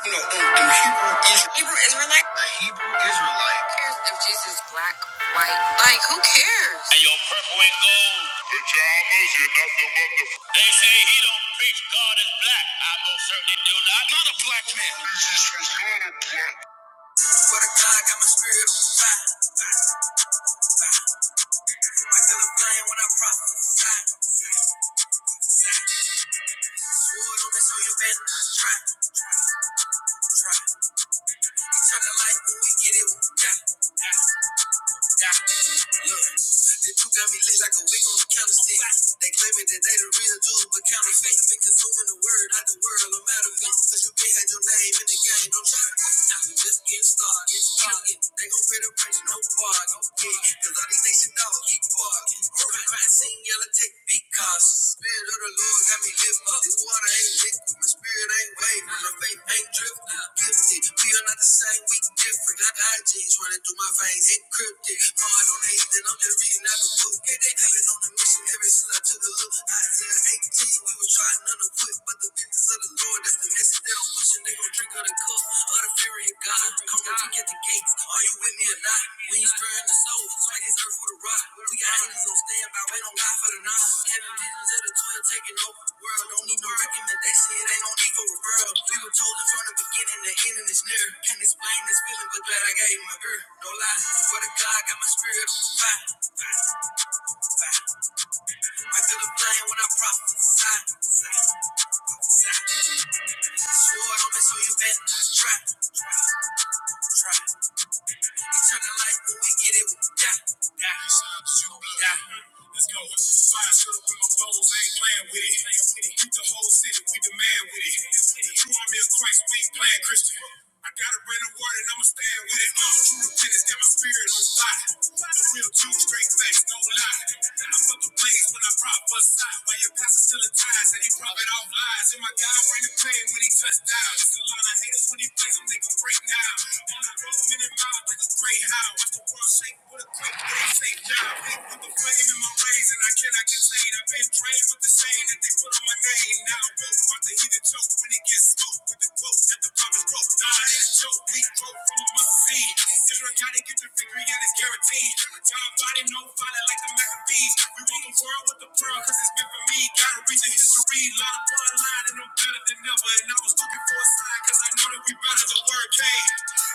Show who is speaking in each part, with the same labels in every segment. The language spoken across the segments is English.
Speaker 1: You know, the, Hebrew Israelite. Hebrew Israelite? The Hebrew Israelite. Who cares if Jesus is black, white? Like, who cares? And your purple and gold. Pajamas and nothing but the... They say he don't preach God is black. I most certainly do not. Not a black man. Let's go. Fire to the remote foes, I ain't playing with it. The whole city, we demand with it. The true army of Christ, we ain't playing Christian. I got a brand the word and I'ma stand with it. Uh, true repentance, got my spirit on fire. The real Jew, straight facts, don't lie. I fuck the blaze when I prop us side. While your pastor still ties and he profit off lies. And my God bring the pain when he touched down. Just a lot of haters when he plays them, they gon' break now. On the road, minute miles, like a great how. Watch the world shake with a quick, but they say now. Hey, what the I'm claiming my veins and I cannot contain. I've been drained with the shame that they put on my name. Now I won't watch the heathen choke when it gets smoked with the quote that the promise broke. Nah, that's a joke. We broke from a must see. Israel gotta get their victory and it's guaranteed. John body, no fighter like the Maccabees. We want the world with the pearl cause it's been for me. Gotta read the history. Lot of bloodline and I'm better than ever. And I was looking for a sign cause I know that we better. The word came.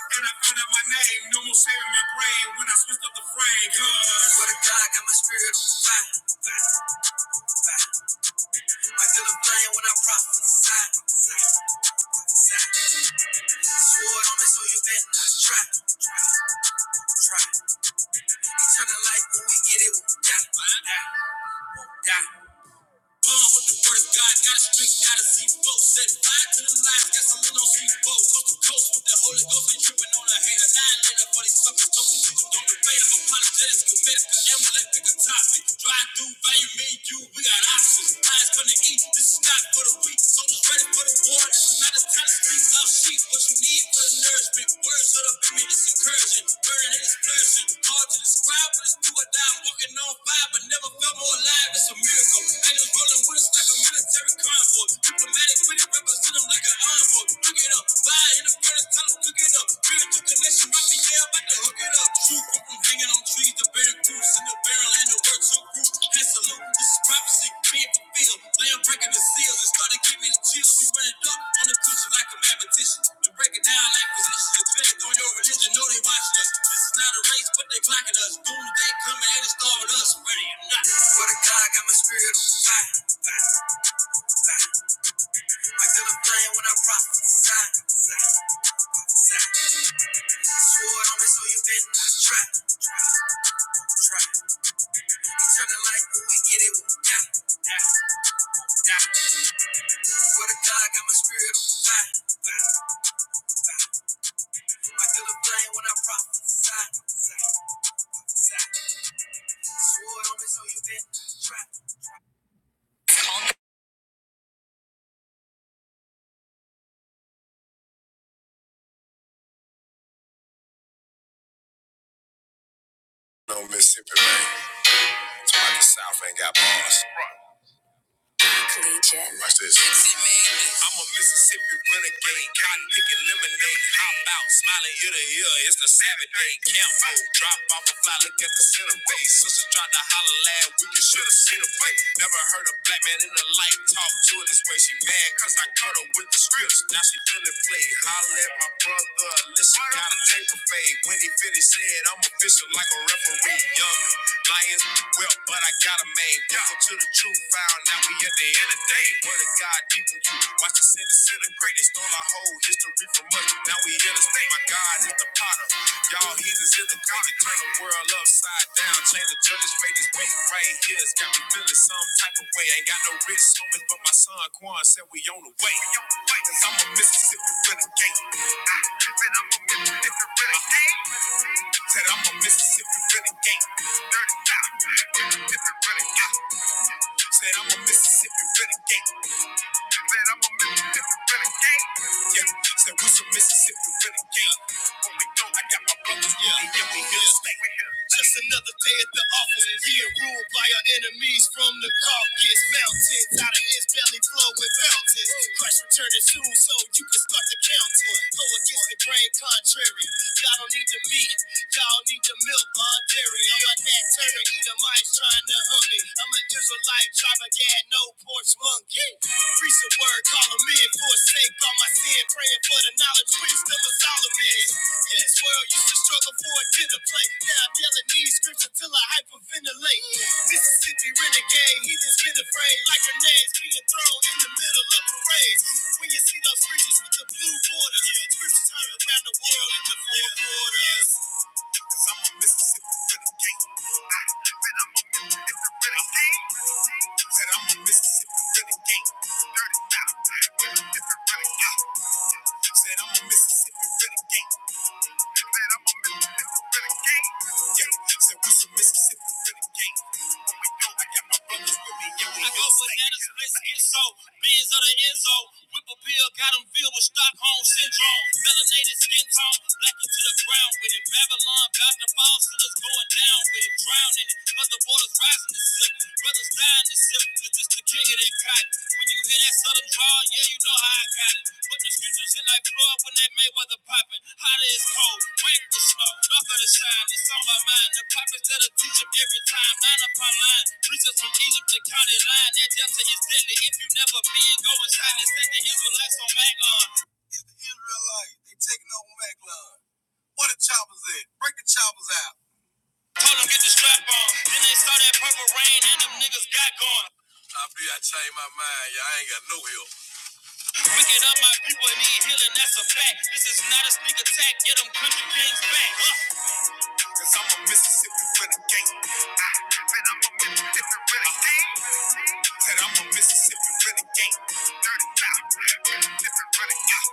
Speaker 1: And I found out my name. No more sharing my brain when I switched up the frame. Huh. No Mississippi rain. Somebody the South ain't got bars. Watch this. I'm a Mississippi renegade, cotton picking lemonade. Hop out, smiling ear to ear. It's the Saturday camp out. Drop off a fly, look at the center base. Sister tried to holler loud, we and should have seen her face. Never heard a black man in her life talk to her this way. She mad cause I cut her with the scripts. Now she feeling played. Holler at my brother. Listen, gotta take a fade. When he finished, said I'm official like a referee. Young Lions, well, but I got a main. Listen to the truth found. Now we at the end of the day. Word of God deep in you. Watch the sin disintegrate. They stole our whole history from us. Now we in the state. My God is the potter. Y'all heathens in the garden. Turn the world upside down. Change the judge's fate. This week. Rain tears got me feeling some type of way. I Ain't got no rich homies, but my son Quan said we on the way. Cause I'm a Mississippi renegade. I said I'm a Mississippi renegade. Said I'm a Mississippi renegade. Dirty Mississippi renegade. Said I'm a Mississippi renegade. Said I'm a Mississippi renegade. Yeah, said we some Mississippi renegade. When we go, I got my brothers. Yeah, yeah, we here. We here. i go, I brothers with me. Yeah, Beans of the Enzo. Whip a pill, got 'em filled with Stockholm syndrome. Melanated skin tone, black 'em to the ground with it. Babylon to fall, still going down with it. Drowning it, 'cause the water's rising to slip. the strap on. Then they saw that purple rain and them niggas got gone. Wicked up, my people need healing, that's a fact. This is not a sneak attack, get them country kings back. Huh. Cause I'm a Mississippi renegade. Different renegade. Said I'm a Mississippi renegade. Dirty mouth. Different renegade.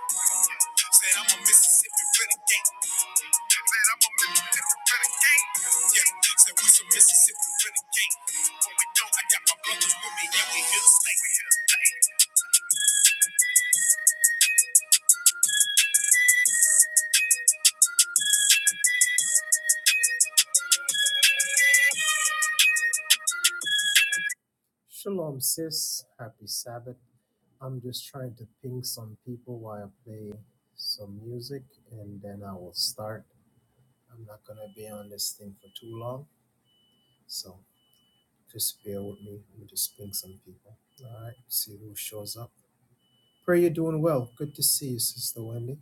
Speaker 1: Said I'm a Mississippi renegade. Said I'm a Mississippi renegade. Yeah. Said we some Mississippi renegade. When we go, I got my brothers with me and we here to stay. Just trying some people. some music and then I will start. I'm not gonna be on this thing for too long, so just bear with me. Let me just ping some people. All right, see who shows up. Pray you're doing well. Good to see you, Sister Wendy.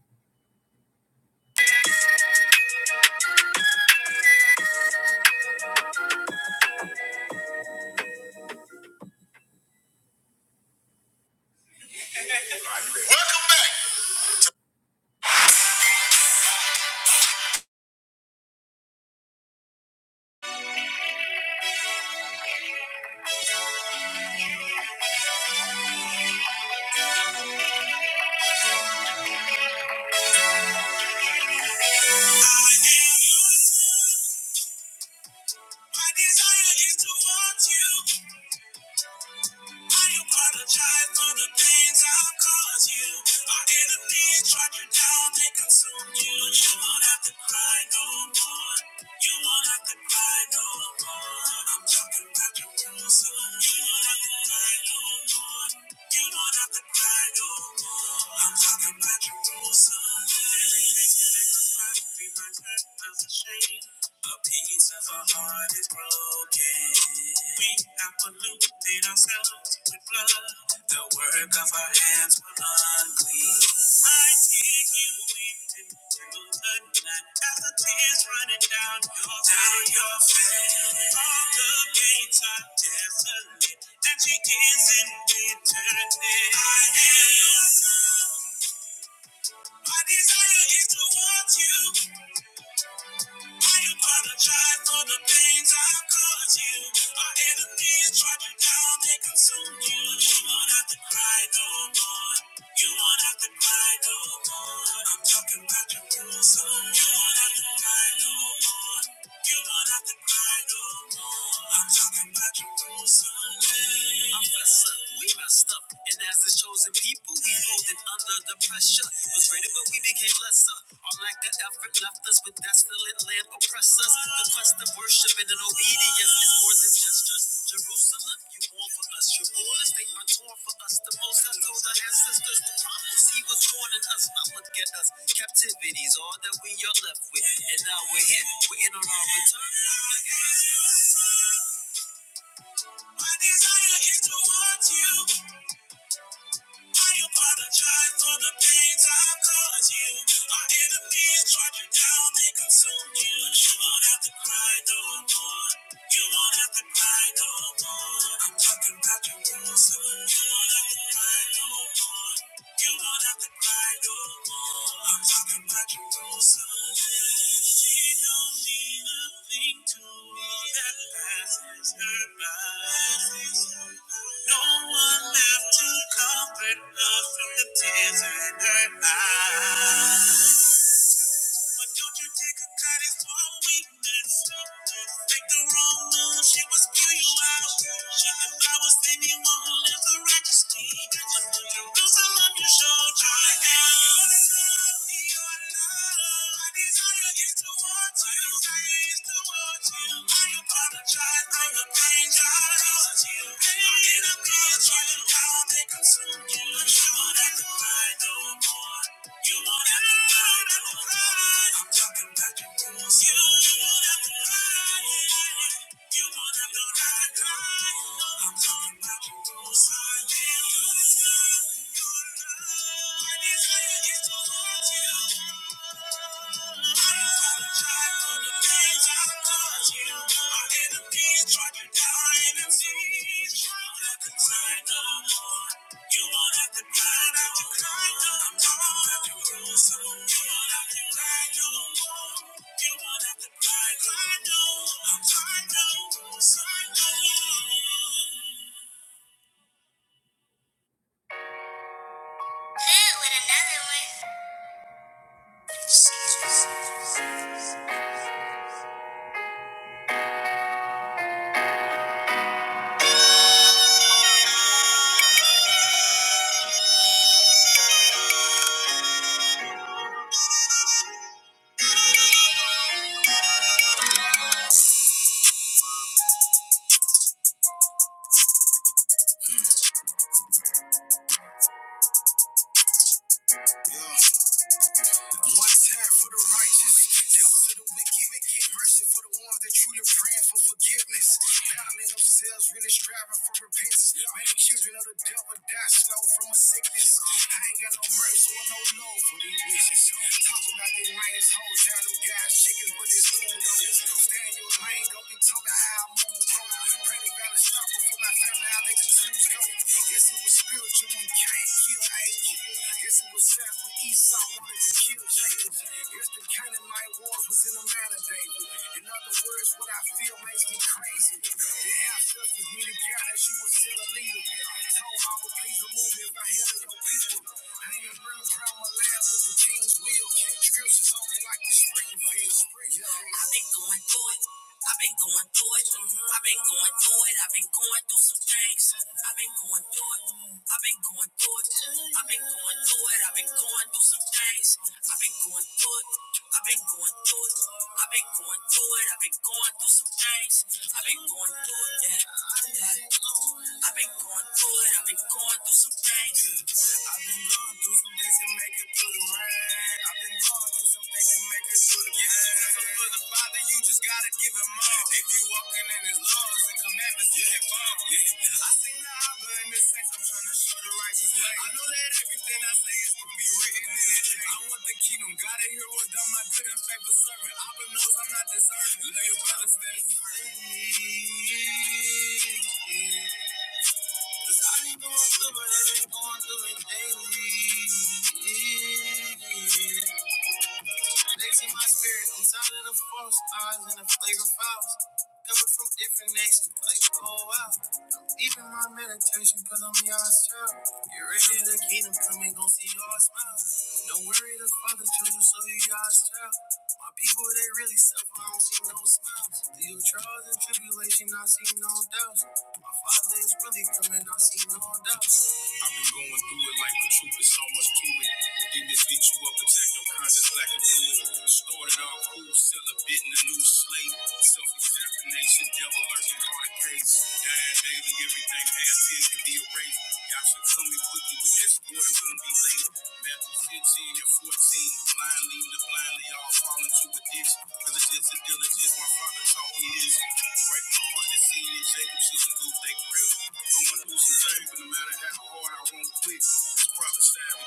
Speaker 1: I've been going through it like the truth is so much to it. Demons beat you up, attack your conscience like a fluid. Started off cool, sell a bit in a new slate. Self examination, devil lurking, hard case. Dying daily, everything past here can be erased. Y'all should come in quickly with that sport, it won't be late. Matthew 15 and 14. Blind leading the blindly, all fall into a ditch. Diligence and diligence, my father taught me this. Break my heart to see it, Jacob shouldn't lose their grip. Going through some things, but no matter how hard I won't quit. The proper sound.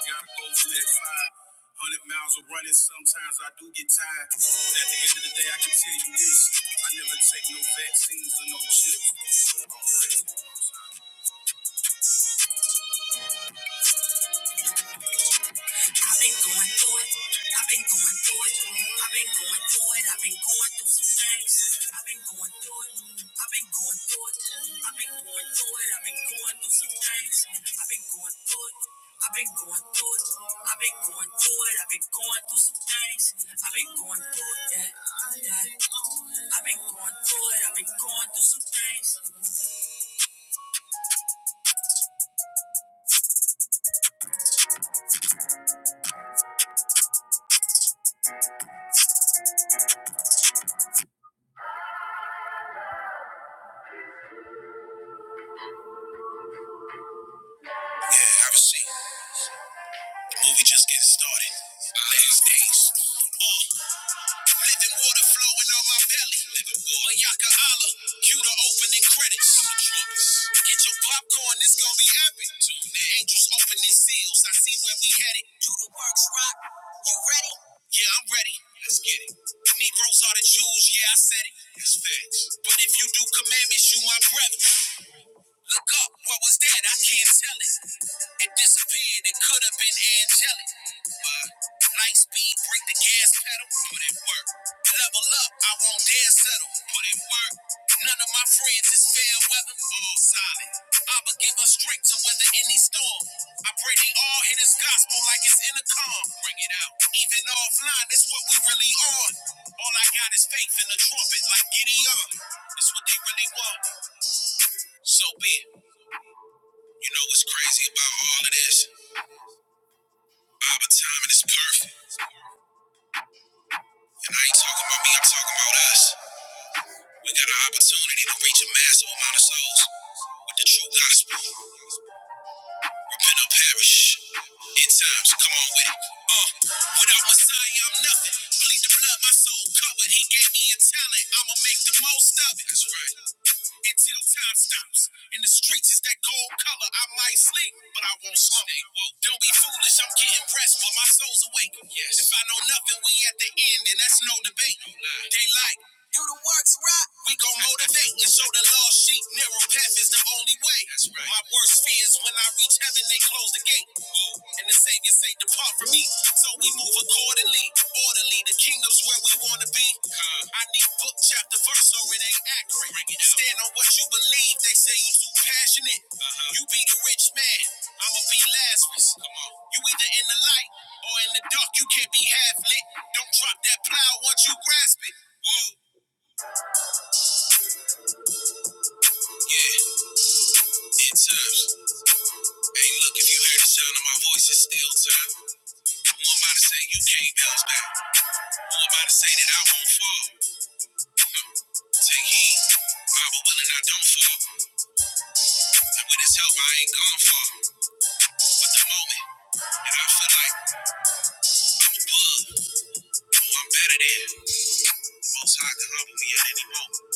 Speaker 1: Yeah, have a seat. Movie just getting started. Last days. Uh, living water flowing on my belly. Mayaka Allah. Cue the opening credits. Get your popcorn, this gonna be epic. The angels opening seals. I see where we headed. Do the works, rock. You ready? Yeah, I'm ready. Let's get it. Negroes are the Jews, yeah, I said it. It's facts. But if you do commandments, you my brother. Look up, what was that? I can't tell it. It disappeared, it could have been angelic. But light speed, break the gas pedal, put in work. Level up, I won't dare settle, put in work. None of my friends is fair weather, all solid. i will give us strength to weather any storm. I pray they all hear this gospel like it's in a calm. Bring it out. Even offline, that's what we really on. All I got is faith in the trumpet, like Gideon. It's what they really want. So be it. You know what's crazy about all of this? Our timing is perfect. And I ain't talking about me, I'm talking about us. We got an opportunity to reach a massive amount of souls with the true gospel. I'll perish in times. Come on with it. Uh, without Messiah, I'm nothing. Bleed the blood, my soul covered. He gave me a talent. I'ma make the most of it. That's right. Until time stops. In the streets is that gold color. I might sleep, but I won't slump. Don't be foolish. I'm getting rest, but my soul's awake. Yes. If I know nothing, we at the end, and that's no debate. No lie. They like. do the works we gon' motivate and show the lost sheep narrow path is the only way. That's right. My worst fear is when I reach heaven, they close the gate. And the Savior say, Depart from me. So we move accordingly, orderly. The kingdom's where we wanna be. Uh, I need book, chapter, verse, or it ain't accurate. it Stand on what you believe, they say you too passionate. Uh-huh. You be the rich man, I'ma be Lazarus. Come on. You either in the light or in the dark, you can't be half lit. Don't drop that plow once you grasp it. Whoa, yeah. Ten times. Hey, look, if you hear the sound of my voice, it's still time. Who am I to say you can't bounce back? Who am I to say that I won't fall? Take heed, I will willing I don't fall. And with his help, I ain't gone far. But the moment that I feel like I'm above, who I'm better than, the Most High can humble me at any moment.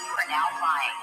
Speaker 1: We're now flying.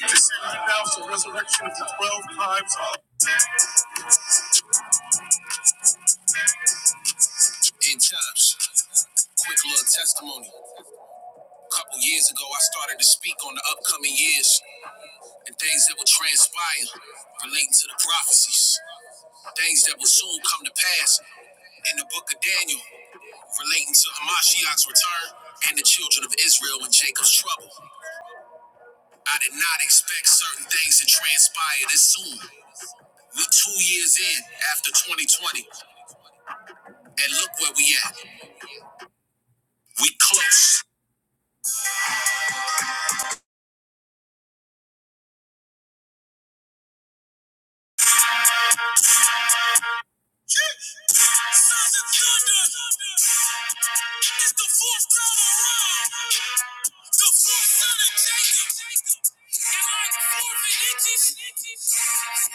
Speaker 1: Descending now for resurrection of the twelve tribes. In times, quick little testimony. A Couple years ago, I started to speak on the upcoming years and things that will transpire relating to the prophecies, things that will soon come to pass in the book of Daniel relating to Hamashiach's return and the children of Israel in Jacob's trouble. I did not expect certain things to transpire this soon. We two years in, at and look where we at. It's the fourth time around, the fourth son of Jacob. and I am four inches? That's the one that couldn't one run up your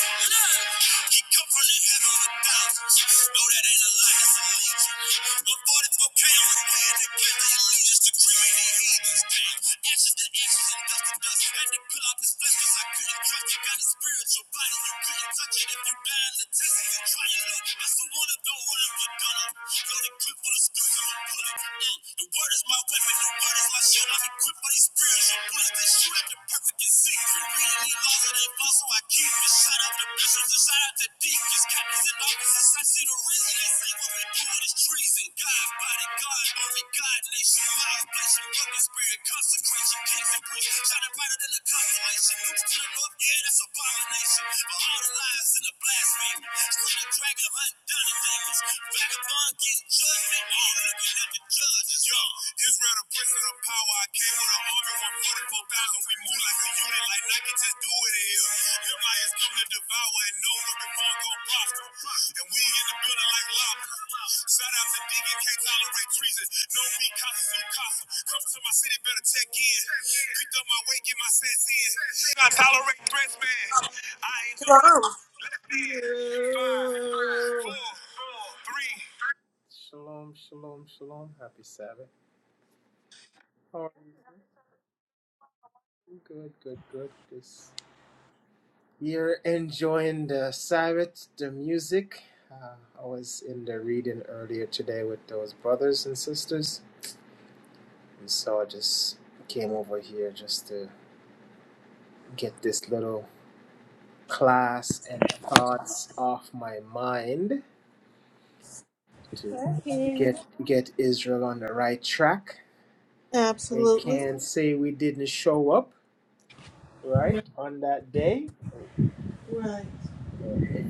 Speaker 1: gun Loaded clip full of screws. The word is my weapon, the word is my shield. I'm equipped by these spiritual bullets that shoot at the perfect and secret. Reading these laws that ain't false, so I keep it. Shout out to bishops and shout out to deacons, captains and officers. I see the reason they say what we do is treason. God, body, God, glory, God, nation, lies, blessing, broken spirit, consecration, kings and priests. Shining brighter than the constellation. Nukes to the north, yeah, that's abomination. For all the lies and the blasphemy. Slay the dragon, hunt down the demons. Vagabond get judged, they all looking at the judges. Yo, Israel the prince of the power. I came with an army from We move like a unit, like Nike just do it in here. Them lions come to devour, and no weapon form gon' prosper. And we in the building like lobsters. Shout out to Deacon, can't tolerate treason. No me, Casa Su Casa. Come to my city, better check in. Picked up my weight, get my sets in. I tolerate threats, man. I ain't just
Speaker 2: From.
Speaker 1: like this. Five, four, four, three, Shalom, shalom, shalom. Happy Sabbath. How are you? Good, good, good. This you're enjoying the Sabbath, the music. Uh, I was in the reading earlier today with those brothers and sisters, and so I just came over here just to get this little class and thoughts off my mind to get get Israel on the right track. They
Speaker 2: Absolutely.
Speaker 1: can say we didn't show up
Speaker 2: Yeah,
Speaker 1: right on that
Speaker 2: Right.
Speaker 1: if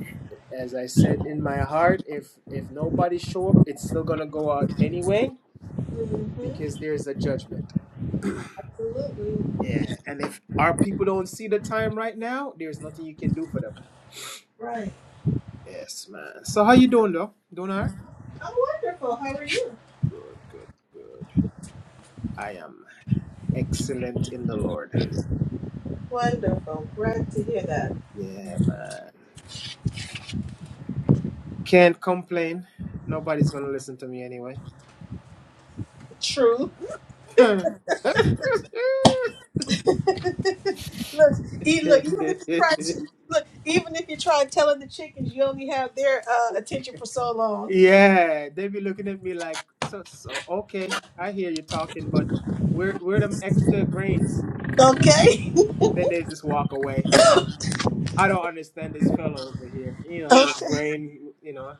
Speaker 1: as i said in my heart if if nobody show up it's still gonna go out anyway
Speaker 2: hmm
Speaker 1: because there's a judgment
Speaker 2: Absolutely.
Speaker 1: yeah and if our people don't see the time right now there's nothing you can do for them
Speaker 2: Right.
Speaker 1: yes man so how you don't hurt,
Speaker 2: I'm wonderful. How are you? Wonderful. Glad to hear that.
Speaker 1: complain anyway
Speaker 2: True. look, e- look, even if you try to look, even if you try telling the chickens, you only have their uh, attention for so long.
Speaker 1: we're we're them extra grains you know
Speaker 2: Okay.
Speaker 1: then they just walk away like i don't understand this fellow over here he don't have no
Speaker 2: Okay.
Speaker 1: grain you know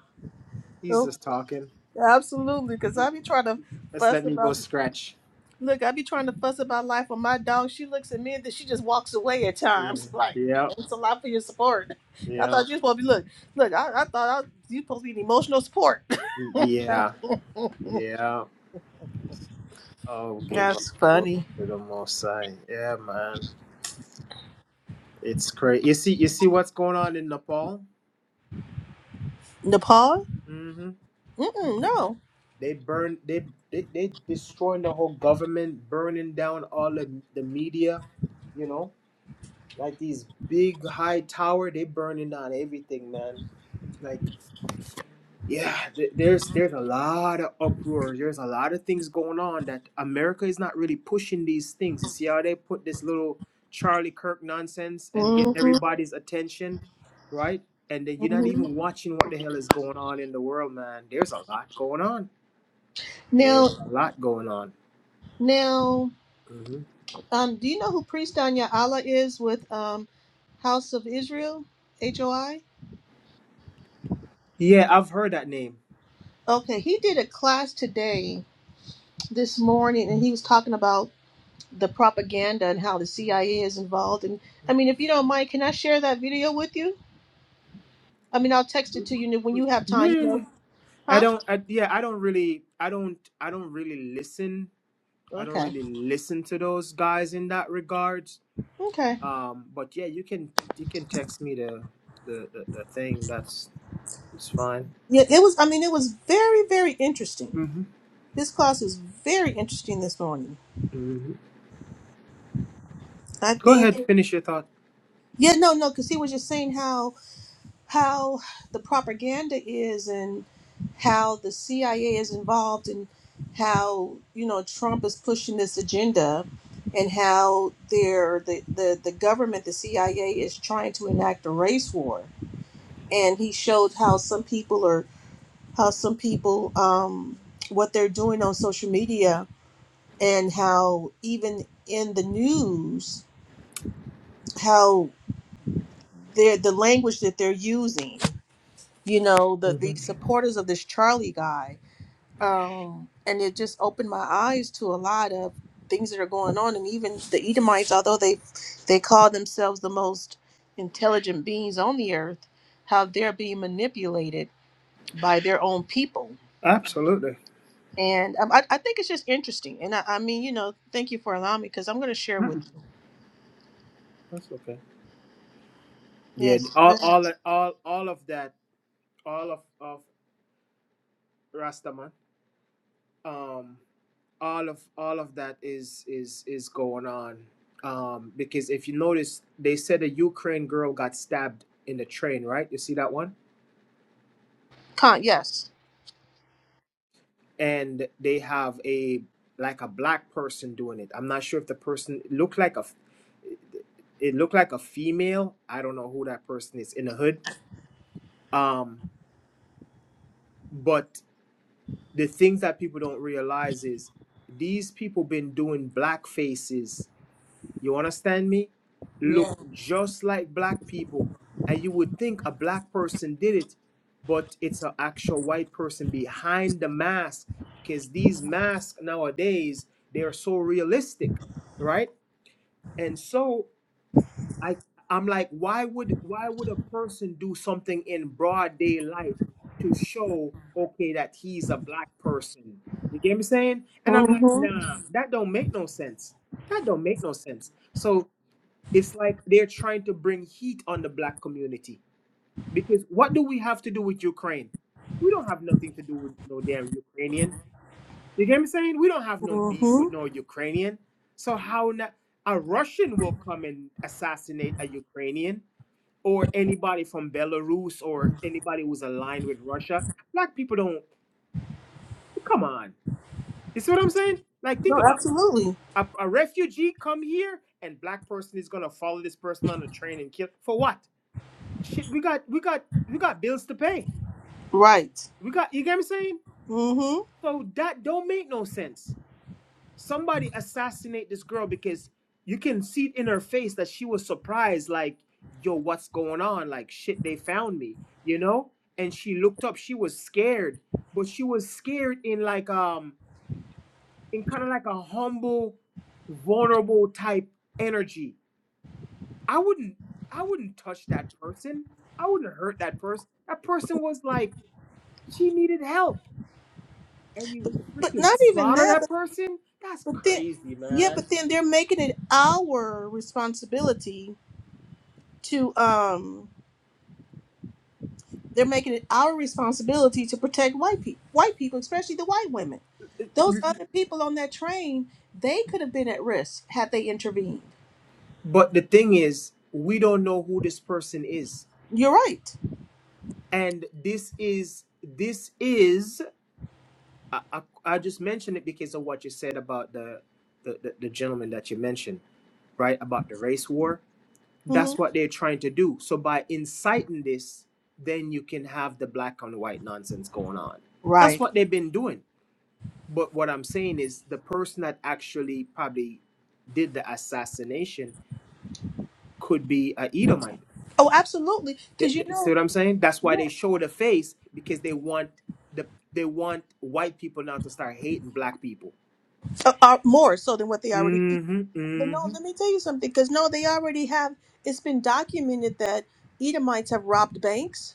Speaker 1: he's
Speaker 2: Oh,
Speaker 1: just talking
Speaker 2: absolutely. Because I be trying to
Speaker 1: let's
Speaker 2: fuss
Speaker 1: let me go
Speaker 2: about
Speaker 1: scratch
Speaker 2: Look, I be trying to fuss about life with my dog. She looks at me and then she just walks away at
Speaker 1: yeah
Speaker 2: times. Like,
Speaker 1: yeah
Speaker 2: thanks a lot for your support. I thought you were supposed to be look, look. I, I thought I, you supposed to be an emotional support.
Speaker 1: yeah yeah Oh, give all
Speaker 2: That's
Speaker 1: glory
Speaker 2: funny.
Speaker 1: to the Most High. Yeah, man, it's crazy. You see, you see what's going on in Nepal?
Speaker 2: Nepal?
Speaker 1: hmm
Speaker 2: Mm-mm, no.
Speaker 1: They burn, they they they destroying the whole government, burning down all of the media. You know, like these big high tower, they burning down everything, man. Like yeah, th- there's there's a lot of uproar. There's a lot of things going on that America is not really pushing these things. You see how they put this little Charlie Kirk nonsense and get
Speaker 2: hmm
Speaker 1: everybody's attention, right? And then you're not
Speaker 2: hmm
Speaker 1: even watching what the hell is going on in the world, man. There's a lot going on.
Speaker 2: Now,
Speaker 1: There's a lot going on.
Speaker 2: now,
Speaker 1: hmm
Speaker 2: um, do you know who Priest Anya Allah is with um, House of Israel, HOI?
Speaker 1: Yeah, I've heard that name.
Speaker 2: Okay, he did a class today, this morning, and he was talking about the propaganda and how the CIA is involved. And I mean, if you don't mind, can I share that video with you? I mean, I'll text it to you when you have time. You know,
Speaker 1: Yeah. I
Speaker 2: huh?
Speaker 1: don't. I, yeah, I don't really. I don't. I don't really listen. I don't
Speaker 2: Okay,
Speaker 1: really listen to those guys in that regard.
Speaker 2: okay.
Speaker 1: Um, but yeah, you can you can text me the the, the, the thing. That's it's fine.
Speaker 2: Yeah, it was. I mean, it was very, very interesting.
Speaker 1: hmm
Speaker 2: This class was very interesting this morning.
Speaker 1: hmm
Speaker 2: I
Speaker 1: Go
Speaker 2: think.
Speaker 1: ahead, finish your thought.
Speaker 2: Yeah, no, no, because he was just saying how how the propaganda is and how the CIA is involved and how you know Trump is pushing this agenda and how they're the, the, the government, the CIA is trying to enact a race war. And he showed how some people are how some people um, what they're doing on social media and how even in the news how they're the language that they're using you know the
Speaker 1: hmm
Speaker 2: these supporters of this charlie guy um and it just opened my eyes to a lot of things that are going on and even the edomites although they they call themselves the most intelligent beings on the earth how they're being manipulated by their own people
Speaker 1: Absolutely,
Speaker 2: and um, I, I think it's just interesting and I, I mean you know thank you for allowing me because i'm going to share with you
Speaker 1: that's okay. Yeah,
Speaker 2: yes
Speaker 1: all
Speaker 2: yes.
Speaker 1: all all all of that, all of of Rastaman, um, all of all of that is is is going on. Um, because if you notice, they said a Ukraine girl got stabbed in the train, right? You see that one?
Speaker 2: con yes
Speaker 1: and they have a like a black person doing it. I'm not sure if the person looked like a it looked like a female. I don't know who that person is in the hood. Um, but the things that people don't realize is these people been doing black faces You understand me? Look
Speaker 2: yeah
Speaker 1: just like black people. And you would think a black person did it, but it's an actual white person behind the mask because these masks nowadays, they are so realistic, right? And so I I'm like, why would why would a person do something in broad daylight to show okay that he's a black person? You get me saying? And I'm like,
Speaker 2: mm-hmm
Speaker 1: nah, that don't make no sense. That don't make no sense. So it's like they're trying to bring heat on the black community. Because what do we have to do with Ukraine? We don't have nothing to do with no damn Ukrainian. You get me saying? We don't have no beef
Speaker 2: mm-hmm
Speaker 1: with no Ukrainian. So how na a Russian will come and assassinate a Ukrainian or anybody from Belarus or anybody who's aligned with Russia? Black people don't. Come on. You see what I'm saying? Like think
Speaker 2: no
Speaker 1: about it.
Speaker 2: absolutely
Speaker 1: A, a refugee come here and black person is gonna follow this person on a train and kill for what? shit, we got we got we got bills to pay.
Speaker 2: right
Speaker 1: We got you get what I'm saying?
Speaker 2: Mm-hmm.
Speaker 1: So that don't make no sense. Somebody assassinate this girl because you can see it in her face that she was surprised, like, yo, what's going on? Like shit, they found me, you know? And she looked up, she was scared, but she was scared in like um in kind of like a humble, vulnerable type energy. I wouldn't I wouldn't touch that person. I wouldn't hurt that person. That person was like She needed help, and you
Speaker 2: But
Speaker 1: freaking
Speaker 2: not even
Speaker 1: slaughter
Speaker 2: that,
Speaker 1: that
Speaker 2: but,
Speaker 1: person? That's
Speaker 2: but then
Speaker 1: crazy,
Speaker 2: yeah,
Speaker 1: man.
Speaker 2: but then they're making it our responsibility to um they're making it our responsibility to protect white people white people, especially the white women. Those other people on that train, they could have been at risk had they intervened.
Speaker 1: But the thing is, we don't know who this person is,
Speaker 2: You're right.
Speaker 1: and this is this is. I, I, I just mentioned it because of what you said about the the, the, the gentleman that you mentioned, right? About the race war.
Speaker 2: hmm
Speaker 1: That's what they're trying to do. So by inciting this, then you can have the black on white nonsense going on. That's
Speaker 2: Right.
Speaker 1: what they've been doing. But what I'm saying is the person that actually probably did the assassination could be a Edomite.
Speaker 2: Oh, absolutely.
Speaker 1: Th-
Speaker 2: Because you
Speaker 1: th- See
Speaker 2: know,
Speaker 1: what I'm saying? That's why
Speaker 2: yeah,
Speaker 1: they show the face because they want the they want white people now to start hating black people.
Speaker 2: uh, uh, more so than what they already. do.
Speaker 1: hmm
Speaker 2: But no,
Speaker 1: hmm
Speaker 2: let me tell you something. Because no, they already have. It's been documented that Edomites have robbed banks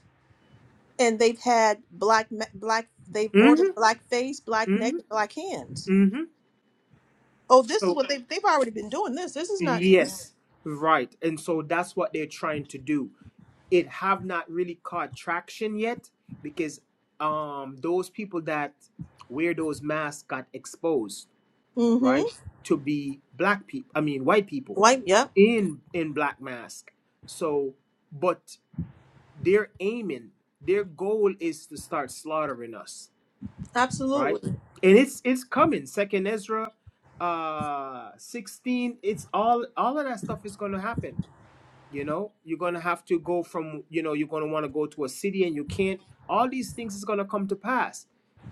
Speaker 2: and they've had black ma- black they've ordered black face black neck and black hands oh this is
Speaker 1: So
Speaker 2: what they've, they've already been doing this this is not new
Speaker 1: yes, right. And so that's what they're trying to do. It have not really caught traction yet because um those people that wear those masks got exposed
Speaker 2: mm-hmm
Speaker 1: right, to be black people, I mean white people
Speaker 2: white yep
Speaker 1: in in black mask. So, but they're aiming, their goal is to start slaughtering us, right?
Speaker 2: absolutely
Speaker 1: And it's it's coming. Second Ezra uh 16, it's all all of that stuff is going to happen you know you're going to have to go from you know you're going to want to go to a city and you can't all these things is going to come to pass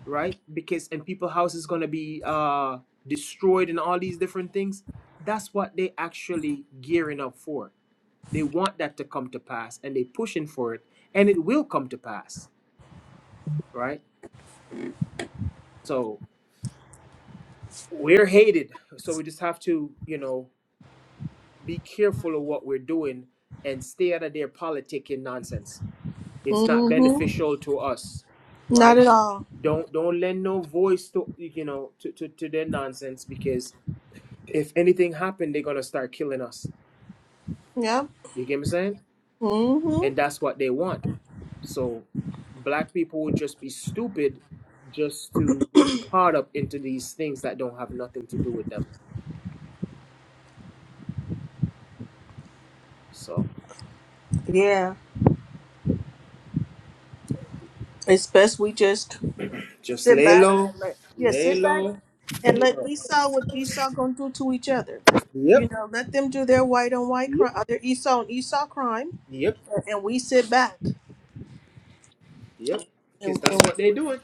Speaker 1: right because and people house is going to be uh destroyed and all these different things that's what they actually gearing up for they want that to come to pass and they pushing for it and it will come to pass right so we're hated so we just have to you know be careful of what we're doing and stay out of their politic and nonsense it's not
Speaker 2: mm-hmm
Speaker 1: beneficial to us
Speaker 2: not
Speaker 1: right
Speaker 2: at all
Speaker 1: don't don't lend no voice to you know to, to, to their nonsense because if anything happened they're gonna start killing us
Speaker 2: yep
Speaker 1: you get me saying
Speaker 2: mm-hmm
Speaker 1: and that's what they want so black people would just be stupid just to get caught up into these things that don't have nothing to do with them so
Speaker 2: yeah it's best we just
Speaker 1: just
Speaker 2: sit
Speaker 1: lay
Speaker 2: back
Speaker 1: low
Speaker 2: and let yeah
Speaker 1: lay
Speaker 2: sit back
Speaker 1: low
Speaker 2: and let esau what esau gonna do to each other you
Speaker 1: yep
Speaker 2: know let them do their white on white
Speaker 1: yep
Speaker 2: crime their esau and esau crime
Speaker 1: yep
Speaker 2: and we sit back
Speaker 1: yep
Speaker 2: and,
Speaker 1: because that's
Speaker 2: and
Speaker 1: what they're doing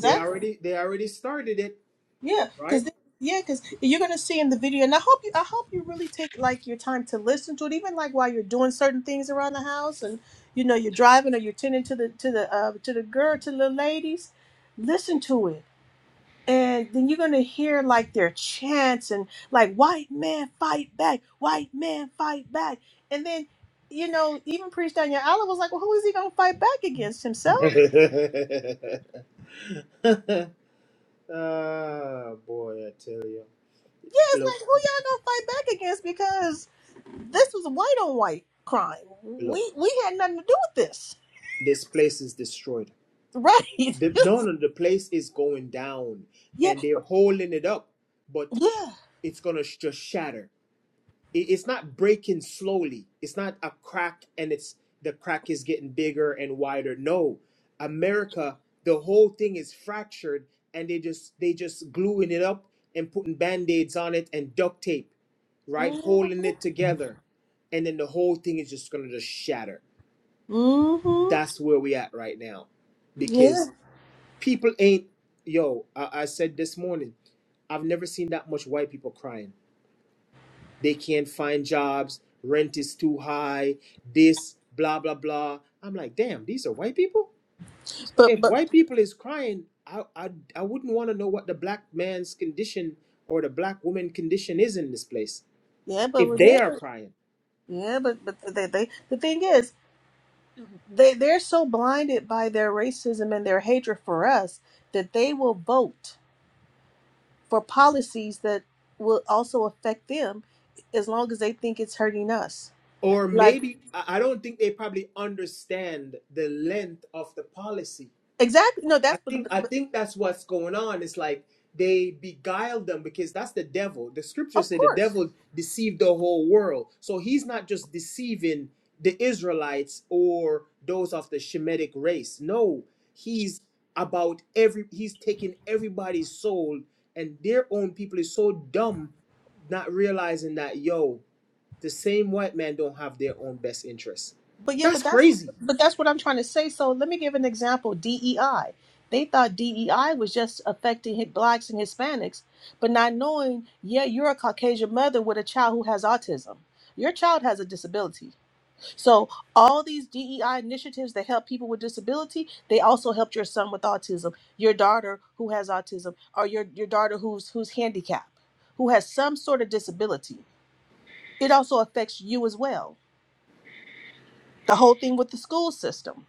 Speaker 1: they already they already started it
Speaker 2: Yeah,
Speaker 1: right
Speaker 2: because yeah, because you're gonna see in the video, and I hope you, I hope you really take like your time to listen to it, even like while you're doing certain things around the house, and you know you're driving or you're tending to the to the uh, to the girl to the ladies, listen to it, and then you're gonna hear like their chants and like white man fight back, white man fight back, and then. You know, even Priest Daniel Allen was like, "Well, who is he gonna fight back against himself?"
Speaker 1: ah, boy, I tell you.
Speaker 2: Yeah, it's
Speaker 1: Look,
Speaker 2: like, who y'all gonna fight back against? This was a white on white crime.
Speaker 1: look.
Speaker 2: We we had nothing to do with this,
Speaker 1: This place is destroyed.
Speaker 2: right?
Speaker 1: The, no, no, the place is going down,
Speaker 2: Yeah,
Speaker 1: and they're holding it up, but
Speaker 2: yeah.
Speaker 1: it's gonna sh- just shatter. it- it's not breaking slowly. It's not a crack and it's the crack is getting bigger and wider. No, America, the whole thing is fractured and they just they just gluing it up and putting band-aids on it and duct tape, right?
Speaker 2: hmm
Speaker 1: Holding it together. And then the whole thing is just gonna just shatter.
Speaker 2: hmm
Speaker 1: That's where we at right now.
Speaker 2: Yeah,
Speaker 1: Because people ain't yo, I, I said this morning, I've never seen that much white people crying. They can't find jobs. Rent is too high. This, blah, blah, blah. I'm like, damn, these are white people? So
Speaker 2: but
Speaker 1: if
Speaker 2: but
Speaker 1: white people is crying, I, I, I wouldn't want to know what the black man's condition or the black woman condition is in this place
Speaker 2: yeah, but
Speaker 1: if they are
Speaker 2: remember,
Speaker 1: crying.
Speaker 2: yeah, but but they, they the thing is, they they're so blinded by their racism and their hatred for us that they will vote for policies that will also affect them, as long as they think it's hurting us.
Speaker 1: Or
Speaker 2: Like
Speaker 1: maybe, I I don't think they probably understand the length of the policy
Speaker 2: exactly, no,
Speaker 1: I
Speaker 2: that's but,
Speaker 1: think
Speaker 2: but,
Speaker 1: I
Speaker 2: but
Speaker 1: think that's what's going on. It's like they beguile them because that's the devil. The scriptures
Speaker 2: of
Speaker 1: say the
Speaker 2: course.
Speaker 1: devil deceived the whole world. So he's not just deceiving the Israelites or those of the Shemitic race. No, he's about every he's taking everybody's soul and their own people is so dumb not realizing that yo, the same white man don't have their own best interests.
Speaker 2: But yeah,
Speaker 1: That's
Speaker 2: but that's what-
Speaker 1: crazy.
Speaker 2: but that's what I'm trying to say. So let me give an example. DEI. They thought DEI was just affecting hit blacks and Hispanics, but not knowing, yeah, you're a Caucasian mother with a child who has autism. Your child has a disability. So all these DEI initiatives that help people with disability, they also helped your son with autism, your daughter who has autism, or your, your daughter who's who's handicapped, who has some sort of disability. It also affects you as well. The whole thing with the school system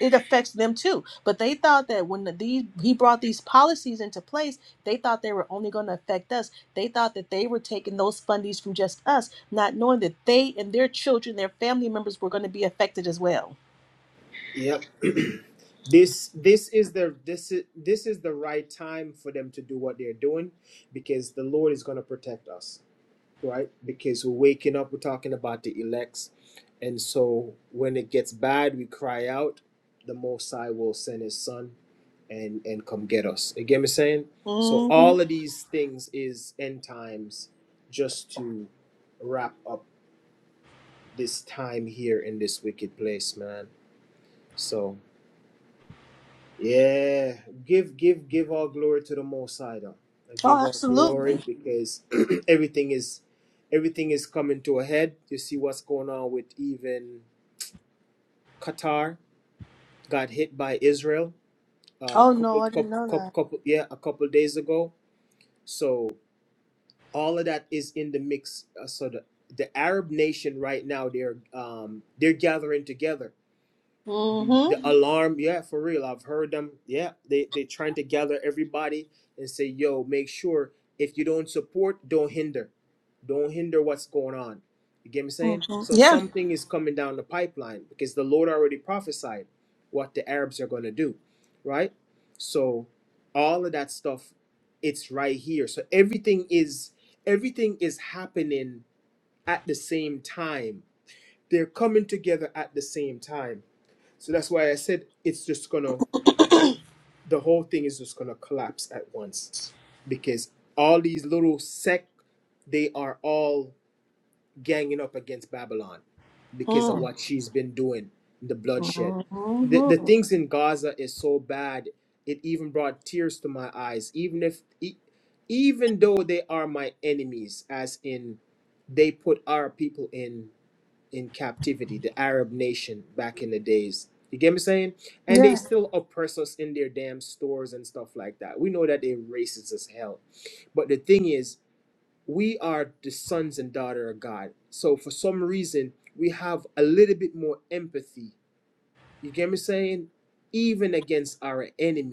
Speaker 2: it affects them too. But they thought that when the, these he brought these policies into place, they thought they were only going to affect us. They thought that they were taking those fundies from just us, not knowing that they and their children, their family members, were going to be affected as well.
Speaker 1: this this is the this is this is the right time for them to do what they're doing because the lord is going to protect us right because we're waking up we're talking about the elects and so when it gets bad we cry out the most high will send his son and and come get us
Speaker 2: Mm-hmm.
Speaker 1: all of these is end times just to wrap up this time here in this wicked place man so Yeah, give give give all glory to the Most High. though. I Give
Speaker 2: Oh,
Speaker 1: all glory
Speaker 2: absolutely.
Speaker 1: because everything is everything is coming to a head. You see what's going on with even Qatar got hit by Israel a
Speaker 2: Oh no,
Speaker 1: couple,
Speaker 2: I didn't
Speaker 1: couple,
Speaker 2: know
Speaker 1: couple,
Speaker 2: that.
Speaker 1: couple yeah a couple days ago. So all of that is in the mix. Uh, so the the Arab nation right now they're um they're gathering together the the
Speaker 2: Mm-hmm.
Speaker 1: alarm yeah for real i've heard them yeah they they trying to gather everybody and say yo make sure if you don't support don't hinder don't hinder what's going on you get me saying
Speaker 2: mm-hmm.
Speaker 1: so
Speaker 2: Yeah.
Speaker 1: something is coming down the pipeline because the lord already prophesied what the arabs are going to do right so all of that stuff it's right here so everything is everything is happening at the same time they're coming together at the same time so that's why I said it's just gonna, the whole thing is just gonna collapse at once because all these little sect, they are all ganging up against Babylon because of what she's been doing, the bloodshed. The, the
Speaker 2: Mm-hmm.
Speaker 1: things in Gaza is so bad, it even brought tears to my eyes, even if, e- even though they are my enemies, as in they put our people in in captivity, the Arab nation back in the days. You get me saying? And they
Speaker 2: Yeah.
Speaker 1: still oppress us in their damn stores and stuff like that. We know that they're racist as hell. But the thing is, we are the sons and daughter of God. So for some reason, we have a little bit more empathy. You get me saying? Even against our enemy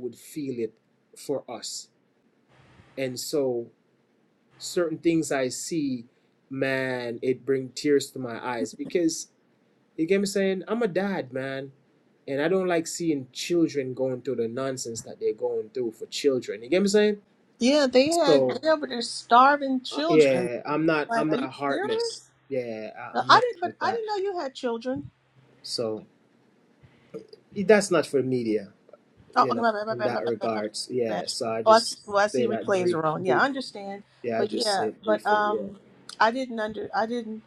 Speaker 1: would feel.
Speaker 2: Yeah. They had
Speaker 1: So
Speaker 2: they over there starving
Speaker 1: uh,
Speaker 2: children.
Speaker 1: yeah, I'm not
Speaker 2: Like,
Speaker 1: I'm
Speaker 2: are you
Speaker 1: not heartless.
Speaker 2: serious?
Speaker 1: Yeah, I,
Speaker 2: Uh,
Speaker 1: I'm
Speaker 2: I
Speaker 1: not
Speaker 2: didn't, but
Speaker 1: like
Speaker 2: I
Speaker 1: that.
Speaker 2: didn't know you had children.
Speaker 1: So that's not for media.
Speaker 2: Oh,
Speaker 1: you
Speaker 2: okay,
Speaker 1: know,
Speaker 2: my bad, my
Speaker 1: in
Speaker 2: bad, my
Speaker 1: that
Speaker 2: bad, my bad,
Speaker 1: regards.
Speaker 2: my bad.
Speaker 1: Yeah, so I
Speaker 2: Oh, I see,
Speaker 1: just
Speaker 2: well, I
Speaker 1: say
Speaker 2: see
Speaker 1: that
Speaker 2: replays
Speaker 1: brief,
Speaker 2: are on. Yeah,
Speaker 1: brief.
Speaker 2: I understand,
Speaker 1: Yeah, I
Speaker 2: but
Speaker 1: just
Speaker 2: yeah,
Speaker 1: said
Speaker 2: but
Speaker 1: briefly.
Speaker 2: um,
Speaker 1: Yeah.
Speaker 2: I didn't under, I didn't,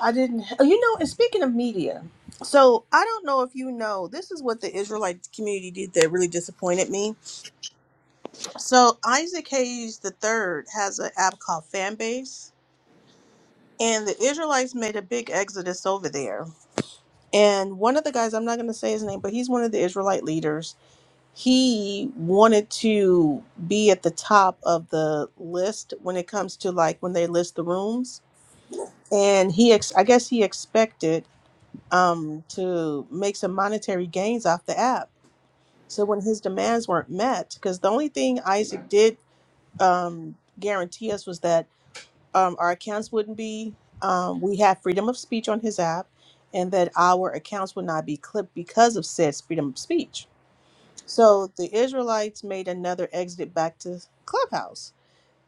Speaker 2: I didn't. oh, You know, and speaking of media, so I don't know if you know, this is what the Israelite community did that really disappointed me. So Isaac Hayes the Third has an app called Fanbase, and the Israelites made a big exodus over there. And one of the guys, I'm not going to say his name, but he's one of the Israelite leaders he wanted to be at the top of the list when it comes to like when they list the rooms and he ex- i guess he expected um to make some monetary gains off the app so when his demands weren't met because the only thing isaac did um guarantee us was that um our accounts wouldn't be um we have freedom of speech on his app and that our accounts would not be clipped because of said freedom of speech so the Israelites made another exit back to Clubhouse.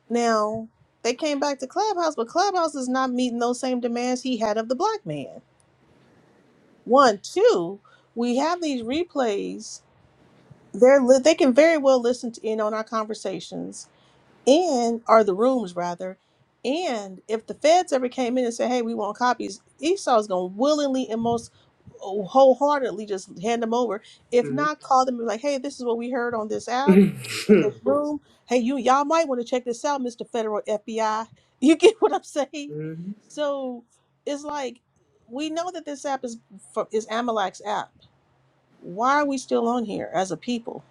Speaker 2: Now, they came back to Clubhouse, but Clubhouse is not meeting those same demands he had of the black man. One, two, we have these replays. They're li- they can very well listen to in on our conversations and or the rooms rather and if the feds ever came in and said hey we want copies esau's going to willingly and most oh, wholeheartedly just hand them over if not call them and be like hey this is what we heard on this app in this room hey you y'all might want to check this out mr federal fbi you get what i'm saying
Speaker 1: hmm
Speaker 2: so it's like we know that this app is fro- is amalek's app why are we still on here as a people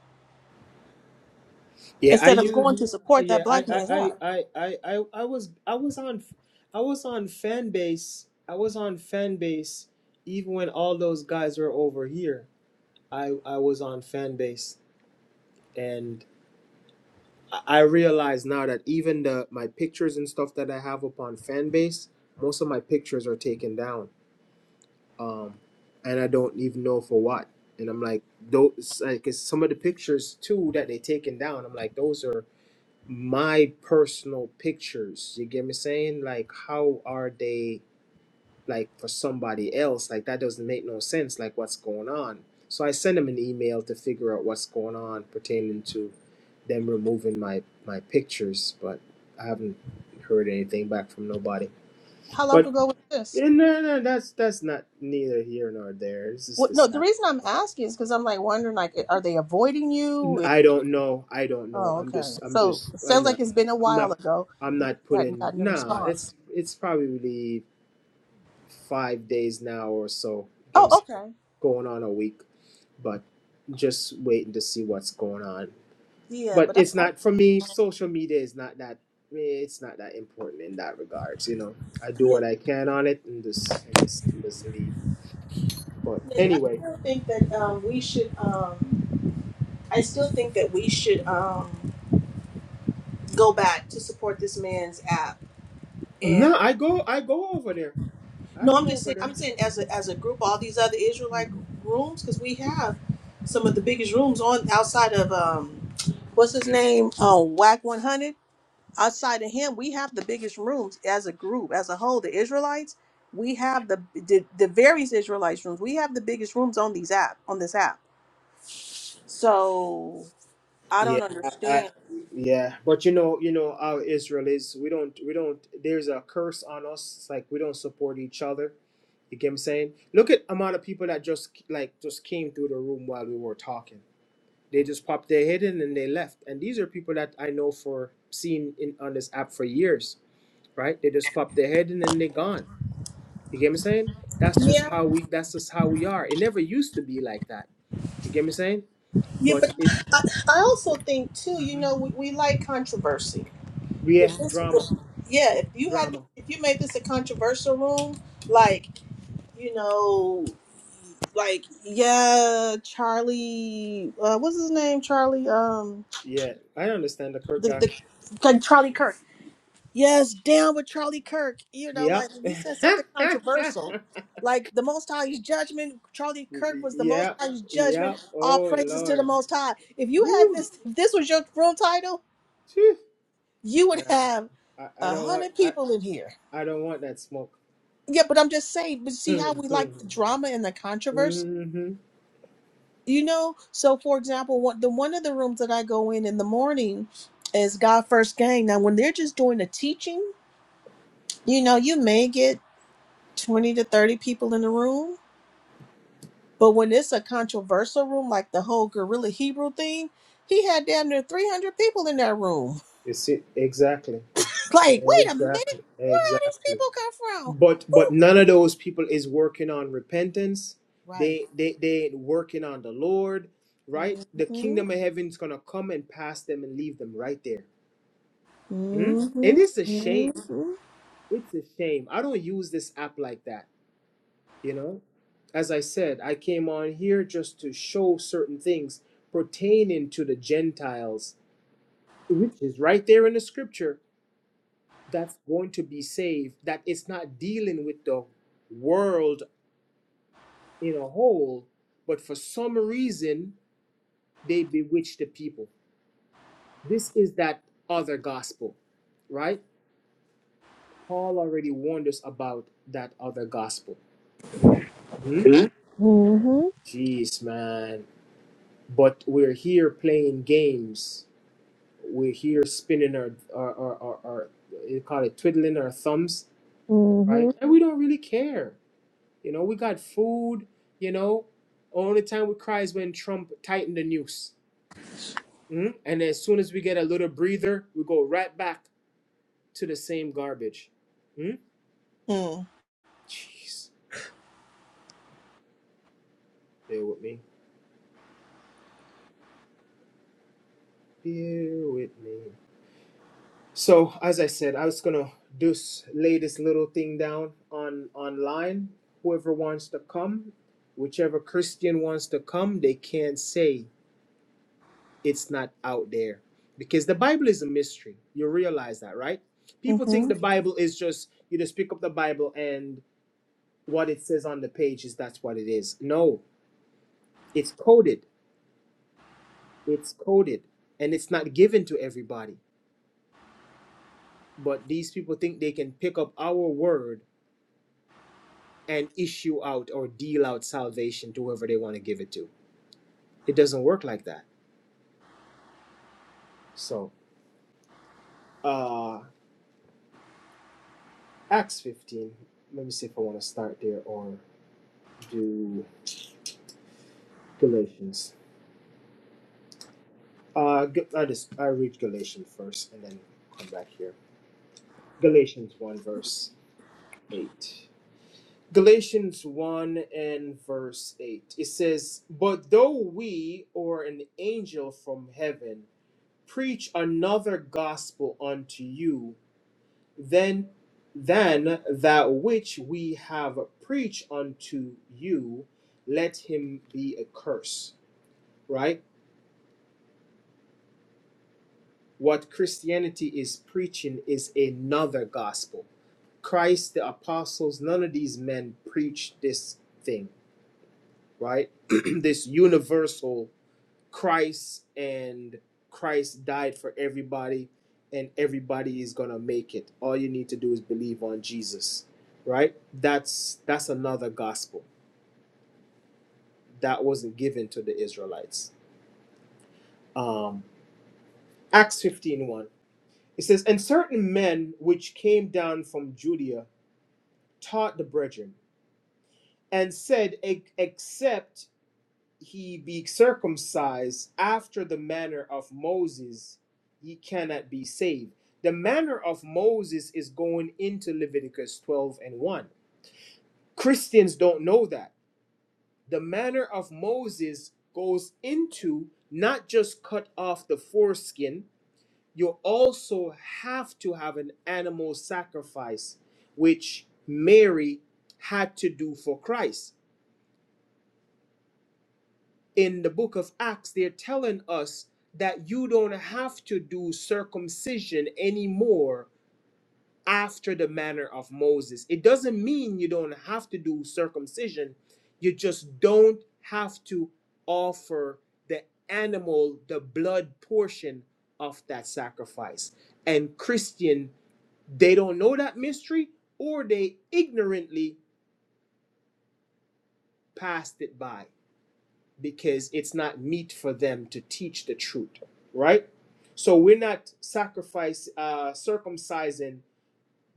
Speaker 1: Yeah, I
Speaker 2: instead of
Speaker 1: use.
Speaker 2: going to support that
Speaker 1: Yeah, I,
Speaker 2: black
Speaker 1: I,
Speaker 2: man's
Speaker 1: I,
Speaker 2: app
Speaker 1: I, I, I I was, I was on, I was on fan base. I was on fan base, even when all those guys were over here. I, I was on fan base, and I realize now that even the my pictures and stuff that I have up on fan base, most of my pictures are taken down um, and I don't even know for what. And I'm like, those, like, 'cause some of the pictures too that they taken down, I'm like, those are my personal pictures. You get me saying? Like, how are they like for somebody else? Like, that doesn't make no sense. Like, what's going on? So I send them an email to figure out what's going on pertaining to them removing my my pictures, but I haven't heard anything back from nobody.
Speaker 2: how long
Speaker 1: But
Speaker 2: ago was this
Speaker 1: eh, no, no, that's that's not neither here nor there. It's just
Speaker 2: Well,
Speaker 1: the
Speaker 2: no, the
Speaker 1: sad.
Speaker 2: reason I'm asking is because I'm like wondering, like, are they avoiding you? It-
Speaker 1: I don't know. I don't know.
Speaker 2: oh,
Speaker 1: I'm
Speaker 2: okay.
Speaker 1: just. I'm just.
Speaker 2: So it
Speaker 1: I'm
Speaker 2: sounds
Speaker 1: not.
Speaker 2: like it's been a
Speaker 1: I'm
Speaker 2: while
Speaker 1: not.
Speaker 2: ago.
Speaker 1: I'm
Speaker 2: You just
Speaker 1: not
Speaker 2: hadn't
Speaker 1: putting.
Speaker 2: gotten a
Speaker 1: Nah.
Speaker 2: response.
Speaker 1: It's probably really five days now or so.
Speaker 2: Oh, okay.
Speaker 1: Just waiting to see what's going on.
Speaker 2: Yeah,
Speaker 1: But
Speaker 2: but I,
Speaker 1: it's
Speaker 2: I
Speaker 1: not for me. Social media is not that. eh, It's not that important in that regards. You know, I do
Speaker 2: yeah,
Speaker 1: what I can on it and just and just, just leave. But
Speaker 2: yeah, but I
Speaker 1: anyway,
Speaker 2: still think that um, we should. Um, I still think that we should um, go back to support this man's app. And
Speaker 1: no. I go. I go over there. I
Speaker 2: no, I'm
Speaker 1: go
Speaker 2: just
Speaker 1: over
Speaker 2: saying. I'm
Speaker 1: there.
Speaker 2: saying as a as a group, all these other Israelite rooms, because we have some of the biggest rooms on outside of um, what's his name, uh, Whack 100 outside of him, we have the biggest rooms as a group, as a whole. The Israelites, we have the the, the various Israelites rooms. We have the biggest rooms on these app on this app. So I
Speaker 1: Yeah,
Speaker 2: don't
Speaker 1: I, I,
Speaker 2: understand.
Speaker 1: yeah, but you know, you know how Israel is. We don't, we don't. There's a curse on us. It's like we don't support each other. You get what I'm saying? Look at amount of people that just like just came through the room while we were talking. They just popped their head in and they left. And these are people that I know for seen in on this app for years, right? They just popped their head and then they gone. You get what I'm saying? That's just
Speaker 2: Yeah,
Speaker 1: how we. That's just how we are. It never used to be like that. You get what I'm saying?
Speaker 2: yeah,
Speaker 1: But
Speaker 2: but
Speaker 1: it,
Speaker 2: I, I also think too. You know, we, we like controversy.
Speaker 1: yeah,
Speaker 2: If this,
Speaker 1: drama,
Speaker 2: if, yeah, if you had,
Speaker 1: drama.
Speaker 2: if you made this a controversial room, like you know, like yeah, Charlie, uh, what's his name? Charlie, um,
Speaker 1: Yeah,
Speaker 2: the the like Charlie Kirk. Yes, down with Charlie Kirk. You know,
Speaker 1: Yep.
Speaker 2: like you said something controversial. Like the Most High's judgment, Charlie Kirk
Speaker 1: y-
Speaker 2: was the Most
Speaker 1: Yep.
Speaker 2: High's judgment.
Speaker 1: Yep.
Speaker 2: All
Speaker 1: Oh
Speaker 2: praises to the
Speaker 1: Lord.
Speaker 2: Most High. If you had
Speaker 1: Woo.
Speaker 2: this, if this was your room title,
Speaker 1: Phew.
Speaker 2: you would
Speaker 1: Nah,
Speaker 2: have
Speaker 1: I, I
Speaker 2: a
Speaker 1: don't want
Speaker 2: hundred
Speaker 1: I,
Speaker 2: people in here.
Speaker 1: I don't want that smoke.
Speaker 2: Yeah, but I'm just saying. But see how we
Speaker 1: mm-hmm.
Speaker 2: like the drama and the controversy,
Speaker 1: You
Speaker 2: you know. So, for example, one the one of the rooms that I go in in the morning is God First Gang. Now, when they're just doing the teaching, you know, you may get 20 to 30 people in the room. But when it's a controversial room, like the whole guerrilla Hebrew thing, he had damn near 300 people in that room.
Speaker 1: see exactly.
Speaker 2: like, wait a
Speaker 1: Exactly.
Speaker 2: minute, where all these
Speaker 1: Exactly.
Speaker 2: people come from?
Speaker 1: But but
Speaker 2: Who?
Speaker 1: none of those people is working on repentance.
Speaker 2: Right.
Speaker 1: They they they ain't working on the Lord, right? The
Speaker 2: Mm-hmm.
Speaker 1: kingdom of heaven's gonna come and pass them and leave them right there. Hmm? And
Speaker 2: Mm-hmm.
Speaker 1: it's a shame.
Speaker 2: Mm-hmm.
Speaker 1: It's a shame. I don't use this app like that you know as i said i came on here just to show certain things pertaining to the gentiles which is right there in the scripture that's going to be saved that it's not dealing with the world in a whole but for some reason they bewitch the people this is that other gospel right paul already warned us about that other gospel hmm?
Speaker 2: Mm-hmm.
Speaker 1: jeez man but we're here playing games we're here spinning our our our, our, our you call it twiddling our thumbs, right? And we don't really care. You know, we got food. You know, only time we cry is when Trump tightened the noose. Mm? And as soon as we get a little breather, we go right back to the same garbage. Mm?
Speaker 2: Mm-hmm.
Speaker 1: Jeez, bear with me. Bear with me. So as I said, I was gonna just lay this little thing down on online. Whoever wants to come, whichever Christian wants to come, they can't say it's not out there. Because the Bible is a mystery. You realize that, right? People think
Speaker 2: Mm-hmm.
Speaker 1: the Bible is just you just pick up the Bible and what it says on the page is that's what it is. No, it's coded. It's coded. And it's not given to everybody. But these people think they can pick up our word and issue out or deal out salvation to whoever they want to give it to. It doesn't work like that. So, uh, Acts 15. Let me see if I want to start there or do Galatians. Uh, G- I just I read Galatians first and then come back here. Galatians 1 verse 8. Galatians 1 and verse 8. It says, But though we or an angel from heaven preach another gospel unto you Then than that which we have preached unto you, let him be accursed. Right? What Christianity is preaching is another gospel. Christ, the apostles, none of these men preached this thing, right? this universal Christ and Christ died for everybody and everybody is going to make it. All you need to do is believe on Jesus, right? That's that's another gospel that wasn't given to the Israelites. Um Acts fifteen one, It says, "And certain men which came down from Judea taught the brethren and said, "E- "Except he be circumcised after the manner of Moses, ye cannot be saved. The manner of Moses is going into Leviticus 12 and 1. Christians don't know that. The manner of Moses goes into not just cut off the foreskin, you also have to have an animal sacrifice, which Mary had to do for Christ in the book of Acts, they're telling us that you don't have to do circumcision anymore after the manner of Moses. It doesn't mean you don't have to do circumcision, you just don't have to offer the animal, the blood portion of that sacrifice. And Christian, they don't know that mystery or they ignorantly passed it by because it's not meet for them to teach the truth, right? So we're not sacrifice uh, circumcising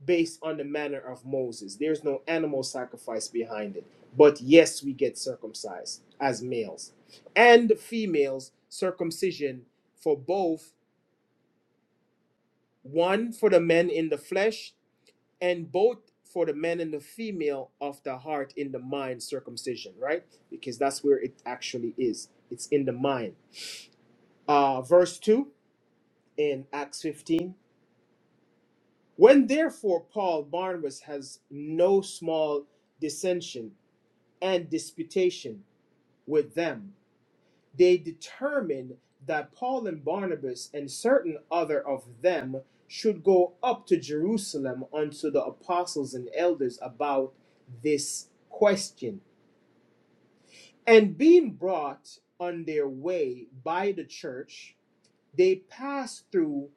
Speaker 1: based on the manner of Moses. There's no animal sacrifice behind it. But yes, we get circumcised as males and females. Circumcision for both, one for the men in the flesh, and both for the men and the female of the heart in the mind circumcision, right? Because that's where it actually is. It's in the mind uh, verse 2 in Acts 15. When therefore Paul Barnabas has no small dissension and disputation with them, they determined that Paul and Barnabas and certain other of them should go up to Jerusalem unto the apostles and elders about this question. And being brought on their way by the church, they passed through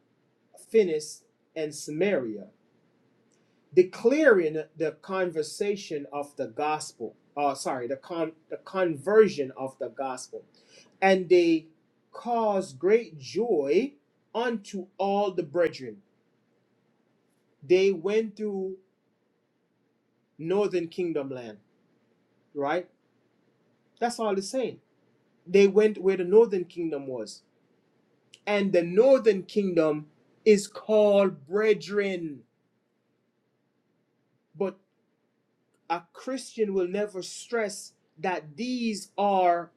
Speaker 1: Phoenice and Samaria declaring the conversation of the gospel uh, sorry the con the conversion of the gospel and they caused great joy unto all the brethren they went through northern kingdom land right that's all it's saying they went where the northern kingdom was and the northern kingdom is called brethren but a christian will never stress that these are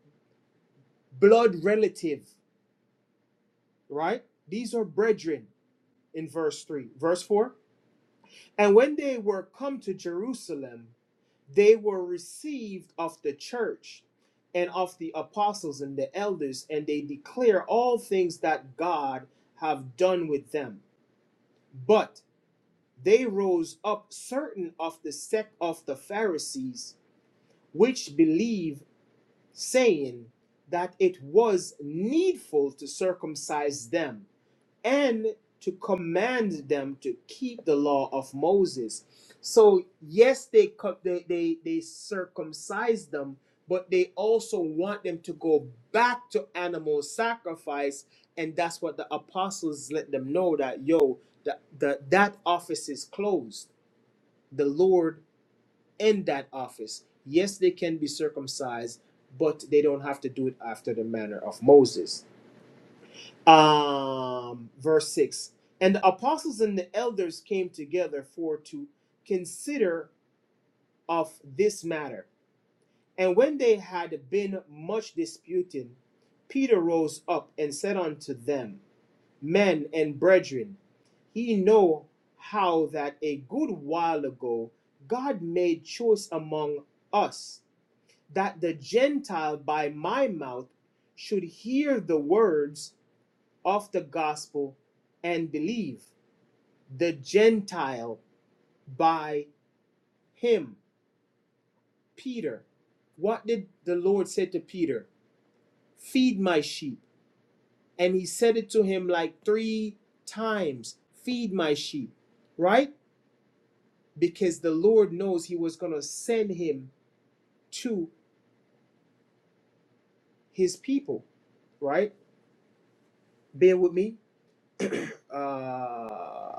Speaker 1: blood relative right? These are brethren in verse 3. Verse 4 And when they were come to Jerusalem, they were received of the church and of the apostles and the elders, and they declare all things that God have done with them. But they rose up certain of the sect of the Pharisees, which believe, saying that it was needful to circumcise them and to command them to keep the law of Moses. So yes, they co- they they, they circumcise them, but they also want them to go back to animal sacrifice, and that's what the apostles let them know that yo, that the that office is closed. The Lord in that office. Yes, they can be circumcised, but they don't have to do it after the manner of Moses um, verse 6 and the apostles and the elders came together for to consider of this matter and when they had been much disputing peter rose up and said unto them men and brethren ye know how that a good while ago god made choice among us that the gentile by my mouth should hear the words of the gospel and believe the Gentile by him. Peter, what did the Lord say to Peter? Feed my sheep. And he said it to him like three times Feed my sheep, right? Because the Lord knows he was going to send him to his people, right? Bear with me. Uh,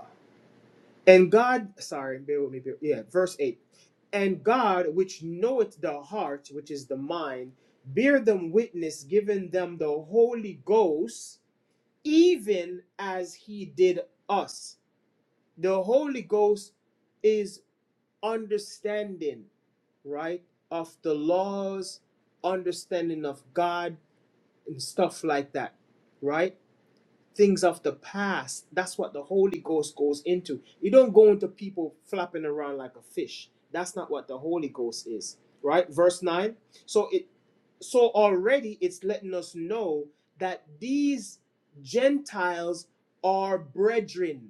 Speaker 1: And God, sorry, bear with me. Bear, yeah, verse 8. And God, which knoweth the heart, which is the mind, bear them witness, giving them the Holy Ghost, even as he did us. The Holy Ghost is understanding, right, of the laws, understanding of God, and stuff like that, right? things of the past. That's what the Holy Ghost goes into. You don't go into people flapping around like a fish. That's not what the Holy Ghost is, right? Verse 9. So it so already it's letting us know that these Gentiles are brethren.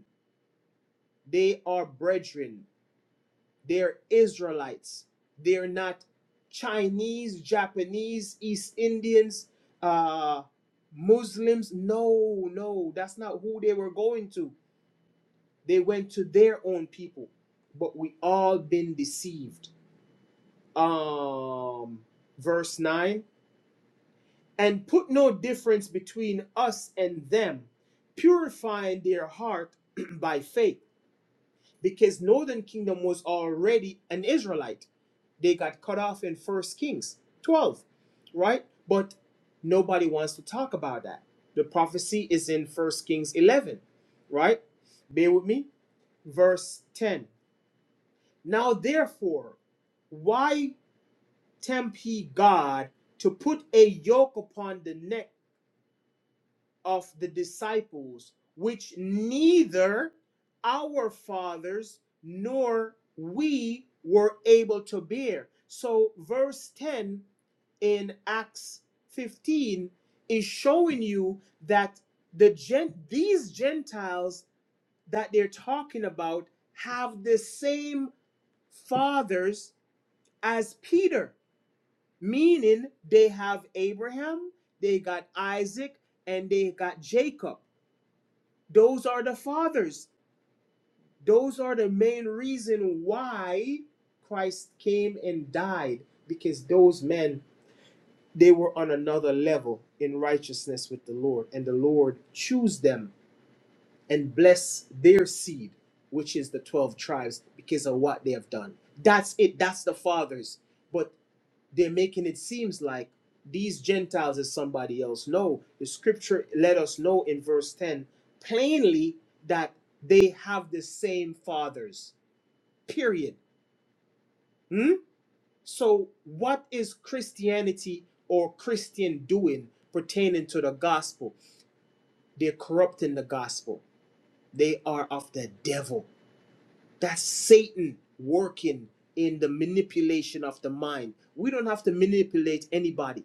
Speaker 1: They are brethren. They're Israelites. They're not Chinese, Japanese, East Indians, uh Muslims. No, no, that's not who they were going to they went to their own people, but we all been deceived. Um, verse 9 and put no difference between us and them, purifying their heart by faith, because northern kingdom was already an Israelite they got cut off in first kings 12 right but nobody wants to talk about that the prophecy is in first kings 11 right bear with me verse 10 Now therefore, why tempt ye God to put a yoke upon the neck of the disciples, which neither our fathers nor we were able to bear? So, verse 10 in Acts 15 is showing you that the gen- these Gentiles that they're talking about have the same fathers as Peter meaning they have Abraham, they got Isaac, and they got Jacob. Those are the fathers. Those are the main reason why Christ came and died because those men they were on another level in righteousness with the Lord and the Lord chose them and bless their seed which is the 12 tribes because of what they have done. That's it. That's the fathers. But. they're making it seems like these Gentiles is somebody else. No, the scripture let us know in verse 10 plainly that they have the same fathers. Period. Hmm? So what is Christianity or Christian doing pertaining to the gospel? They're corrupting the gospel. They are of the devil. That's Satan working in the manipulation of the mind. We don't have to manipulate anybody.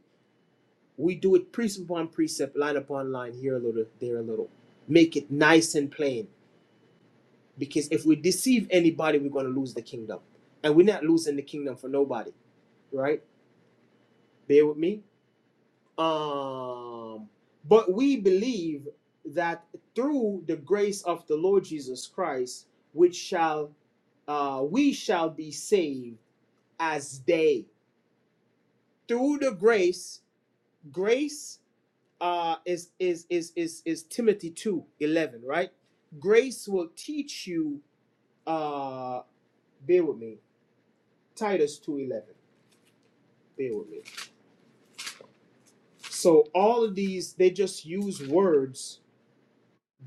Speaker 1: We do it precept upon precept, line upon line, here a little, there a little. Make it nice and plain. Because if we deceive anybody, we're going to lose the kingdom. And we're not losing the kingdom for nobody, right? Bear with me. Um, but we believe that through the grace of the Lord Jesus Christ, which shall uh, we shall be saved as they. Through the grace, grace uh is is is is is Timothy two eleven right? Grace will teach you uh bear with me, Titus two eleven. Bear with me. So all of these they just use words,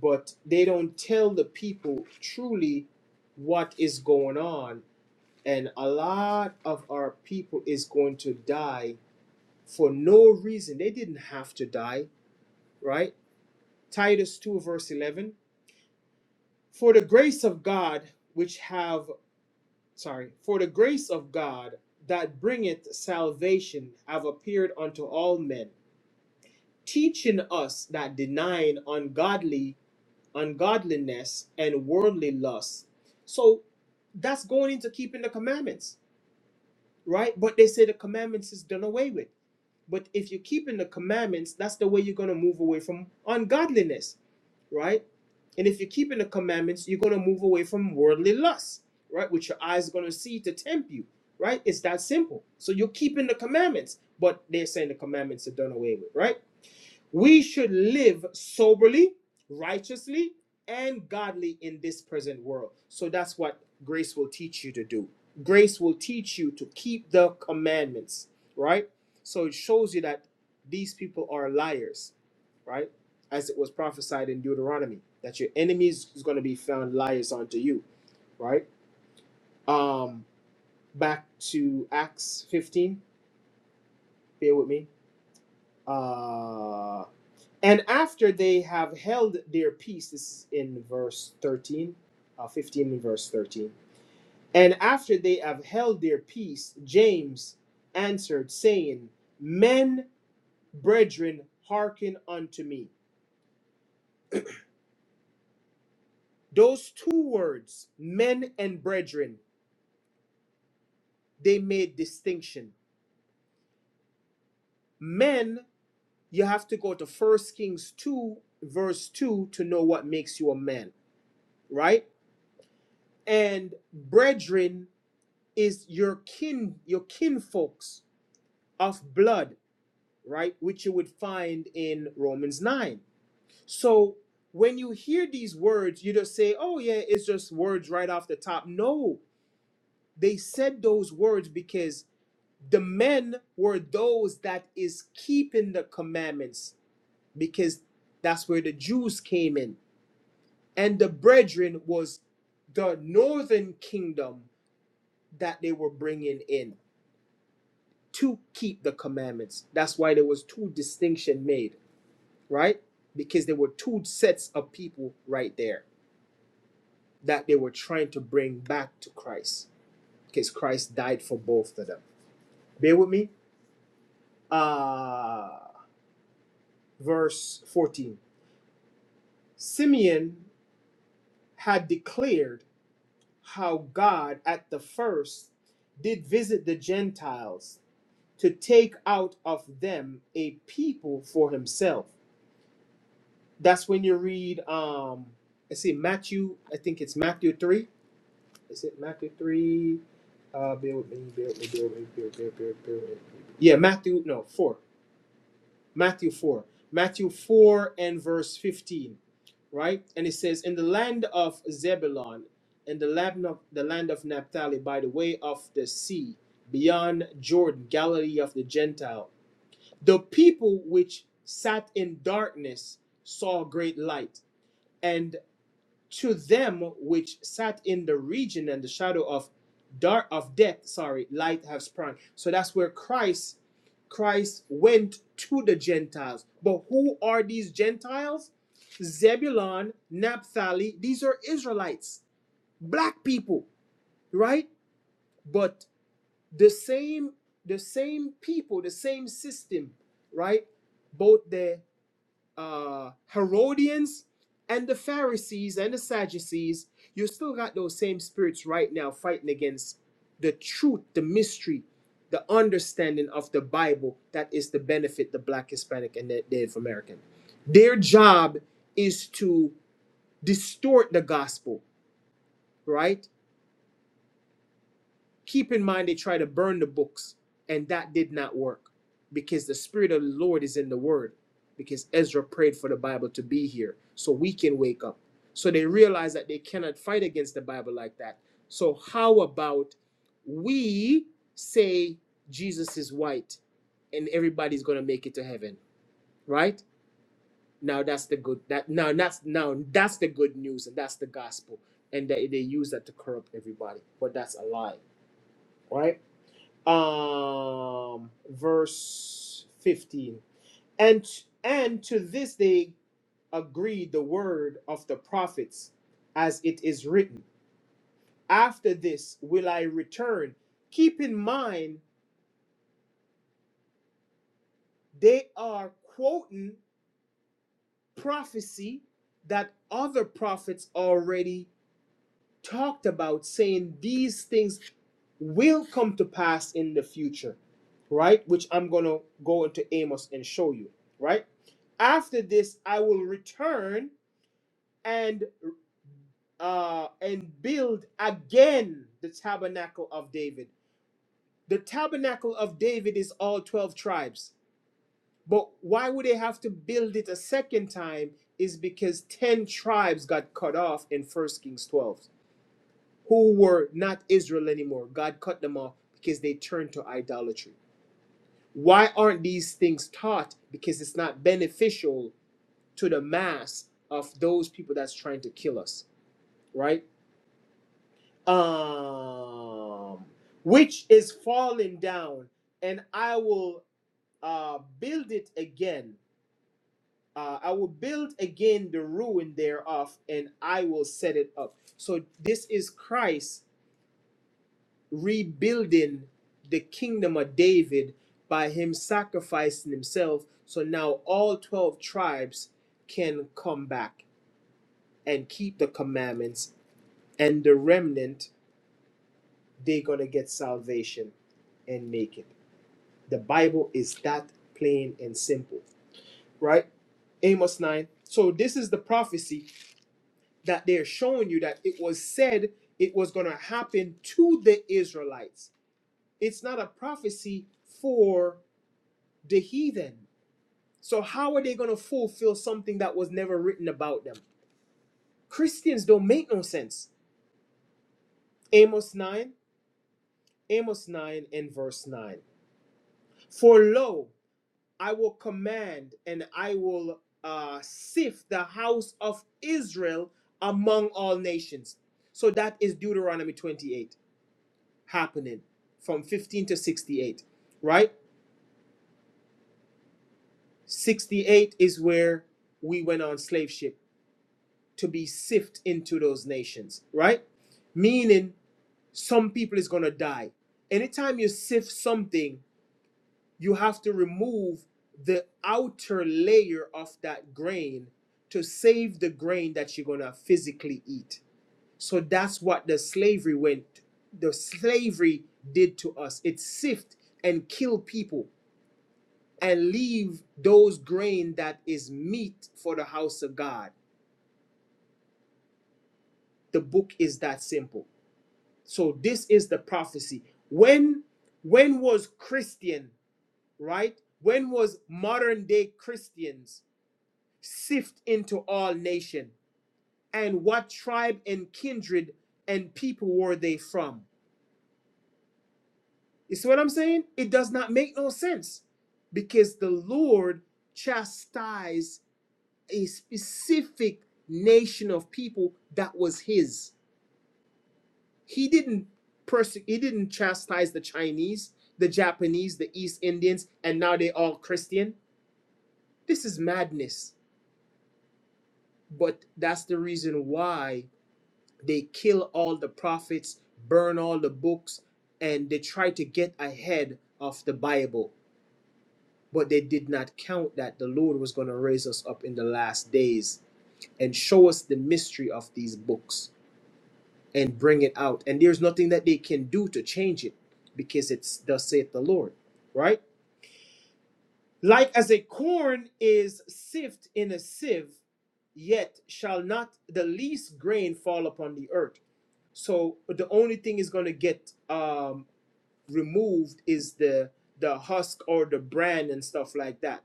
Speaker 1: but they don't tell the people truly what is going on. And a lot of our people is going to die for no reason. They didn't have to die, right? Titus 2 verse 11. For the grace of God which have sorry, for the grace of God that bringeth salvation have appeared unto all men, teaching us that denying ungodly ungodliness and worldly lust. So that's going into keeping the commandments, right? But they say the commandments is done away with. But if you're keeping the commandments, that's the way you're gonna move away from ungodliness right? And if you're keeping the commandments, you're going to move away from worldly lust, right? Which your eyes are going to see to tempt you, right? It's that simple. So you're keeping the commandments, but they're saying the commandments are done away with, right? We should live soberly, righteously, and godly in this present world. So that's what grace will teach you to do. Grace will teach you to keep the commandments, right? So it shows you that these people are liars right? As it was prophesied in Deuteronomy, that your enemies is going to be found liars unto you, right? Um, back to Acts 15, bear with me. Uh, and after they have held their peace, this is in verse 13, uh, 15 and verse 13. And after they have held their peace, James answered, saying, Men, brethren, hearken unto me. Those two words, men and brethren, they made distinction. Men, you have to go to First Kings 2, verse 2 to know what makes you a man, right? And brethren is your kin, your kinfolks of blood, right? Which you would find in Romans 9. So when you hear these words, you just say, oh, yeah, it's just words right off the top. No, they said those words because the men were those that is keeping the commandments because that's where the Jews came in. And the brethren was the northern kingdom that they were bringing in to keep the commandments. That's why there was two distinction made, right? Because there were two sets of people right there that they were trying to bring back to Christ because Christ died for both of them. Bear with me. Uh verse 14. Simeon had declared how God at the first did visit the Gentiles to take out of them a people for himself. That's when you read um I see Matthew, I think it's Matthew 3. Is it Matthew 3? Uh bear with me, bear with me, bear with me, bear with me, bear with me, bear with me. Yeah, Matthew no, 4. Matthew 4. Matthew 4 and verse 15, right? And it says, In the land of Zebulon, in the land of, the land of Naphtali, by the way of the sea, beyond Jordan, Galilee of the Gentile, the people which sat in darkness saw great light. and to them which sat in the region and the shadow of dark of death sorry light have sprung so that's where christ christ went to the gentiles but who are these gentiles zebulon naphtali these are israelites black people right but the same the same people the same system right both the uh, Herodians and the Pharisees and the Sadducees, you still got those same spirits right now fighting against the truth, the mystery, the understanding of the Bible that is to benefit the Black, Hispanic, and the Native American. Their job is to distort the gospel, right? Keep in mind they tried to burn the books, and that did not work because the Spirit of the Lord is in the Word. Because Ezra prayed for the Bible to be here so we can wake up. So they realize that they cannot fight against the Bible like that. So, how about we say Jesus is white and everybody's going to make it to heaven, right? Now that's the good that now that's now that's the good news and that's the gospel and they, they use that to corrupt everybody but that's a lie right um, verse 15. And and to this they agreed the word of the prophets, as it is written. After this will I return. Keep in mind they are quoting prophecy that other prophets already talked about, saying these things will come to pass in the future, right? Which I'm going to go into Amos and show you, right? After this, I will return and uh and build again the tabernacle of David. The tabernacle of David is all 12 tribes. But why would they have to build it a second time is because 10 tribes got cut off in First Kings 12 who were not Israel anymore. God cut them off because they turned to idolatry Why aren't these things taught? Because it's not beneficial to the mass of those people that's trying to kill us, right? Um, which is falling down, and I will uh, build it again. Uh, I will build again the ruin thereof, and I will set it up. So this is Christ rebuilding the kingdom of David by him sacrificing himself. So now all 12 tribes can come back and keep the commandments, and the remnant, they're going to get salvation and make it. The Bible is that plain and simple, right? Amos 9. So this is the prophecy that they're showing you that it was said it was going to happen to the Israelites. It's not a prophecy for the heathen. So how are they going to fulfill something that was never written about them? Christians don't make no sense. Amos 9, Amos 9 and verse 9. For lo, I will command and I will uh, sift the house of Israel among all nations. So that is Deuteronomy 28 happening from 15 to 68, right? 68 is where we went on slave ship. to be sift into those nations, right? Meaning some people is gonna die. Anytime you sift something, you have to remove the outer layer of that grain to save the grain that you're gonna physically eat. So that's what the slavery went, the slavery did to us. It sift and kill people and leave those grain that is meat for the house of God. The book is that simple. So this is the prophecy. When when was Christian, right? When was modern day Christians sift into all nation? And what tribe and kindred and people were they from? You see what I'm saying? It does not make no sense because the Lord chastised a specific nation of people that was his he didn't perse- he didn't chastise the Chinese, the Japanese, the East Indians, and now they all Christian. This is madness. But that's the reason why they kill all the prophets, burn all the books, and they try to get ahead of the Bible. But they did not count that the Lord was going to raise us up in the last days and show us the mystery of these books and bring it out. And there's nothing that they can do to change it because it's thus saith the Lord, right? Like as a corn is sift in a sieve, yet shall not the least grain fall upon the earth. So the only thing is going to get um, removed is the the husk or the bran and stuff like that.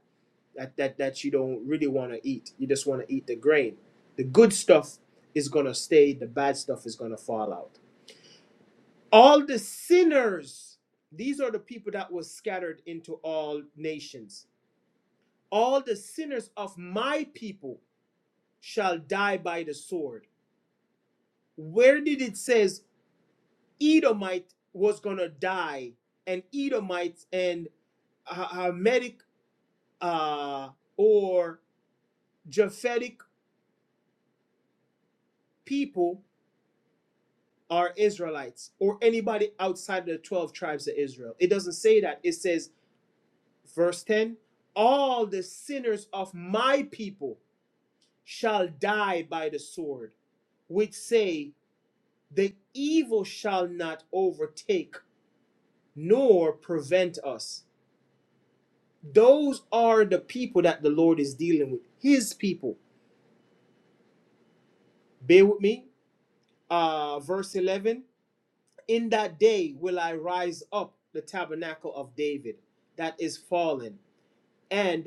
Speaker 1: That that that you don't really want to eat. You just want to eat the grain. The good stuff is going to stay. The bad stuff is going to fall out. all the sinners these are the people that was scattered into all nations all the sinners of my people shall die by the sword where did it says edomite was gonna die and edomites and uh, Hamitic, uh, or japhetic people are israelites or anybody outside of the 12 tribes of israel it doesn't say that it says Verse 10 All the sinners of my people shall die by the sword, which say, The evil shall not overtake nor prevent us. Those are the people that the Lord is dealing with, his people. Bear with me. Uh, verse 11 In that day will I rise up the tabernacle of David that is fallen, and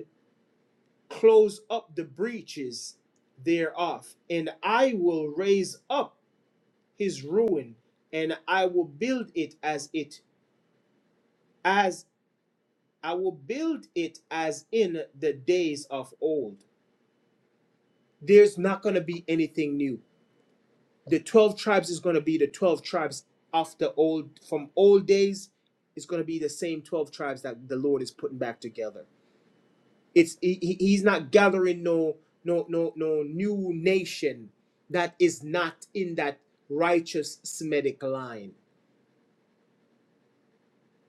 Speaker 1: close up the breaches thereof, and I will raise up his ruin, and I will build it as it as I will build it as in the days of old. There's not going to be anything new. The 12 tribes is going to be the 12 tribes of the old from old days. It's going to be the same 12 tribes that the Lord is putting back together. It's he, he's not gathering no no no no new nation that is not in that righteous Semitic line.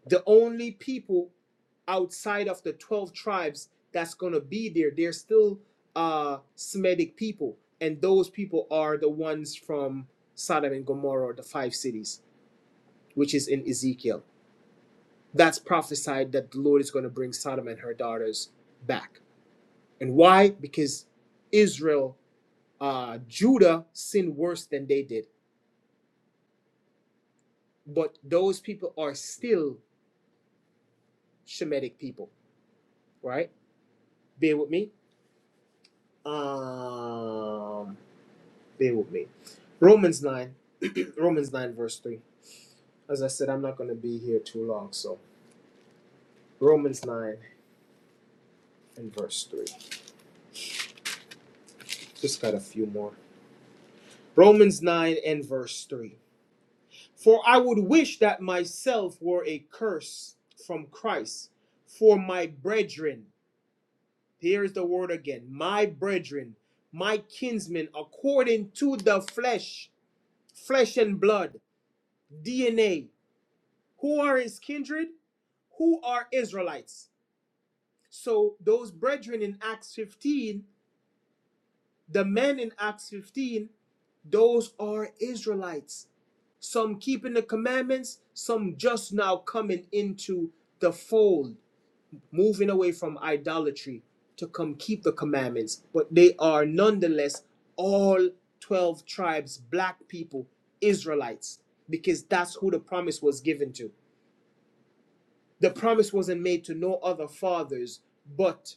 Speaker 1: The only people outside of the 12 tribes that's going to be there they're still uh semitic people and those people are the ones from sodom and gomorrah the five cities which is in ezekiel that's prophesied that the lord is going to bring sodom and her daughters back and why because israel uh, Judah sinned worse than they did, but those people are still Shemitic people, right? Bear with me. Um, bear with me. Romans 9, Romans 9, verse 3. As I said, I'm not going to be here too long, so Romans 9 and verse 3. Just got a few more. Romans 9 and verse 3. For I would wish that myself were a curse from Christ for my brethren Here's the word again. My brethren, my kinsmen, according to the flesh, flesh and blood, DNA. Who are his kindred? Who are Israelites? So those brethren in Acts 15, the men in Acts 15, those are Israelites. Some keeping the commandments, some just now coming into the fold. moving away from idolatry to come keep the commandments, but they are nonetheless all 12 tribes, black people, Israelites, because that's who the promise was given to. The promise wasn't made to no other fathers but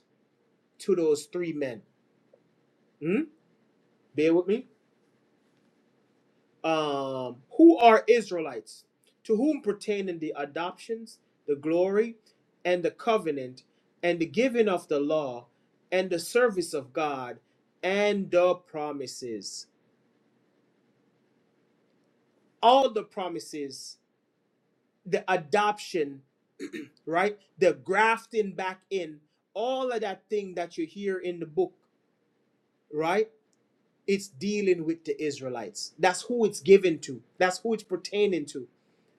Speaker 1: to those three men. Hmm? Bear with me. um, who are Israelites, to whom pertaining the adoptions, the glory, and the covenant, and the giving of the law, and the service of God, and the promises. All the promises, the adoption, right? The grafting back in, all of that thing that you hear in the book, right? It's dealing with the Israelites. That's who it's given to. That's who it's pertaining to.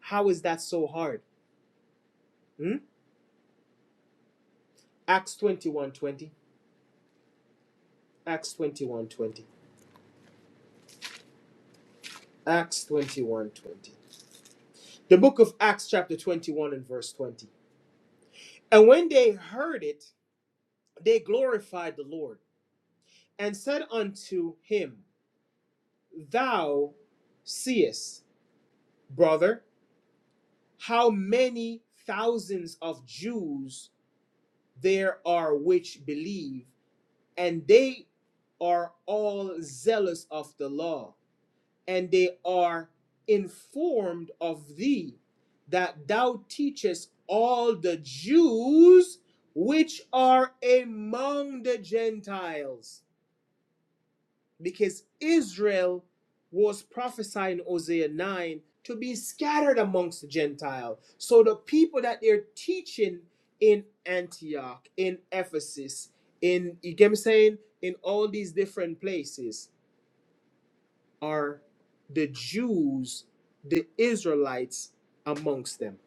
Speaker 1: How is that so hard? Hmm? Acts twenty one twenty Acts twenty one twenty Acts twenty one twenty The book of Acts, chapter 21, and verse 20. And when they heard it, they glorified the Lord and said unto him, Thou seest, brother, how many thousands of Jews there are which believe, and they are all zealous of the law. and they are informed of thee that thou teachest all the Jews which are among the Gentiles. Because Israel was prophesying in Hosea 9 to be scattered amongst the Gentiles. So the people that they're teaching in Antioch, in Ephesus, in you get me saying, in all these different places are the Jews, the Israelites amongst them.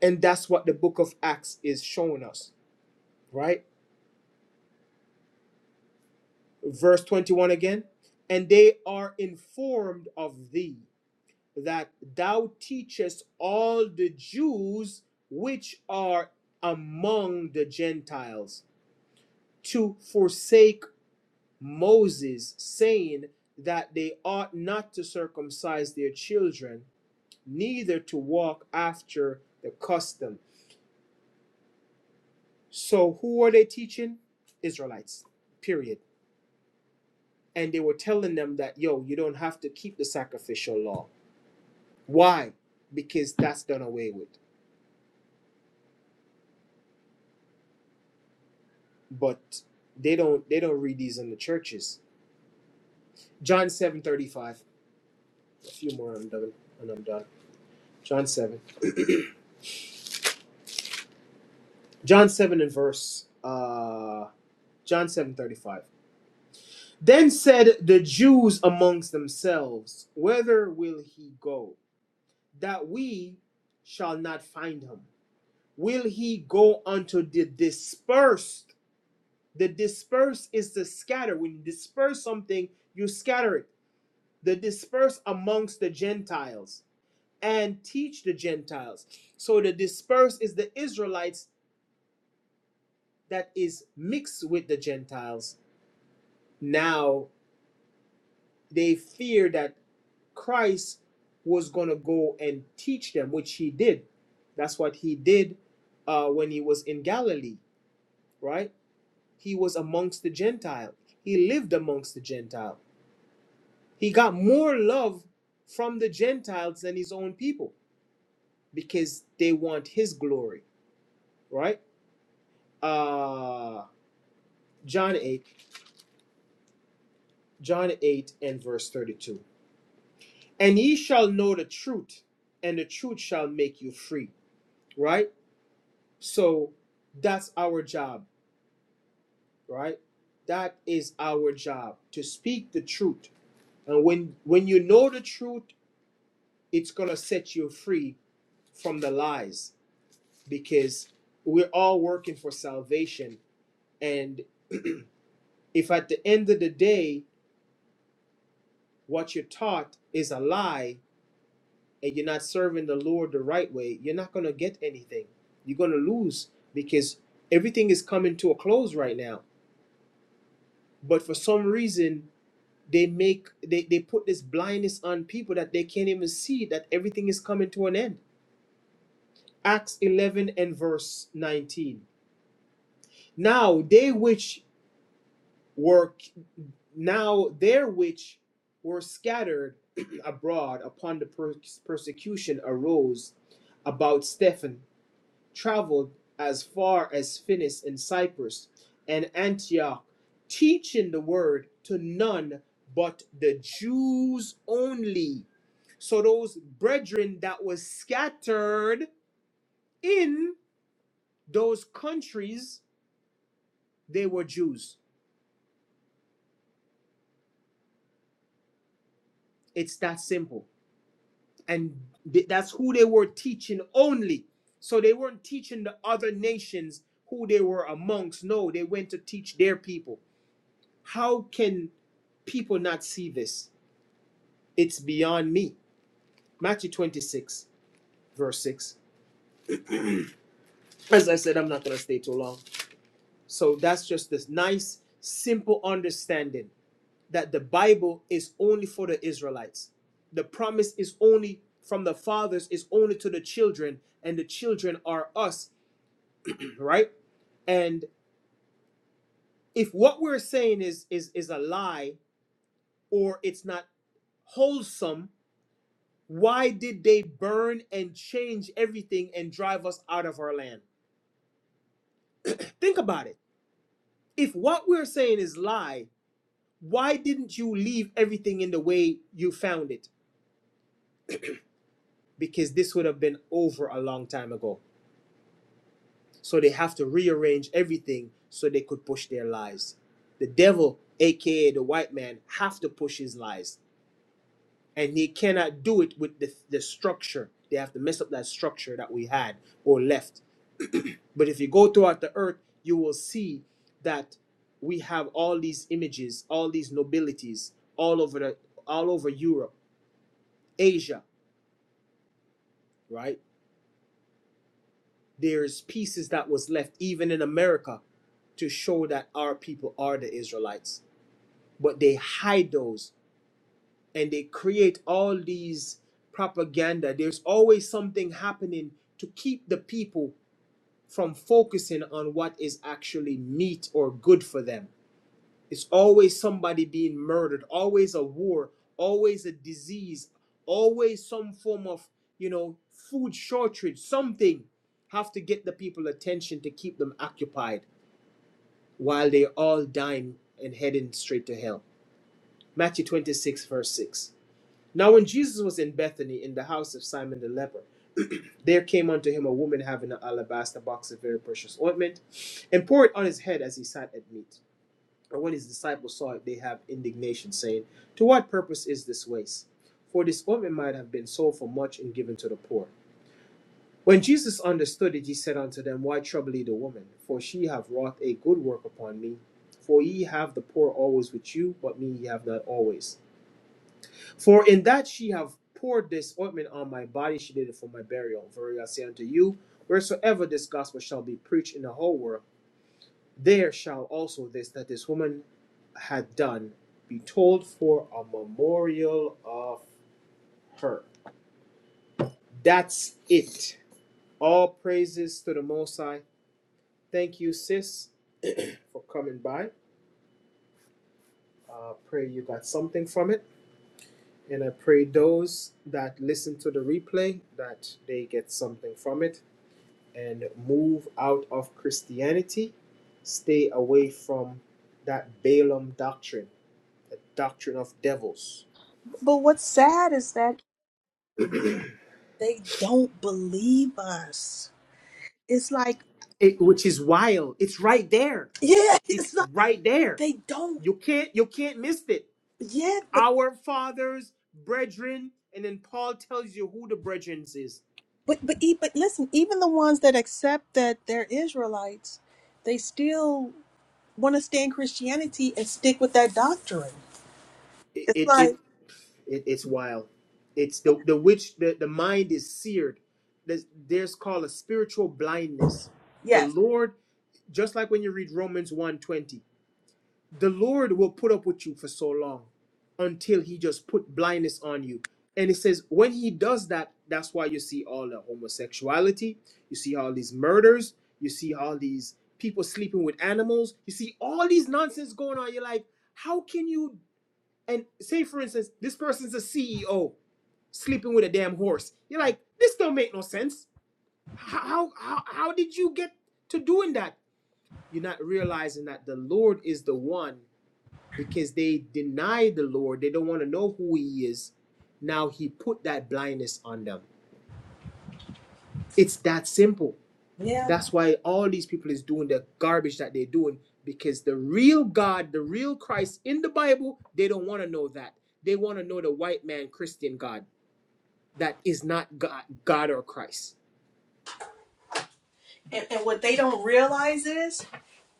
Speaker 1: And that's what the book of Acts is showing us, right? Verse 21 again. And they are informed of thee that thou teachest all the Jews which are among the Gentiles to forsake Moses, saying that they ought not to circumcise their children neither to walk after the custom. So who are they teaching? Israelites, period. And they were telling them that, yo, you don't have to keep the sacrificial law. Why? Because that's done away with. But they don't they don't read these in the churches. John seven thirty five. A few more I'm done and I'm done. John seven. John seven and verse uh John seven thirty five. Then said the Jews amongst themselves, Whither will he go? that we shall not find him. Will he go unto the dispersed? The dispersed is to scatter. When you disperse something, you scatter it. The dispersed amongst the Gentiles and teach the Gentiles. So the dispersed is the Israelites that is mixed with the Gentiles. Now they fear that Christ was going to go and teach them, which he did. That's what he did uh, when he was in Galilee right? He was amongst the Gentiles. He lived amongst the Gentiles. He got more love from the Gentiles than his own people because they want his glory, right? Uh John 8, John 8 and verse 32. And ye shall know the truth, and the truth shall make you free, right? So that's our job, right? That is our job to speak the truth. And when when you know the truth it's going to set you free from the lies because we're all working for salvation. And if at the end of the day, what you're taught is a lie and you're not serving the Lord the right way, you're not going to get anything. You're going to lose because everything is coming to a close right now. But for some reason, they make they, they put this blindness on people that they can't even see that everything is coming to an end. Acts 11 and verse 19. Now they which were now there which were scattered abroad upon the per- persecution arose about Stephen, traveled as far as Phoenis and Cyprus and Antioch, teaching the word to none but the Jews only. So those brethren that was scattered in those countries, they were Jews. It's that simple. and th- that's who they were teaching only. So they weren't teaching the other nations who they were amongst. No, they went to teach their people. How can people not see this? It's beyond me. Matthew 26, verse 6. As I said, I'm not going to stay too long. So that's just this nice, simple understanding that the Bible is only for the Israelites. The promise is only from the fathers, is only to the children, and the children are us right? And if what we're saying is is is a lie or it's not wholesome, why did they burn and change everything and drive us out of our land? Think about it. If what we're saying is lie, why didn't you leave everything in the way you found it? Because this would have been over a long time ago. So they have to rearrange everything so they could push their lies. The devil, aka the white man, have to push his lies and he cannot do it with the, the structure. They have to mess up that structure that we had or left. but if you go throughout the earth, you will see that we have all these images, all these nobilities, all over the all over Europe, Asia, right? There's pieces that was left even in America to show that our people are the Israelites, but they hide those and they create all these propaganda. There's always something happening to keep the people from focusing on what is actually neat or good for them. It's always somebody being murdered, always a war, always a disease, always some form of, you know, food shortage, something have to get the people attention to keep them occupied while they're all dying and heading straight to hell. Matthew 26, verse 6. Now, when Jesus was in Bethany in the house of Simon the leper, there came unto him a woman having an alabaster box of very precious ointment, and poured it on his head as he sat at meat. And when his disciples saw it, they had indignation, saying, To what purpose is this waste? For this ointment might have been sold for much and given to the poor. When Jesus understood it, he said unto them, Why trouble ye the woman? For she hath wrought a good work upon me. For ye have the poor always with you, but me ye have not always. For in that she have poured this ointment on my body, she did it for my burial. Verily I say unto you, wheresoever this gospel shall be preached in the whole world, there shall also this that this woman had done be told for a memorial of her. That's it. All praises to the Most High. Thank you, sis, for coming by. Uh, pray you got something from it. And I pray those that listen to the replay that they get something from it and move out of Christianity, stay away from that Balaam doctrine, doctrine of devils.
Speaker 2: But what's sad is that they don't believe us. It's like,
Speaker 1: It, which is wild. It's right there.
Speaker 2: yeah,
Speaker 1: It's
Speaker 2: it's like
Speaker 1: right there.
Speaker 2: they don't.
Speaker 1: You can't you can't miss it.
Speaker 2: yet.
Speaker 1: Our fathers, brethren, and then Paul tells you who the brethren is.
Speaker 2: But but e- but listen, even the ones that accept that they're Israelites, they still want to stay in Christianity and stick with that doctrine.
Speaker 1: it
Speaker 2: It's
Speaker 1: it, it,
Speaker 2: like
Speaker 1: it it's wild. It's the the witch the, the mind is seared. There's, there's called a spiritual blindness. The
Speaker 2: yes,
Speaker 1: Lord, just like when you read Romans one twenty, the Lord will put up with you for so long until he just put blindness on you. And it says when he does that, that's why you see all the homosexuality, you see all these murders, you see all these people sleeping with animals, you see all these nonsense going on. You're like, how can you and say for instance this person's a ceo sleeping with a damn horse you're like this don't make no sense how how how, how did you get to doing that you're not realizing that the lord is the one because they deny the lord they don't want to know who he is now he put that blindness on them it's that simple
Speaker 2: yeah.
Speaker 1: that's why all these people is doing the garbage that they're doing because the real god the real christ in the bible they don't want to know that they want to know the white man christian god that is not God, God or Christ.
Speaker 2: And, and what they don't realize is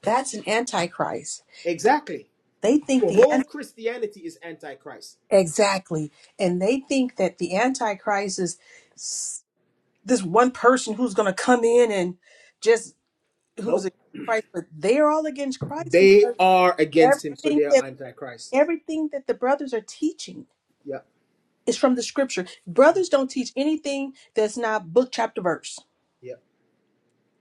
Speaker 2: that's an antichrist.
Speaker 1: Exactly.
Speaker 2: They think the
Speaker 1: whole
Speaker 2: an-
Speaker 1: Christianity is antichrist.
Speaker 2: exactly, and they think that the antichrist is s- this one person who's going to come in and just who's
Speaker 1: Nope.
Speaker 2: against Christ, but they're all against Christ
Speaker 1: They
Speaker 2: because
Speaker 1: are against him, so
Speaker 2: everything
Speaker 1: they are
Speaker 2: that
Speaker 1: antichrist.
Speaker 2: everything that the brothers are teaching
Speaker 1: Yeah,
Speaker 2: It's from the scripture. Brothers don't teach anything that's not book, chapter, verse.
Speaker 1: yeah.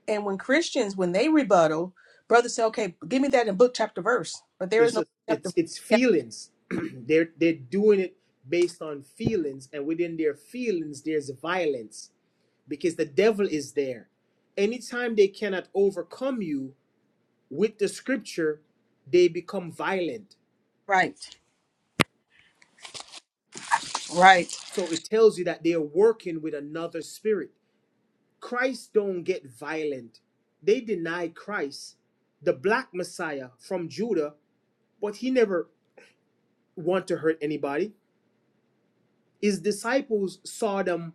Speaker 2: And when Christians, when they rebuttal, brothers say, okay, give me that in book, chapter, verse. But there is
Speaker 1: It's
Speaker 2: no
Speaker 1: just,
Speaker 2: book, chapter,
Speaker 1: it's
Speaker 2: verse.
Speaker 1: it's
Speaker 2: Yeah,
Speaker 1: feelings. they're they're doing it based on feelings, and within their feelings, there's violence because the devil is there. Anytime they cannot overcome you with the scripture, they become violent.
Speaker 2: right, right.
Speaker 1: So it tells you that they are working with another spirit Christ don't get violent. They deny Christ, the black Messiah from Judah, but he never want to hurt anybody. His disciples saw them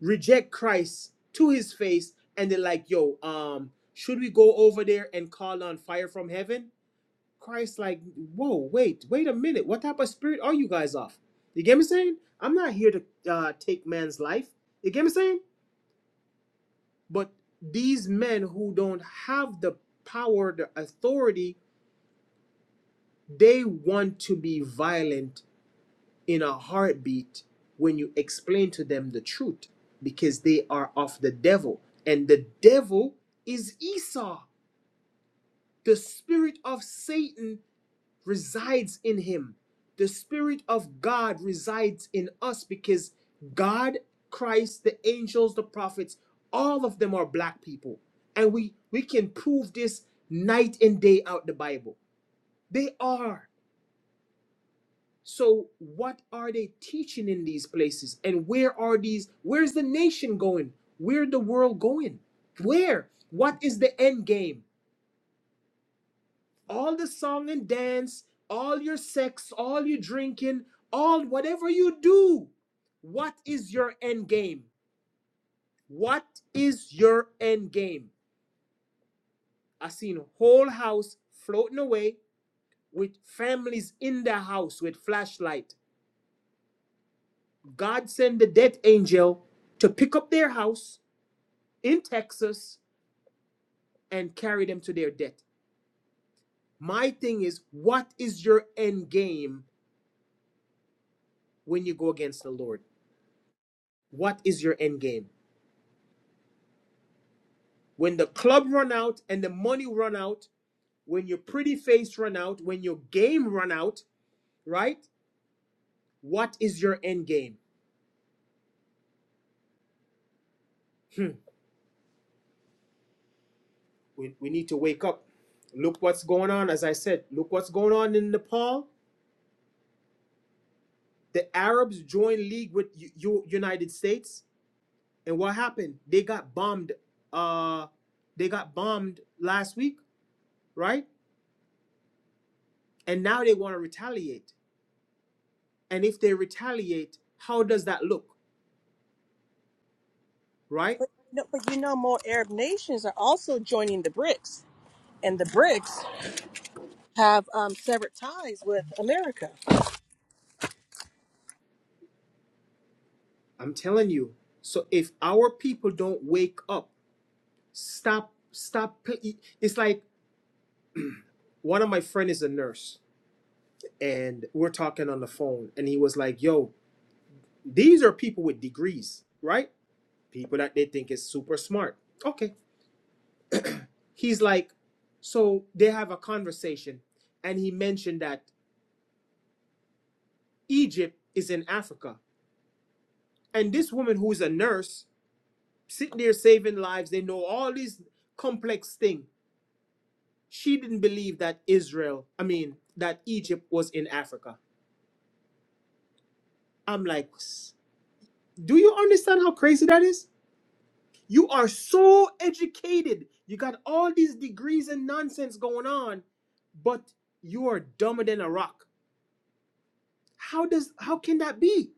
Speaker 1: reject Christ to his face, and they're like, "Yo, um, should we go over there and call on fire from heaven?" Christ, like, "Whoa, wait, wait a minute. What type of spirit are you guys of?" You get me saying? I'm not here to uh, take man's life. You get me saying? But these men who don't have the power, the authority, they want to be violent in a heartbeat when you explain to them the truth because they are of the devil. And the devil is Esau, the spirit of Satan resides in him. The Spirit of God resides in us because God, Christ, the angels, the prophets, all of them are black people. And we, we can prove this night and day out the Bible. They are. So what are they teaching in these places? And where are these? Where's the nation going? Where the world going? Where? What is the end game? all the song and dance, all your sex, all your drinking, all whatever you do, what is your end game? What is your end game? I seen a whole house floating away with families in their house with flashlight. God send the death angel to pick up their house in Texas and carry them to their death. My thing is, what is your end game when you go against the Lord? What is your end game? When the club run out and the money run out, when your pretty face run out, when your game run out, right? What is your end game? Hmm. We, we need to wake up. Look what's going on. As I said, look what's going on in Nepal. The Arabs joined league with U- U- United States, and what happened? They got bombed. Uh, they got bombed last week, right? And now they want to retaliate. And if they retaliate, how does that look, right?
Speaker 2: No, but you know, more Arab nations are also joining the BRICS, and the BRICS have um, severed ties with America.
Speaker 1: I'm telling you. So if our people don't wake up, stop, stop. It's like one of my friend is a nurse, and we're talking on the phone, and he was like, "Yo, these are people with degrees, right? People that they think is super smart." Okay, he's like, so they have a conversation, and he mentioned that Egypt is in Africa, and this woman who is a nurse sitting there saving lives. They know all these complex things she didn't believe that Israel, I mean, that Egypt was in Africa. I'm like, "S- do you understand how crazy that is? You are so educated. You got all these degrees and nonsense going on, but you are dumber than a rock. How does how can that be?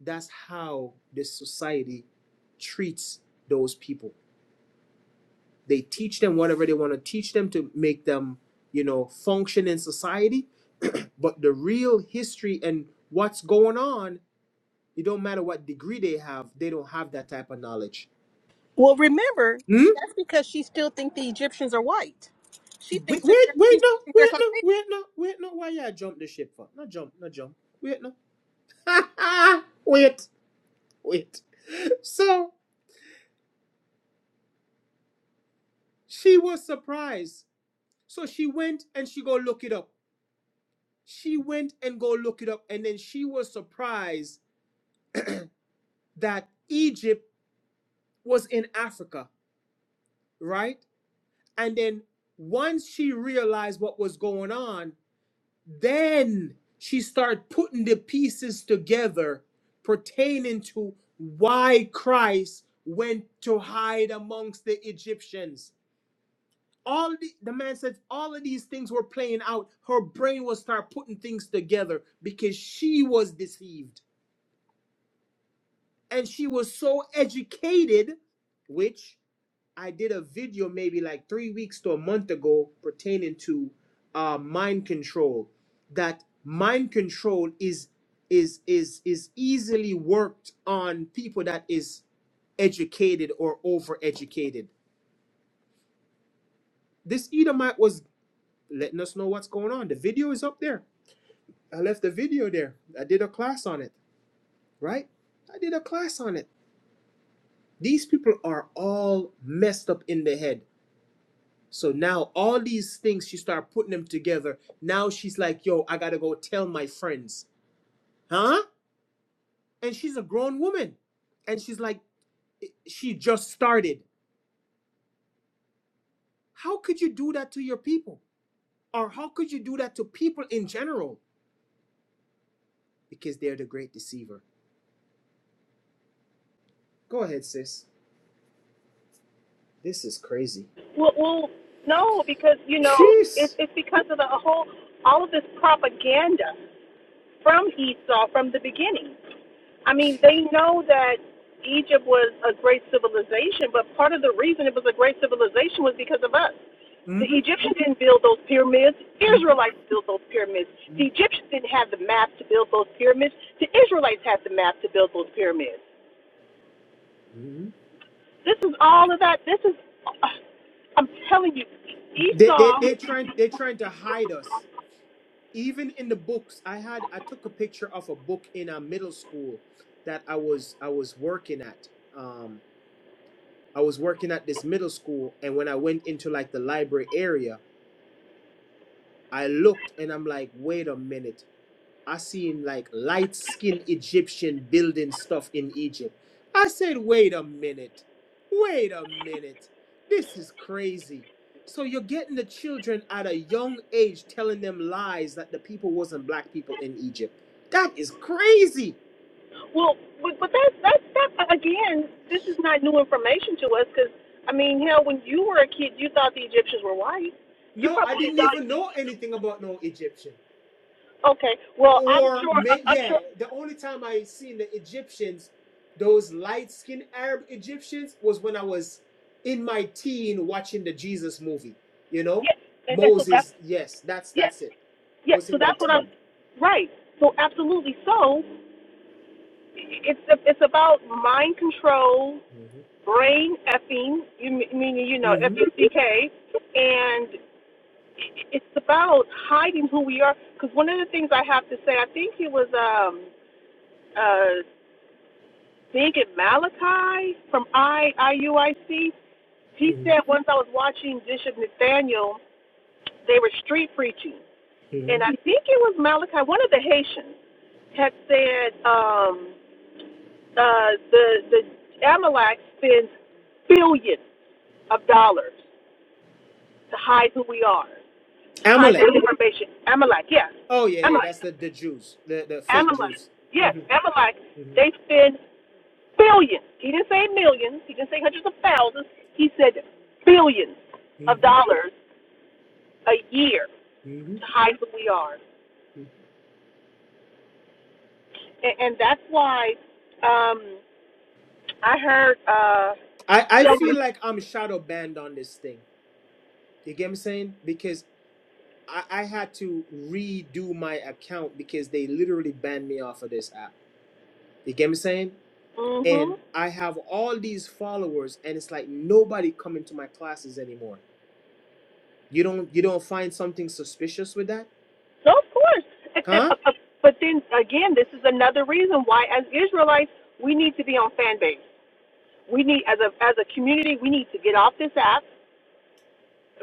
Speaker 1: That's how this society treats those people. They teach them whatever they want to teach them to make them, you know, function in society, but the real history and what's going on It don't matter what degree they have, they don't have that type of knowledge.
Speaker 2: Well, remember,
Speaker 1: Hmm?
Speaker 2: that's because she still thinks the Egyptians are white. She
Speaker 1: Wait,
Speaker 2: thinks that
Speaker 1: wait,
Speaker 2: they're, she
Speaker 1: wait, no,
Speaker 2: thinks they're
Speaker 1: wait, no,
Speaker 2: Caucasian.
Speaker 1: wait, no, wait, no. Why y'all jump the ship for? No jump, no jump. Wait, no. Ha ha! wait, wait. So she was surprised. So she went and she go look it up. She went and go look it up, and then she was surprised that Egypt was in Africa, right? And then once she realized what was going on, then she started putting the pieces together pertaining to why Christ went to hide amongst the Egyptians. All the, the man said all of these things were playing out. Her brain was start putting things together because she was deceived and she was so educated, which I did a video maybe like three weeks to a month ago pertaining to uh, mind control. That mind control is is is is easily worked on people that is educated or overeducated. This Edomite was letting us know what's going on. The video is up there. I left the video there. I did a class on it, right? I did a class on it. These people are all messed up in the head So now all these things, she start putting them together. Now she's like, yo, I gotta go tell my friends. Huh? And she's a grown woman. And she's like, she just started. How could you do that to your people? Or how could you do that to people in general? Because they're the great deceiver. Go ahead, sis. This is crazy.
Speaker 2: Well, well, no, because you know it's
Speaker 1: Jeez.
Speaker 2: it's because of the whole all of this propaganda from Esau from the beginning. I mean,
Speaker 1: Jeez.
Speaker 2: they know that Egypt was a great civilization, but part of the reason it was a great civilization was because of us. The
Speaker 1: Mm-hmm.
Speaker 2: Egyptians didn't build those pyramids.
Speaker 1: Mm-hmm.
Speaker 2: Israelites built those pyramids. The Egyptians didn't have the map to build those pyramids. The Israelites had the map to build those pyramids.
Speaker 1: Mm-hmm.
Speaker 2: This is all of that. This is, I'm telling you,
Speaker 1: They, they,
Speaker 2: Esau.
Speaker 1: they're trying they're trying to hide us even in the books i had i took a picture of a book in a middle school that i was i was working at um i was working at this middle school and when i went into like the library area i looked and i'm like wait a minute I seen like light skinned Egyptian building stuff in Egypt. I said, wait a minute. Wait a minute. This is crazy. So you're getting the children at a young age telling them lies that the people wasn't black people in Egypt. That is crazy.
Speaker 2: Well, but, but that's that's that again. This is not new information to us because I mean, hell, when you were a kid, you thought the Egyptians were white. You
Speaker 1: No, I
Speaker 2: probably
Speaker 1: didn't even
Speaker 2: thought.
Speaker 1: know anything about no Egyptian.
Speaker 2: Okay, well, I'm
Speaker 1: or
Speaker 2: sure.
Speaker 1: may
Speaker 2: I- I'm
Speaker 1: yeah
Speaker 2: sure.
Speaker 1: the only time i seen the egyptians those light-skinned arab egyptians was when i was in my teen watching the jesus movie you know
Speaker 2: Yes, and, and so that's
Speaker 1: moses yes that's
Speaker 2: yes,
Speaker 1: that's it i
Speaker 2: yes.
Speaker 1: was
Speaker 2: So
Speaker 1: in my
Speaker 2: that's what I'm.
Speaker 1: teen
Speaker 2: Right. So absolutely. So it's it's about mind control,
Speaker 1: hmm
Speaker 2: brain effing. You m- meaning you know F
Speaker 1: Mhm,
Speaker 2: E C K, and it's about hiding who we are. Because one of the things I have to say, I think it was um uh, think it Malachi from I IUIC. He said once I was watching Bishop Nathaniel, they were street preaching, and
Speaker 1: mhm,
Speaker 2: I think it was Malachi, one of the Haitians, had said um, uh, the the Amalek spends billions of dollars to hide who we are, to hide
Speaker 1: amalek
Speaker 2: their information. Amalek, yes,
Speaker 1: oh yeah yeah
Speaker 2: Amalek,
Speaker 1: that's the the jews the the fake
Speaker 2: Amalek,
Speaker 1: jews
Speaker 2: yes,
Speaker 1: hmm
Speaker 2: Amalek.
Speaker 1: mhm,
Speaker 2: They spend Billions. He didn't say millions. He didn't say hundreds of thousands. He said billions of
Speaker 1: mhm, mhm,
Speaker 2: dollars a year
Speaker 1: mhm.
Speaker 2: to hide who we are. And, and that's why um, I heard uh,
Speaker 1: i i feel
Speaker 2: someone.
Speaker 1: like i'm shadow banned on this thing you get me saying because I, I had to redo my account because they literally banned me off of this app. You get me saying?
Speaker 2: Mm-hmm.
Speaker 1: And I have all these followers, and it's like nobody coming to my classes anymore. You don't you don't find something suspicious with that,
Speaker 2: So, of course.
Speaker 1: huh?
Speaker 2: but then again, this is another reason why, as Israelites, we need to be on fan base. We need, as a, as a community, we need to get off this app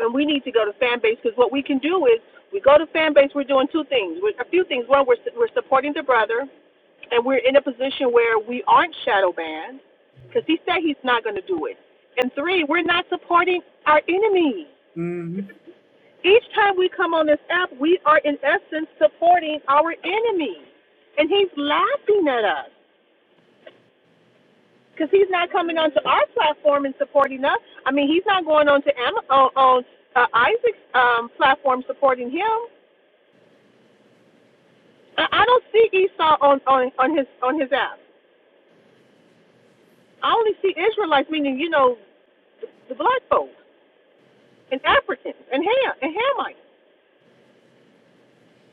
Speaker 2: and we need to go to fan base because what we can do is we go to fan base. We're doing two things, we're, a few things. One, we're we're supporting the brother, and we're in a position where we aren't shadow banned because he said he's not going to do it. And three, we're not supporting our enemy.
Speaker 1: hmm
Speaker 2: Each time we come on this app, we are in essence supporting our enemy, and he's laughing at us because he's not coming onto our platform and supporting us. I mean, he's not going onto Am- on, on uh, Isaac's um, platform supporting him. I I don't see Esau on, on, on his on his app. I only see Israelites, meaning you know the black folks and Africans and Ham and Hamites.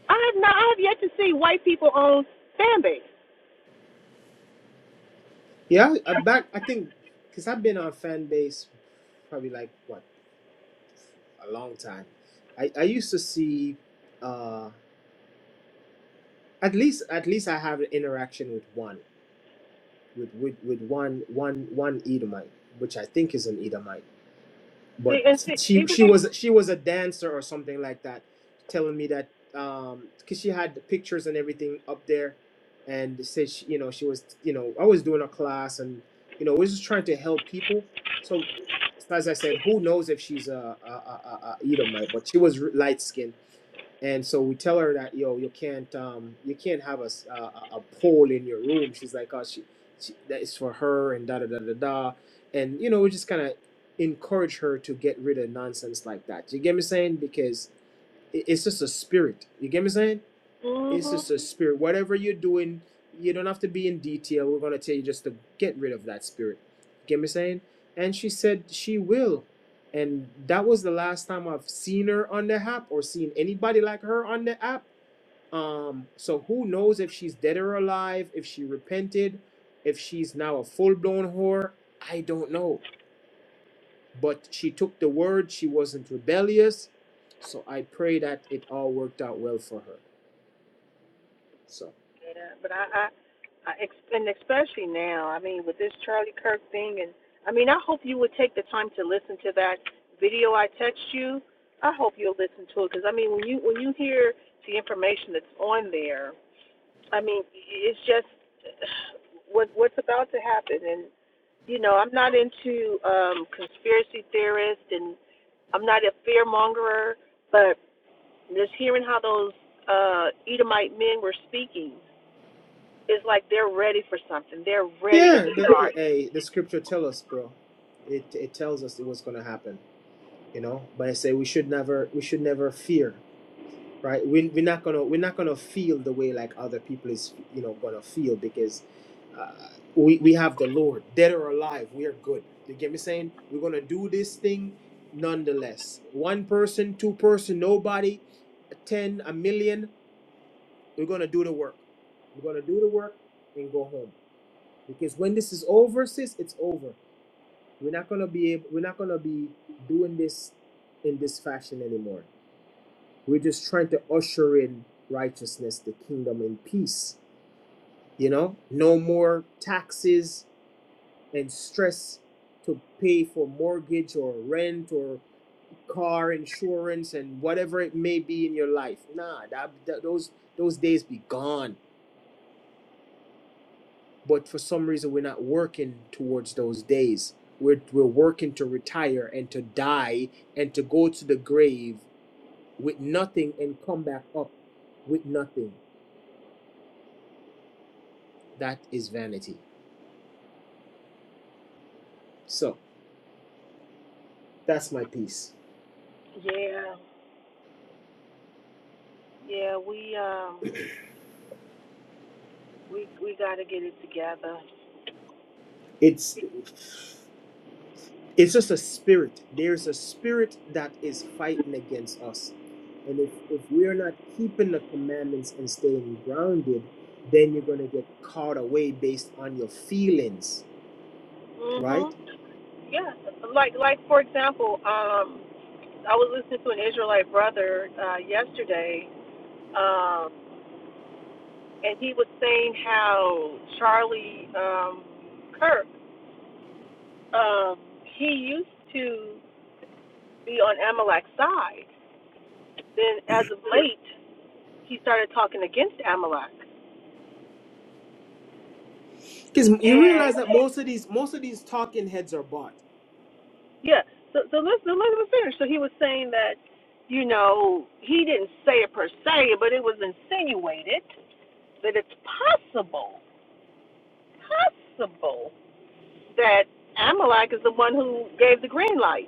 Speaker 2: I have not. I have yet to see white people on fan base.
Speaker 1: Yeah, I back I think because I've been on fan base probably like what a long time. I I used to see uh at least at least I have an interaction with one. with with, with one one one Edomite, which I think is an Edomite. But
Speaker 2: See, and see,
Speaker 1: she
Speaker 2: even
Speaker 1: she
Speaker 2: they.
Speaker 1: was she was a dancer or something like that, telling me that um because she had the pictures and everything up there, and said she, you know she was you know I was doing a class and you know we're just trying to help people. So as I said, who knows if she's a a, a, a Edomite? But she was light skinned and so we tell her that yo you can't um you can't have a a, a pole in your room she's like oh she, she that is for her and da da da da da and you know we just kind of encourage her to get rid of nonsense like that you get me saying because it, it's just a spirit you get me saying it's
Speaker 2: hmm
Speaker 1: just a spirit. Whatever you're doing, you don't have to be in detail. We're gonna tell you just to get rid of that spirit. Get me saying? And she said she will. And that was the last time I've seen her on the app or seen anybody like her on the app. Um, so who knows if she's dead or alive, if she repented, if she's now a full blown whore. I don't know. But she took the word, she wasn't rebellious. So I pray that it all worked out well for her. So
Speaker 2: Yeah, but I, I, I, and especially now. I mean, with this Charlie Kirk thing, and I mean, I hope you would take the time to listen to that video I text you. I hope you'll listen to it because I mean, when you when you hear the information that's on there, I mean, it's just what what's about to happen, and you know, I'm not into um, conspiracy theorists, and I'm not a fear mongerer, but just hearing how those uh, Edomite men were speaking, it's like they're ready for something. They're ready to
Speaker 1: Yeah, the,
Speaker 2: start.
Speaker 1: hey, the scripture tell us, bro. It it tells us it was gonna happen, you know. But I say we should never we should never fear, right? We we're not gonna we're not gonna feel the way like other people is you know gonna feel because uh, we we have the Lord, dead or alive, we are good. You get me saying? We're gonna do this thing, nonetheless. One person, two person, nobody, ten, a million. We're gonna do the work. We're gonna do the work and go home because when this is over, sis, it's over We're not gonna be able, we're not gonna be doing this in this fashion anymore. We're just trying to usher in righteousness, the kingdom, in peace. You know, no more taxes and stress to pay for mortgage or rent or car insurance and whatever it may be in your life. Nah, that, that- those those days be gone. but for some reason we're not working towards those days we're, we're working to retire and to die and to go to the grave with nothing and come back up with nothing that is vanity so that's my piece
Speaker 2: Yeah, Yeah, we um we we gotta get it together.
Speaker 1: it's it's just a spirit there's a spirit that is fighting against us and if if we're not keeping the commandments and staying grounded then you're going to get caught away based on your feelings right
Speaker 2: Mhm. Yeah. Like like for example, um I was listening to an Israelite brother uh yesterday, um, and he was saying how Charlie um Kirk, um, he used to be on Amalek's side. Then as of late he started talking against Amalek.
Speaker 1: Because you realize that
Speaker 2: and
Speaker 1: most of these most of these talking heads are bought.
Speaker 2: Yeah. So so let's so let him finish. So he was saying that, you know, he didn't say it per se, but it was insinuated that it's possible, possible that Amalek is the one who gave the green light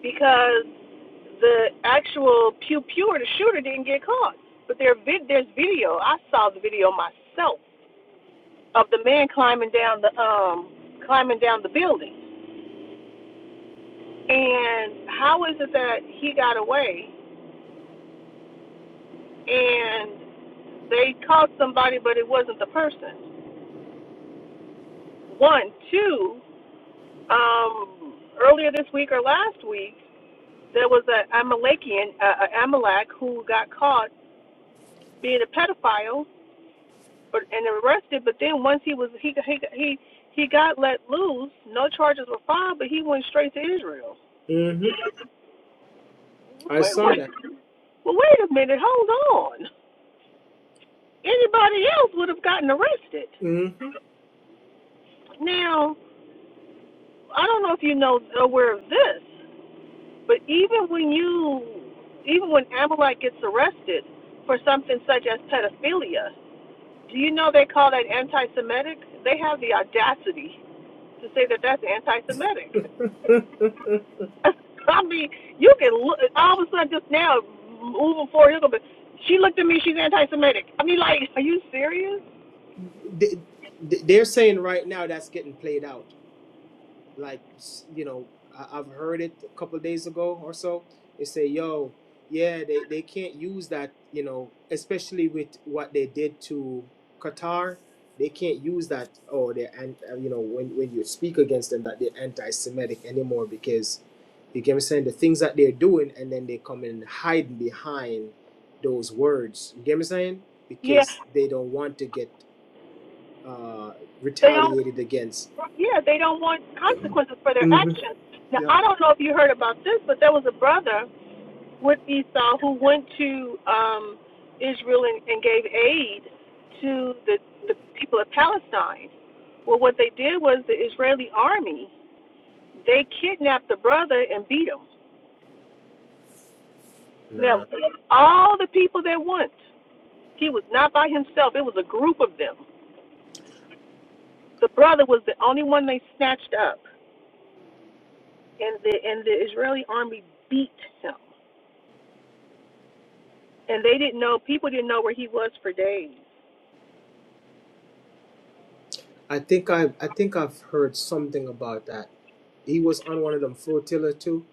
Speaker 2: because the actual pew pew the shooter didn't get caught. But there vid there's video. I saw the video myself of the man climbing down the um climbing down the building. And how is it that he got away and they caught somebody, but it wasn't the person. One, two. Um, earlier this week or last week, there was a Amalekian, uh, a Amalek, who got caught being a pedophile, but and arrested. But then once he was he he he he got let loose, no charges were filed, but he went straight to Israel.
Speaker 1: hmm I
Speaker 2: Wait,
Speaker 1: saw
Speaker 2: wait,
Speaker 1: that.
Speaker 2: well, wait a minute, hold on. Anybody else would have gotten arrested.
Speaker 1: hmm
Speaker 2: Now, I don't know if you know aware of this. But even when you, even when Amalek gets arrested for something such as pedophilia, do you know they call that anti-Semitic? They have the audacity to say that that's anti-Semitic. I mean, you can look all of a sudden just now moving forward. You're gonna be, she looked at me. She's anti-Semitic. I mean, like, are you serious?
Speaker 1: They, they're saying right now that's getting played out. like you know I, i've heard it a couple of days ago or so they say yo yeah they, they can't use that you know especially with what they did to qatar they can't use that oh they're and uh, you know when, when you speak against them that they're anti-semitic anymore because you get me saying the things that they're doing and then they come and hide behind those words you get me saying
Speaker 2: Yeah,
Speaker 1: because they don't want to get uh
Speaker 2: they don't.
Speaker 1: retaliated against
Speaker 2: Yeah, they don't want consequences for their
Speaker 1: hmm
Speaker 2: actions. Now,
Speaker 1: Yep.
Speaker 2: I don't know if you heard about this, but there was a brother with Esau, who went to um, Israel and, and gave aid to the, the people of Palestine. Well, what they did was the Israeli army, they kidnapped the brother and beat him.
Speaker 1: nah
Speaker 2: Now, all the people that went, he was not by himself, it was a group of them. The brother was the only one they snatched up, and the, and the Israeli army beat him. And they didn't know, people didn't know where he was for days.
Speaker 1: I think I I think I've heard something about that. He was on one of them flotilla too.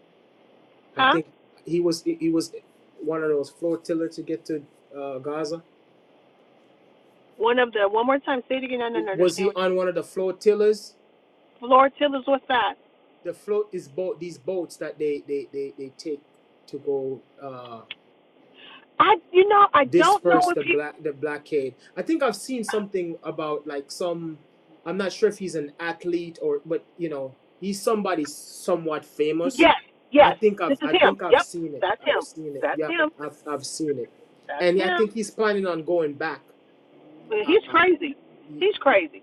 Speaker 1: I
Speaker 2: Huh?
Speaker 1: think he was he he was one of those flotilla to get to uh, Gaza.
Speaker 2: One of the, one more time, say it again, I didn't
Speaker 1: Was
Speaker 2: understand
Speaker 1: he
Speaker 2: what
Speaker 1: on one of the flotillas?
Speaker 2: Lord Tiller's what's side.
Speaker 1: The float is boat these boats that they they they, they take to go. Uh,
Speaker 2: I you know, I don't know
Speaker 1: disperse
Speaker 2: if
Speaker 1: the
Speaker 2: he
Speaker 1: black the blockade. I think I've seen something about like some I'm not sure if he's an athlete or but you know, he's somebody somewhat famous.
Speaker 2: yes,
Speaker 1: I
Speaker 2: yes,
Speaker 1: think
Speaker 2: this
Speaker 1: I've
Speaker 2: is
Speaker 1: I
Speaker 2: him.
Speaker 1: think I've
Speaker 2: Yep,
Speaker 1: seen it.
Speaker 2: that's
Speaker 1: I've
Speaker 2: him.
Speaker 1: seen it.
Speaker 2: That's
Speaker 1: Yeah,
Speaker 2: him.
Speaker 1: I've I've seen it.
Speaker 2: That's
Speaker 1: And I
Speaker 2: him.
Speaker 1: think he's planning on going back. Uh,
Speaker 2: he's crazy. He's crazy.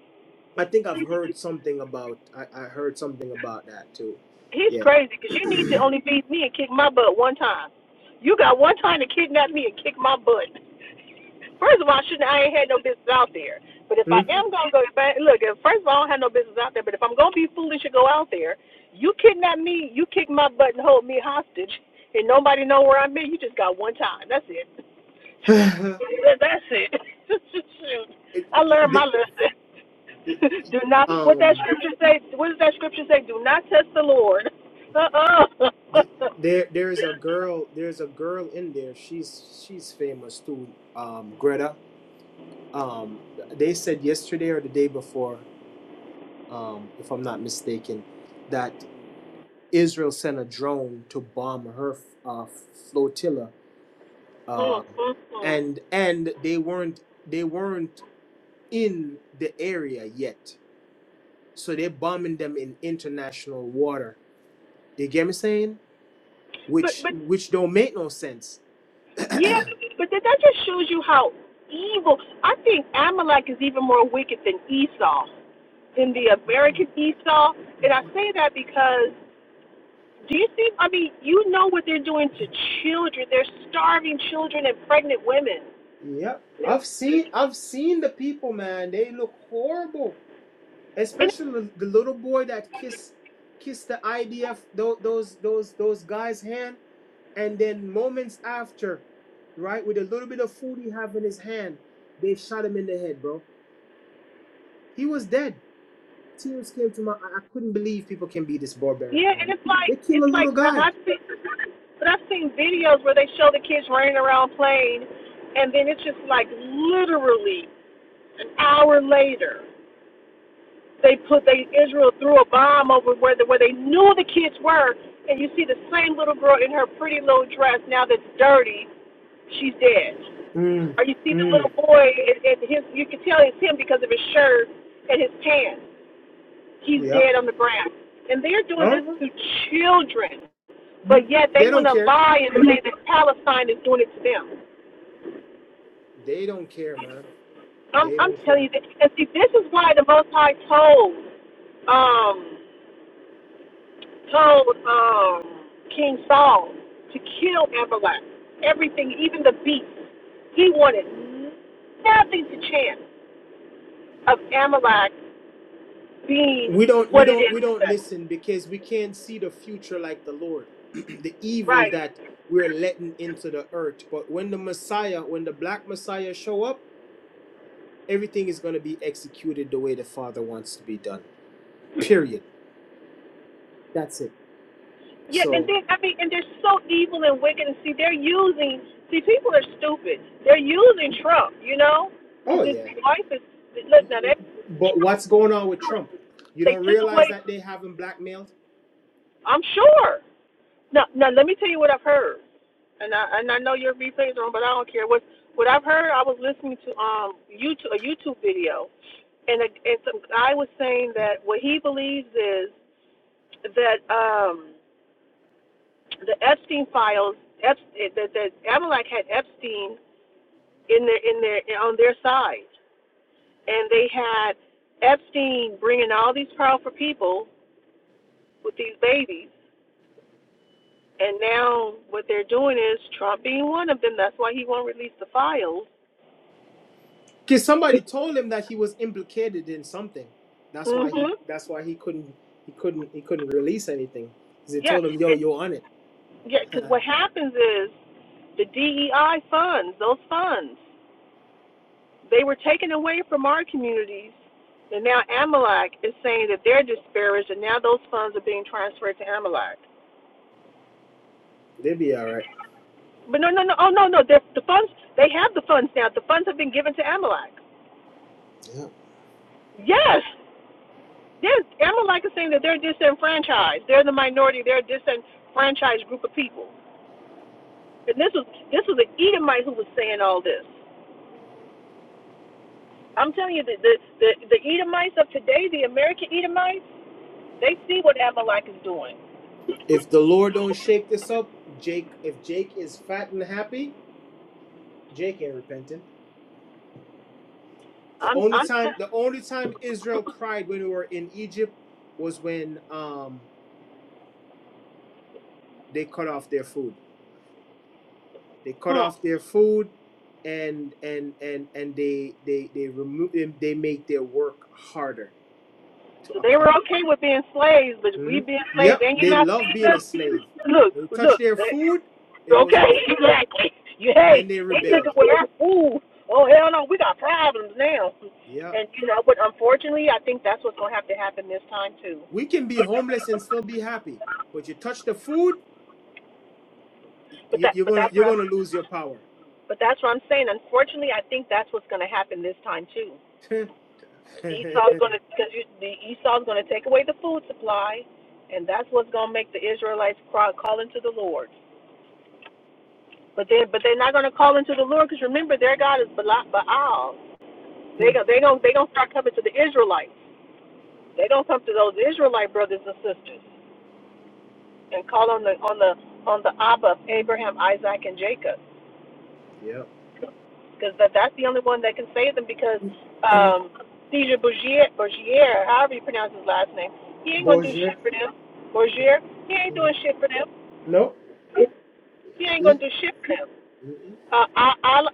Speaker 1: I think I've heard something about I, I heard something about that too.
Speaker 2: He's
Speaker 1: Yeah.
Speaker 2: crazy because you need to only beat me and kick my butt one time. You got one time to kidnap me and kick my butt. First of all, I shouldn't I ain't had no business out there. But if
Speaker 1: Hmm?
Speaker 2: I am gonna go, if I, look, if, first of all, I don't have no business out there. But if I'm gonna be foolish and go out there, you kidnap me, you kick my butt and hold me hostage, and nobody know where I'm at. You just got one time. That's it. That's it. Shoot.
Speaker 1: it,
Speaker 2: I learned my
Speaker 1: the-
Speaker 2: lesson. Do not. What that
Speaker 1: um
Speaker 2: scripture say? What does that scripture say? Do not test the Lord. Uh
Speaker 1: th- there there is a girl there's a girl in there she's she's famous too um greta um they said yesterday or the day before um if i'm not mistaken that israel sent a drone to bomb her uh flotilla uh and and they weren't they weren't in the area yet so they're bombing them in international water you get me saying which
Speaker 2: uh
Speaker 1: which don't make no sense
Speaker 2: Yeah, but that, that just shows you how evil. I think Amalek is even more wicked than Esau, than the American Esau. And I say that because do you see? I mean, you know what they're doing to children. They're starving children and pregnant women.
Speaker 1: Yep. I've seen I've seen the people, man. They look horrible.
Speaker 2: And
Speaker 1: Especially the the little boy that kissed kissed the IDF those those those those guys' hand. And then moments after, right, with a little bit of food he have in his hand, they shot him in the head, bro. He was dead. Tears came to my I I couldn't believe people can be this barbaric,
Speaker 2: yeah,
Speaker 1: man.
Speaker 2: and it's like
Speaker 1: They kill a
Speaker 2: it's like
Speaker 1: little
Speaker 2: I-
Speaker 1: guy.
Speaker 2: I've seen, but I've seen videos where they show the kids running around playing, and then it's just like literally an hour later They put they Israel threw a bomb over where the, where they knew the kids were, and you see the same little girl in her pretty little dress now that's dirty. She's dead.
Speaker 1: Mm.
Speaker 2: Or you see the
Speaker 1: Mm.
Speaker 2: little boy and, and his you can tell it's him because of his shirt and his pants. He's
Speaker 1: Yep.
Speaker 2: dead on the ground. And they're doing this
Speaker 1: Uh-huh.
Speaker 2: to children,
Speaker 1: hmm
Speaker 2: but yet they
Speaker 1: They
Speaker 2: want
Speaker 1: don't
Speaker 2: to
Speaker 1: care.
Speaker 2: lie and say that Palestine is doing it to them.
Speaker 1: They don't care, man.
Speaker 2: I'm
Speaker 1: They
Speaker 2: I'm
Speaker 1: don't
Speaker 2: telling
Speaker 1: care.
Speaker 2: you, that, and see, this is why the Most High told um, told um, King Saul to kill Amalek. Everything, even the beasts. He wanted nothing to chance of Amalek being
Speaker 1: we don't we
Speaker 2: what it
Speaker 1: don't
Speaker 2: is
Speaker 1: we don't
Speaker 2: today.
Speaker 1: listen because we can't see the future like the lord the evil
Speaker 2: Right.
Speaker 1: that we're letting into the earth but when the messiah when the black messiah show up everything is going to be executed the way the father wants to be done period that's it
Speaker 2: Yeah, and
Speaker 1: so
Speaker 2: then I mean and they're so evil and wicked and see they're using see people are stupid. They're using Trump, you know?
Speaker 1: oh
Speaker 2: Because his
Speaker 1: yeah
Speaker 2: wife is look now that
Speaker 1: but what's going on with trump you
Speaker 2: they
Speaker 1: don't
Speaker 2: took away
Speaker 1: realize that they have him blackmailed
Speaker 2: I'm sure. No, now Let me tell you what I've heard, and I and I know your replays are on, but I don't care. What what I've heard, I was listening to um YouTube a YouTube video, and a, and some guy was saying that what he believes is that um the Epstein files, Epstein, that that Amalek had Epstein in their in their on their side, and they had Epstein bringing all these powerful people with these babies And now what they're doing is Trump being one of them. That's why he won't release the files.
Speaker 1: Because somebody told him that he was implicated in something. That's
Speaker 2: mm
Speaker 1: why he.
Speaker 2: Mhm.
Speaker 1: That's why he couldn't. He couldn't. He couldn't release anything. Because they
Speaker 2: Yeah.
Speaker 1: told him, "Yo,
Speaker 2: It,
Speaker 1: you're on it."
Speaker 2: yeah. Because what
Speaker 1: They'll
Speaker 2: happens is the DEI funds, those funds, they were taken away from our communities. And now Amalek is saying that they're disparaged, and now those funds are being transferred to Amalek.
Speaker 1: be all right.
Speaker 2: But no, no, no, oh no, no, the funds, they have the funds now. The funds have been given to Amalek. Yes, There's, Amalek is saying that they're disenfranchised. They're the minority. They're a disenfranchised group of people. And this was this was an Edomite who was saying all this. I'm telling you, the the the, the Edomites of today, the American Edomites, they see what Amalek is doing.
Speaker 1: If the Lord don't shake this up, Jake. If Jake is fat and happy, Jake ain't repenting. The
Speaker 2: I'm
Speaker 1: only
Speaker 2: I'm
Speaker 1: time. The only time Israel cried when we were in Egypt was when um they cut off their food. They cut
Speaker 2: hmm.
Speaker 1: off their food. And and and and they they they remove they make their work harder to
Speaker 2: So they were
Speaker 1: account.
Speaker 2: okay with being slaves, but we
Speaker 1: Mhm.
Speaker 2: being slaves,
Speaker 1: Yep,
Speaker 2: and you
Speaker 1: they
Speaker 2: not
Speaker 1: love
Speaker 2: feeding
Speaker 1: being a
Speaker 2: us.
Speaker 1: slave.
Speaker 2: Look,
Speaker 1: When you touch their
Speaker 2: look.
Speaker 1: food, it was
Speaker 2: Okay,
Speaker 1: over.
Speaker 2: exactly. You hey,
Speaker 1: Then they
Speaker 2: they took
Speaker 1: rebelled.
Speaker 2: away our food. Oh hell no, we got problems now.
Speaker 1: Yep.
Speaker 2: And you know, but unfortunately, I think that's what's gonna have to happen this time too.
Speaker 1: We can be homeless and still be happy, but you touch the food,
Speaker 2: But
Speaker 1: you,
Speaker 2: that,
Speaker 1: you're
Speaker 2: but
Speaker 1: gonna
Speaker 2: that's
Speaker 1: you're
Speaker 2: what I'm,
Speaker 1: gonna lose your power.
Speaker 2: but that's what I'm saying. Unfortunately, I think that's what's gonna happen this time too. Esau's gonna, because the Esau's gonna take away the food supply, and that's what's gonna make the Israelites cry, call into the Lord. But they, but they're not gonna call into the Lord because remember, their God is Baal. Baal. They go, they go, they gonna start coming to the Israelites. They don't come to those Israelite brothers and sisters and call on the on the on the Abba of Abraham, Isaac, and Jacob,
Speaker 1: Yep.
Speaker 2: because that that's the only one that can save them. Because um, Caesar Borgier, Borgier, however you pronounce his last name, he ain't gonna do shit for them. Borgier, he ain't doing shit for them.
Speaker 1: No.
Speaker 2: He ain't
Speaker 1: E-
Speaker 2: gonna do shit for them. Uh,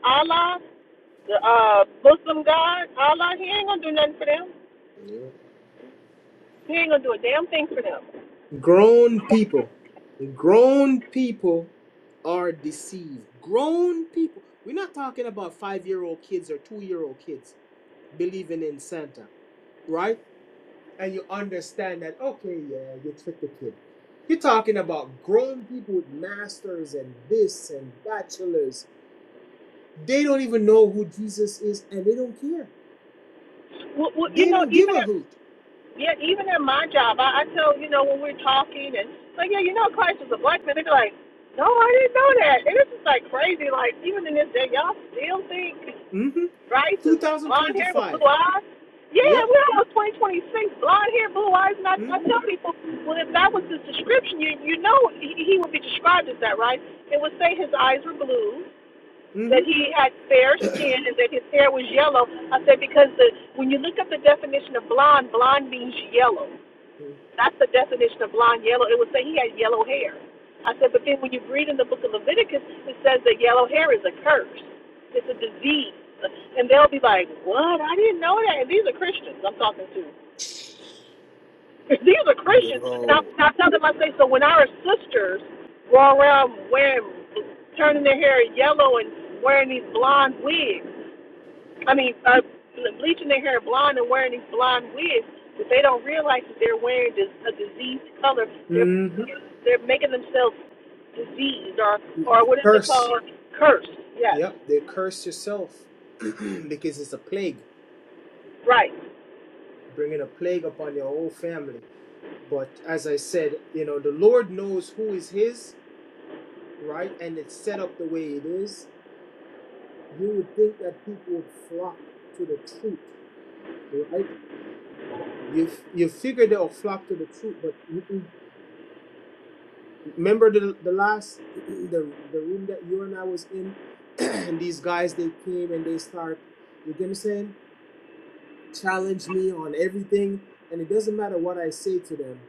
Speaker 2: Allah, the uh, Muslim God, Allah, he ain't gonna do nothing for them. He ain't gonna do a damn thing for them.
Speaker 1: Grown people, grown people are deceived. Grown people. We're not talking about five year old kids or two year old kids believing in Santa, right? and you understand that okay yeah you tricked the kid you're talking about grown people with masters and this and bachelors they don't even know who jesus is and they don't care
Speaker 2: Well, well, you
Speaker 1: they
Speaker 2: know,
Speaker 1: don't give
Speaker 2: even
Speaker 1: a
Speaker 2: if
Speaker 1: hoot
Speaker 2: Yeah, even in my job, I, I tell you know when we're talking and like, yeah, you know Christ was a black man. They're like, no, I didn't know that. And it's just like crazy. Like even in this day, y'all still think
Speaker 1: mm-hmm
Speaker 2: Christ is blonde hair with
Speaker 1: 2025
Speaker 2: blue eyes. Yeah,
Speaker 1: yep
Speaker 2: we're almost 2026. Blonde hair, blue eyes. And I, I
Speaker 1: mm-hmm
Speaker 2: tell people, well, if that was his description, you you know he, he would be described as that, right? It would say his eyes were blue,
Speaker 1: mm-hmm
Speaker 2: that he had fair skin, and that his hair was yellow. I said because the when you look up the definition of blonde, blonde means yellow. That's the definition of blonde yellow. It would say he had yellow hair. I said, but then when you read in the book of Leviticus, it says that yellow hair is a curse. It's a disease. And they'll be like, what? I didn't know that. And these are Christians I'm talking to. these are Christians. And I, and I tell them, I say, so when our sisters go around wearing, turning their hair yellow and wearing these blonde wigs, I mean, uh, bleaching their hair blonde and wearing these blonde wigs, but they don't realize that they're wearing a diseased color. They're
Speaker 1: mm-hmm
Speaker 2: they're making themselves diseased or or what is it
Speaker 1: curse
Speaker 2: called? Cursed. Yes,
Speaker 1: yep they curse yourself because it's a plague
Speaker 2: right.
Speaker 1: bringing a plague upon your whole family but as i said you know the lord knows who is his right and it's set up the way it is you would think that people would flock to the truth, right? You you figure they'll flock to the truth, but mm-mm. remember the the last the the room that you and I was in, and these guys they came and they start you get me saying challenge me on everything, and it doesn't matter what I say to them,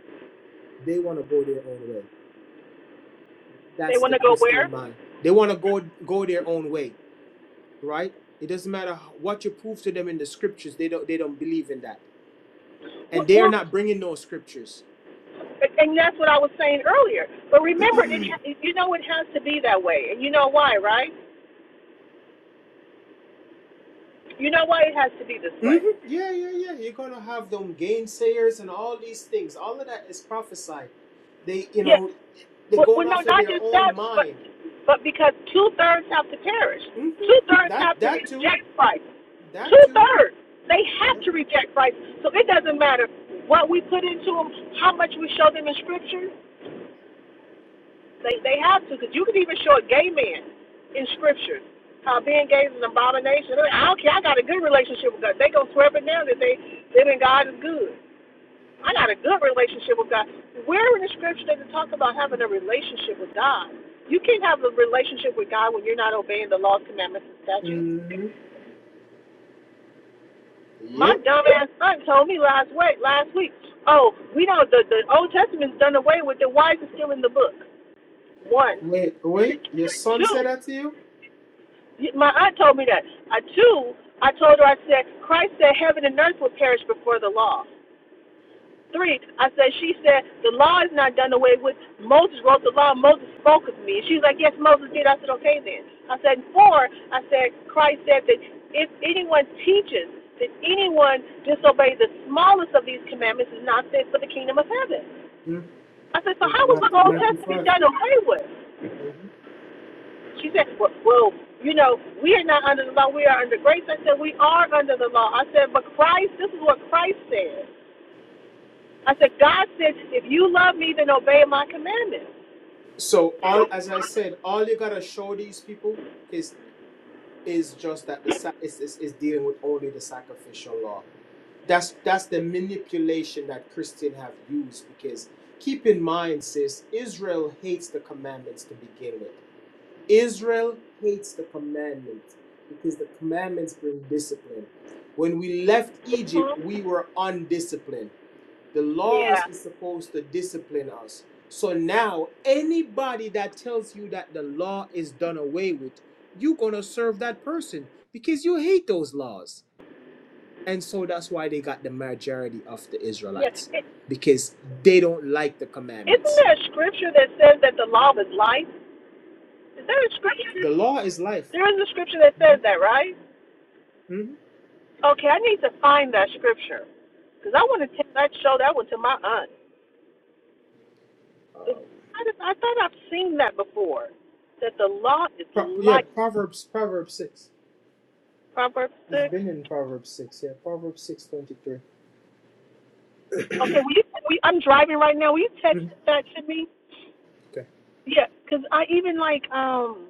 Speaker 1: they want to go their own way.
Speaker 2: They
Speaker 1: That's
Speaker 2: want
Speaker 1: the
Speaker 2: to go
Speaker 1: Christian
Speaker 2: where?
Speaker 1: mind. They want to go go their own way, right? It doesn't matter what you prove to them in the scriptures. They don't they don't believe in that and
Speaker 2: Well,
Speaker 1: they are
Speaker 2: well,
Speaker 1: not bringing no scriptures.
Speaker 2: and that's what I was saying earlier. But remember, it you know it has to be that way, and you know why, right? You know why it has to be this
Speaker 1: hmm
Speaker 2: way
Speaker 1: Yeah, yeah, yeah. You're gonna have them gainsayers and all these things. All of that is prophesied. They, you
Speaker 2: Yes.
Speaker 1: know, they're
Speaker 2: Well,
Speaker 1: going
Speaker 2: well, no,
Speaker 1: off of
Speaker 2: not
Speaker 1: their
Speaker 2: just
Speaker 1: own
Speaker 2: that, but
Speaker 1: mind.
Speaker 2: but because two thirds have to perish,
Speaker 1: hmm
Speaker 2: two thirds
Speaker 1: That,
Speaker 2: have to
Speaker 1: that too.
Speaker 2: reject Christ.
Speaker 1: That
Speaker 2: Two
Speaker 1: too.
Speaker 2: thirds, they have to reject Christ. So it doesn't matter what we put into them, how much we show them in Scripture. They they have to, because you can even show a gay man in Scripture how being gay is an abomination. I don't care. I got a good relationship with God. They gonna swear it down that they living God is good. I got a good relationship with God. Where in the scripture does it talk about having a relationship with God? You can't have a relationship with God when you're not obeying the laws, commandments, and statutes.
Speaker 1: hmm
Speaker 2: My
Speaker 1: Yep.
Speaker 2: dumbass son told me last week, last week, oh, we know the the Old Testament's done away with it. Why is it still in the book? One,
Speaker 1: Wait, wait. Your son
Speaker 2: two.
Speaker 1: said that to you.
Speaker 2: My aunt told me that. Uh, two, I told her I said Christ said heaven and earth will perish before the law. 3, I said, she said, the law is not done away with. Moses wrote the law. Moses spoke with me. And she's like, yes, Moses did. I said, okay then. I said, 4, I said, Christ said that if anyone teaches that anyone disobeys the smallest of these commandments is not fit for the kingdom of heaven. I said, so how was
Speaker 1: Ma-
Speaker 2: the Old
Speaker 1: Matthew
Speaker 2: Testament
Speaker 1: 5
Speaker 2: done away with?
Speaker 1: Mhm.
Speaker 2: She said, well, well, you know, we are not under the law. We are under grace. I said, we are under the law. I said, but Christ, this is what Christ said. I said, God said, if you love me, then obey my commandments.
Speaker 1: So all, as I said, all you gotta show these people is is just that the sac- is, is, is dealing with only the sacrificial law. That's that's the manipulation that Christians have used because keep in mind, sis, Israel hates the commandments to begin with. Israel hates the commandments because the commandments bring discipline. When we left Egypt,
Speaker 2: Mhm.
Speaker 1: we were undisciplined. The laws
Speaker 2: Yeah,
Speaker 1: is supposed to discipline us. So now, anybody that tells you that the law is done away with, you're gonna serve that person because you hate those laws. And so that's why they got the majority of the
Speaker 2: yeah.
Speaker 1: Israelites
Speaker 2: It,
Speaker 1: because they don't like the
Speaker 2: isn't
Speaker 1: commandments.
Speaker 2: there a scripture that says that the law is life? Is there a scripture?
Speaker 1: The
Speaker 2: that-
Speaker 1: law is life.
Speaker 2: There is a scripture that
Speaker 1: hmm
Speaker 2: says that, right?
Speaker 1: hmm
Speaker 2: Okay, I need to find that scripture because I want to take that show that one to my aunt. I, just- I thought I've seen that before. That the law is
Speaker 1: Pro- yeah,
Speaker 2: life.
Speaker 1: Proverbs, Proverbs six.
Speaker 2: Proverbs
Speaker 1: It's
Speaker 2: six.
Speaker 1: been in Proverbs six. Yeah, Proverbs six twenty three.
Speaker 2: Okay, will you, we, I'm driving right now. Will you text that to me?
Speaker 1: Okay,
Speaker 2: Yeah, because I even like um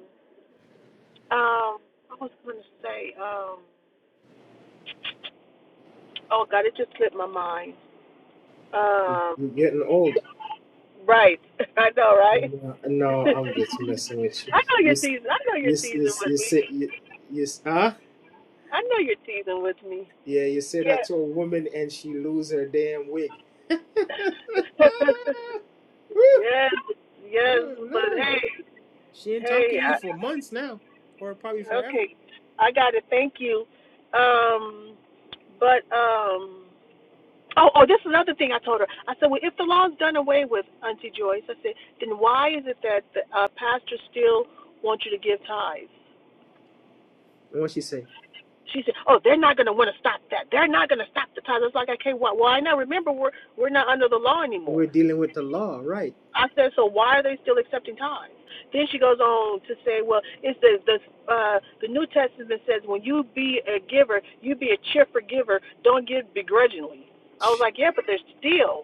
Speaker 2: Um, I was going to say, um, oh God, it just slipped my mind. Um,
Speaker 1: you're getting old.
Speaker 2: right, I know, right?
Speaker 1: No, no, I'm just messing with you.
Speaker 2: I know
Speaker 1: You,
Speaker 2: your
Speaker 1: s-
Speaker 2: season. I know your
Speaker 1: you, s- you,
Speaker 2: season
Speaker 1: s-
Speaker 2: with
Speaker 1: you
Speaker 2: me.
Speaker 1: say you, you, s- huh?
Speaker 2: I know your season with me.
Speaker 1: Yeah, you say that
Speaker 2: Yeah.
Speaker 1: to a woman and she lose her damn wig. Woo!
Speaker 2: yes, yes,
Speaker 1: oh
Speaker 2: but
Speaker 1: Lord,
Speaker 2: hey,
Speaker 1: she ain't
Speaker 2: hey,
Speaker 1: talking to you for
Speaker 2: I,
Speaker 1: months now, or probably forever.
Speaker 2: okay, I got it. Thank you. Um, but um, Oh, oh, this is another thing I told her. I said, well, if the law's done away with, Auntie Joyce, I said, then why is it that the uh, pastors still want you to give tithes?
Speaker 1: And what she say?
Speaker 2: She said, oh, they're not going to want to stop that. They're not going to stop the tithes. I was like, okay, why, why not? Remember, we're, we're not under the law
Speaker 1: We're
Speaker 2: anymore.
Speaker 1: dealing with the law, right?
Speaker 2: I said, so why are they still accepting tithes? Then she goes on to say, well, it's the, the, uh, the New Testament says when you be a giver, you be a cheerful giver. Don't give begrudgingly. I was like, yeah, but there's still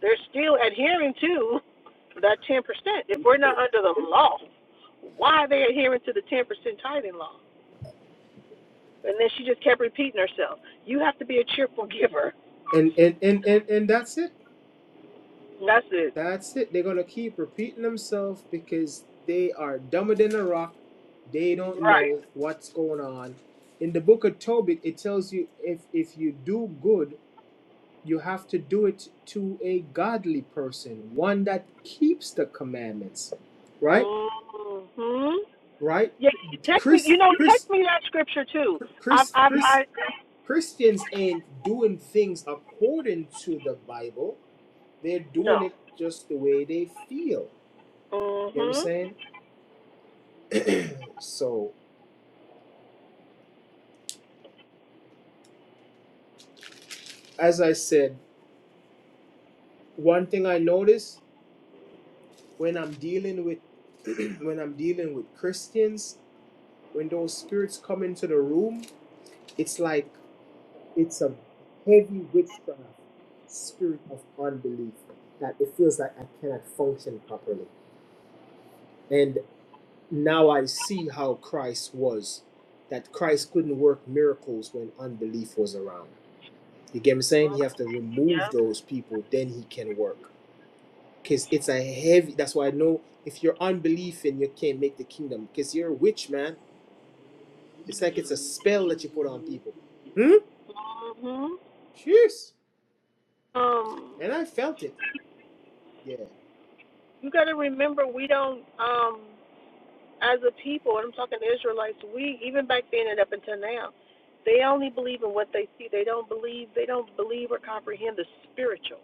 Speaker 2: They're still adhering to that 10%. If we're not under the law, why are they adhering to the 10% tithing law? And then she just kept repeating herself. You have to be a cheerful giver.
Speaker 1: And and and and, and that's it.
Speaker 2: And That's it.
Speaker 1: That's it. They're gonna keep repeating themselves because they are dumber than a rock. They don't
Speaker 2: Right.
Speaker 1: know what's going on. In the book of Tobit, it tells you if if you do good, you have to do it to a godly person, one that keeps the commandments. Right?
Speaker 2: Mm-hmm.
Speaker 1: Right?
Speaker 2: Yeah, you text me.
Speaker 1: Chris
Speaker 2: You know,
Speaker 1: Chris
Speaker 2: text me that scripture too. I,
Speaker 1: Chris
Speaker 2: have I,
Speaker 1: Chris
Speaker 2: I.
Speaker 1: Christians ain't doing things according to the Bible. They're
Speaker 2: No.
Speaker 1: doing it just the way they feel. You know what I'm
Speaker 2: Mm-hmm.
Speaker 1: saying? So, as I said, one thing I notice when I'm dealing with when I'm dealing with Christians, when those spirits come into the room, it's like it's a heavy witchcraft spirit of unbelief that it feels like I cannot function properly. And now I see how Christ was that Christ couldn't work miracles when unbelief was around. You get me saying? He have to remove
Speaker 2: Yeah.
Speaker 1: those people, then he can work. Because it's a heavy, that's why I know if you're unbelieving, you can't make the kingdom. Because you're a witch, man. It's like it's a spell that you put on people. Hmm?
Speaker 2: Mm-hmm.
Speaker 1: Cheers.
Speaker 2: Um,
Speaker 1: And I felt it. Yeah.
Speaker 2: you got to remember, we don't. Um, as a people, and I'm talking to Israelites, we even back then and up until now, they only believe in what they see. They don't believe. They don't believe or comprehend the spiritual.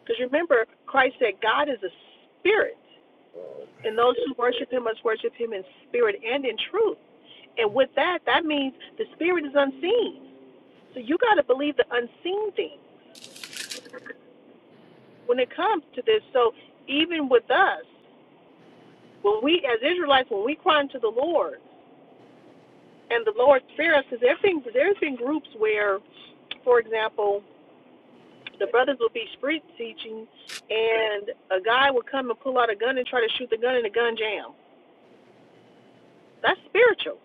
Speaker 2: Because remember, Christ said God is a spirit, and those who worship Him must worship Him in spirit and in truth. And with that, that means the spirit is unseen. So you got to believe the unseen thing when it comes to this. So even with us, when we as Israelites, when we cry unto the Lord. and the Lord's fear us because there's been there's been groups where, for example, the brothers will be street teaching, and a guy will come and pull out a gun and try to shoot the gun, and the gun jam. That's spiritual.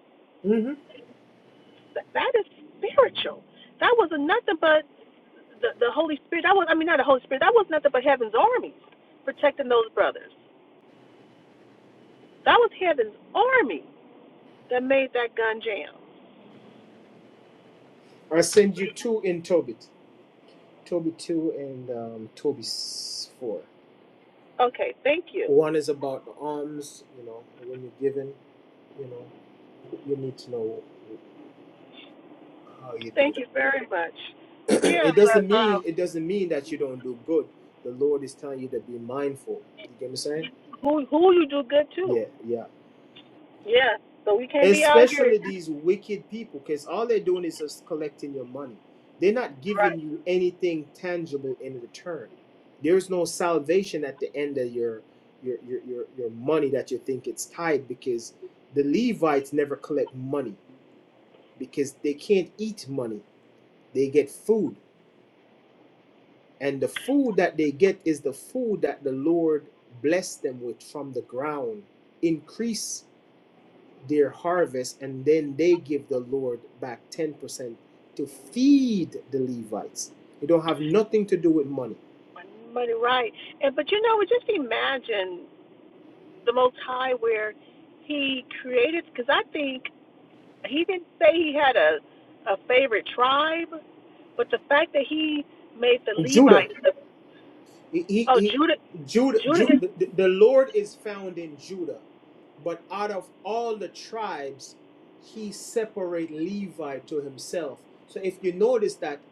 Speaker 2: That, that is spiritual. That was nothing but the the Holy Spirit. That was I mean not the Holy Spirit. That was nothing but heaven's armies protecting those brothers. That was heaven's army that made that gun jam.
Speaker 1: i send you two in Tobit. Tobit 2 and um, Tobit 4.
Speaker 2: Okay, thank you,
Speaker 1: One is about the alms, you know, when you're given, you know, you need to know how you do
Speaker 2: thank you very much.
Speaker 1: that.
Speaker 2: Yeah,
Speaker 1: it
Speaker 2: but
Speaker 1: doesn't
Speaker 2: uh,
Speaker 1: mean it doesn't mean that you don't do good. The Lord is telling you to be mindful. You get me saying?
Speaker 2: who who you do good to?
Speaker 1: Yeah, yeah.
Speaker 2: Yes, so we can't be out here
Speaker 1: especially these wicked people because all they're doing is just collecting your money they're not giving
Speaker 2: right,
Speaker 1: you anything tangible in return there's no salvation at the end of your your your your, your money that you think it's tied because the levites never collect money because they can't eat money they get food and the food that they get is the food that the lord blessed them with from the ground increase their harvest and then they give the Lord back 10% to feed the Levites. It don't have nothing to do with money.
Speaker 2: money right. And but you know, just imagine the Most High where He created. Because I think He didn't say He had a a favorite tribe, but the fact that He made the
Speaker 1: Judah,
Speaker 2: Levites, the,
Speaker 1: he, he,
Speaker 2: oh
Speaker 1: he-
Speaker 2: Judah,
Speaker 1: Judah, Ju,
Speaker 2: Judah is
Speaker 1: the, the Lord is found in Judah, but out of all the tribes, he separate Levi to himself. So if you notice that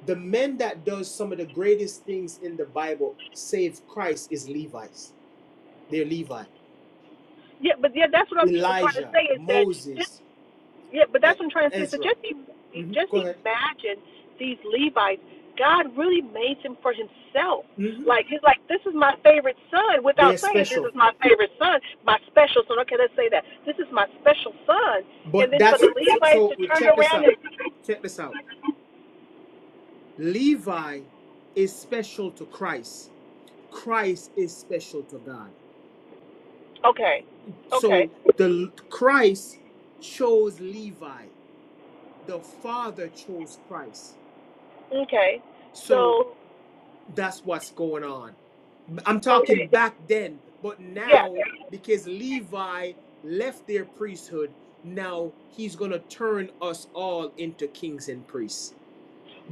Speaker 1: the men that does some of the greatest things in the Bible, save Christ, is Levites. They're Levi.
Speaker 2: yeah. But yeah, that's what I'm tr- trying to
Speaker 1: Elijah,
Speaker 2: say is that this
Speaker 1: Moses,
Speaker 2: Yeah, but
Speaker 1: E-
Speaker 2: that's what I'm trying to say. So
Speaker 1: Ezra.
Speaker 2: just e-
Speaker 1: hmm
Speaker 2: just
Speaker 1: Go ahead.
Speaker 2: imagine these Levites. God really made them for himself.
Speaker 1: hmm
Speaker 2: Like he's like, this is my favorite son. Without
Speaker 1: They're
Speaker 2: saying, this
Speaker 1: special.
Speaker 2: is my favorite son, my special son. Okay, let's say that. This is my special son. And
Speaker 1: But
Speaker 2: then for
Speaker 1: that's
Speaker 2: the
Speaker 1: so,
Speaker 2: Levites
Speaker 1: so
Speaker 2: to turn
Speaker 1: check this
Speaker 2: around and
Speaker 1: out. Check this out. Levi is special to Christ. Christ is special to God.
Speaker 2: okay, okay,
Speaker 1: So the Christ chose Levi. The Father chose Christ.
Speaker 2: okay.
Speaker 1: So
Speaker 2: So
Speaker 1: That's what's going on. I'm talking
Speaker 2: okay,
Speaker 1: back then, but
Speaker 2: yeah.
Speaker 1: now because Levi left their priesthood, now he's going to turn us all into kings and priests.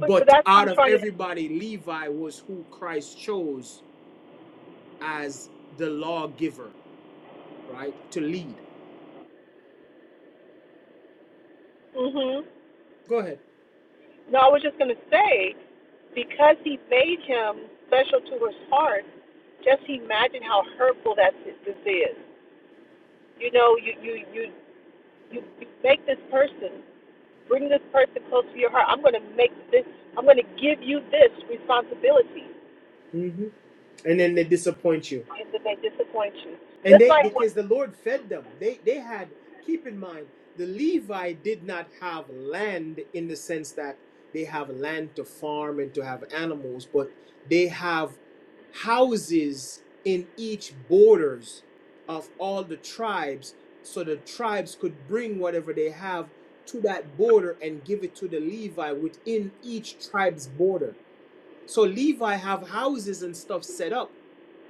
Speaker 2: But but that's what
Speaker 1: out
Speaker 2: I'm
Speaker 1: of
Speaker 2: trying to.
Speaker 1: everybody, Levi was who Christ chose as the lawgiver, right? To lead.
Speaker 2: Mhm.
Speaker 1: Go ahead.
Speaker 2: No, I was just gonna say Because he made him special to his heart, just imagine how hurtful that si-, this is. You know, you you you you, make this person bring this person close to your heart. I'm going to make this. I'm going to give you this responsibility,
Speaker 1: hmm And then they disappoint you.
Speaker 2: and then they disappoint you.
Speaker 1: And
Speaker 2: Just
Speaker 1: they
Speaker 2: like
Speaker 1: because the Lord fed them. They they had keep in mind the Levi did not have land in the sense that they have land to farm and to have animals, but they have houses in each borders of all the tribes so the tribes could bring whatever they have to that border and give it to the levi within each tribe's border so levi have houses and stuff set up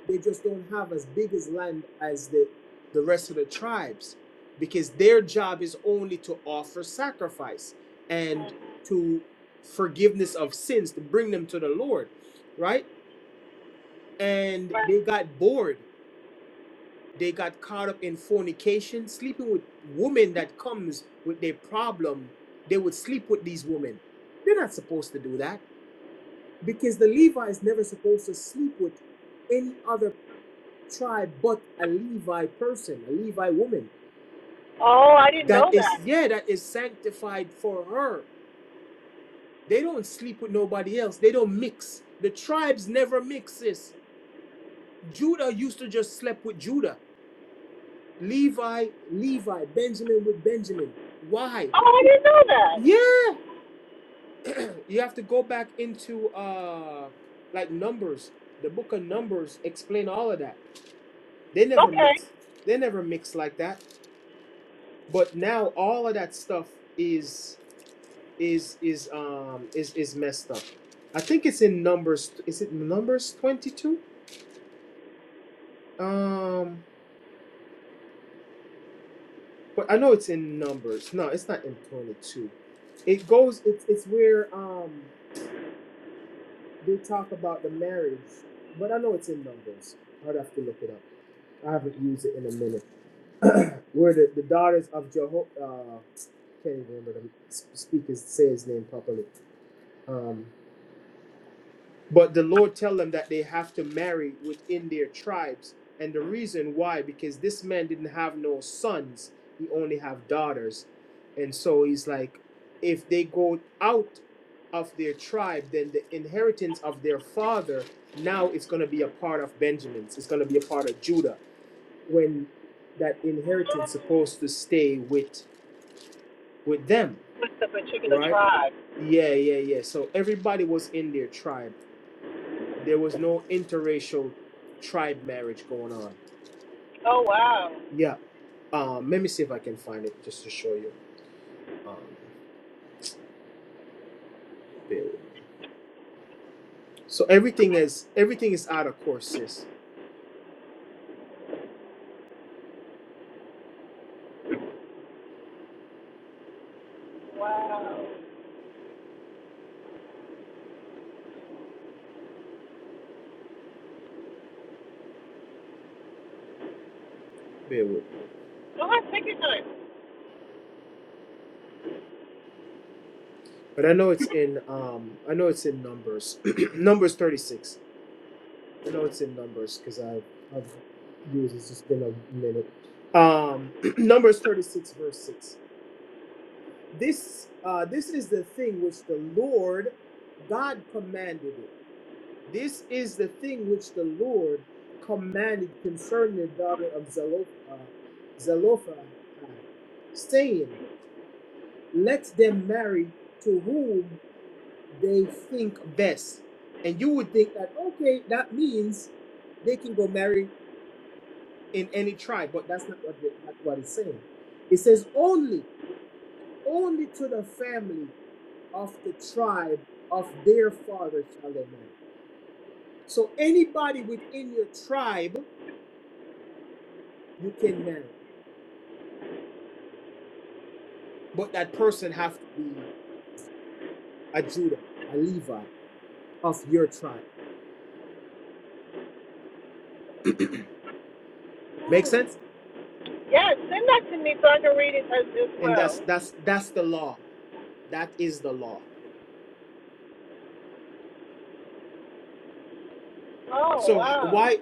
Speaker 1: they just don't have as big as land as the, the rest of the tribes because their job is only to offer sacrifice and to forgiveness of sins, to bring them to the Lord, right? And they got bored. They got caught up in fornication, sleeping with women that comes with their problem. They would sleep with these women. They're not supposed to do that because the Levi is never supposed to sleep with any other tribe but a Levi person, a Levi woman
Speaker 2: Oh, I didn't
Speaker 1: that
Speaker 2: know
Speaker 1: is,
Speaker 2: that.
Speaker 1: yeah, that is sanctified for her. They don't sleep with nobody else. They don't mix. The tribes never mixes. Judah used to just sleep with Judah. Levi, Levi, Benjamin with Benjamin. Why?
Speaker 2: Oh, I didn't know that.
Speaker 1: Yeah. You have to go back into uh like numbers. The book of Numbers explain all of that. They never
Speaker 2: Okay,
Speaker 1: mix. They never mix like that. But now all of that stuff is is is um is is messed up. I think it's in numbers. Is it numbers twenty two? Um, but I know it's in numbers. No, it's not in twenty two. It goes. It's it's where um they talk about the marriage, but I know it's in numbers. I'd have to look it up. I haven't used it in a minute. Where the, the daughters of Jeho uh can't even remember the s- speaker's say his name properly. Um, But the Lord tell them that they have to marry within their tribes. And the reason why, because this man didn't have no sons, he only have daughters. And so he's like, if they go out of their tribe, then the inheritance of their father now is going to be a part of Benjamin's. It's going to be a part of Judah when that inheritance supposed to stay with with them,
Speaker 2: with the particular
Speaker 1: right?
Speaker 2: tribe.
Speaker 1: Yeah, yeah, yeah. So everybody was in their tribe there was no interracial tribe marriage going on.
Speaker 2: Oh wow.
Speaker 1: Yeah. Um, let me see if I can find it just to show you. Um, bear with me. So everything is everything is out of course, sis. Bear with me.
Speaker 2: Oh, take your time.
Speaker 1: But I know it's in um, I know it's in numbers. numbers thirty six. I know it's in numbers because I have I've used it. it's just been a minute. Um, numbers thirty six verse six. This uh, this is the thing which the Lord God commanded it This is the thing which the Lord commanded concerning the daughter of Zeloph- uh, Zelophehad, saying, Let them marry to whom they think best. And you would think that, okay, that means they can go marry in any tribe, but that's not what, the, not what it's saying. It says, Only, only to the family of the tribe of their father shall they marry. So anybody within your tribe you can marry, but that person have to be a Judah, a Levite of your tribe. Make sense?
Speaker 2: Yes, send that to me so I can read it as, as
Speaker 1: And
Speaker 2: well.
Speaker 1: that's that's that's the law. That is the law.
Speaker 2: Oh
Speaker 1: So
Speaker 2: wow.
Speaker 1: why?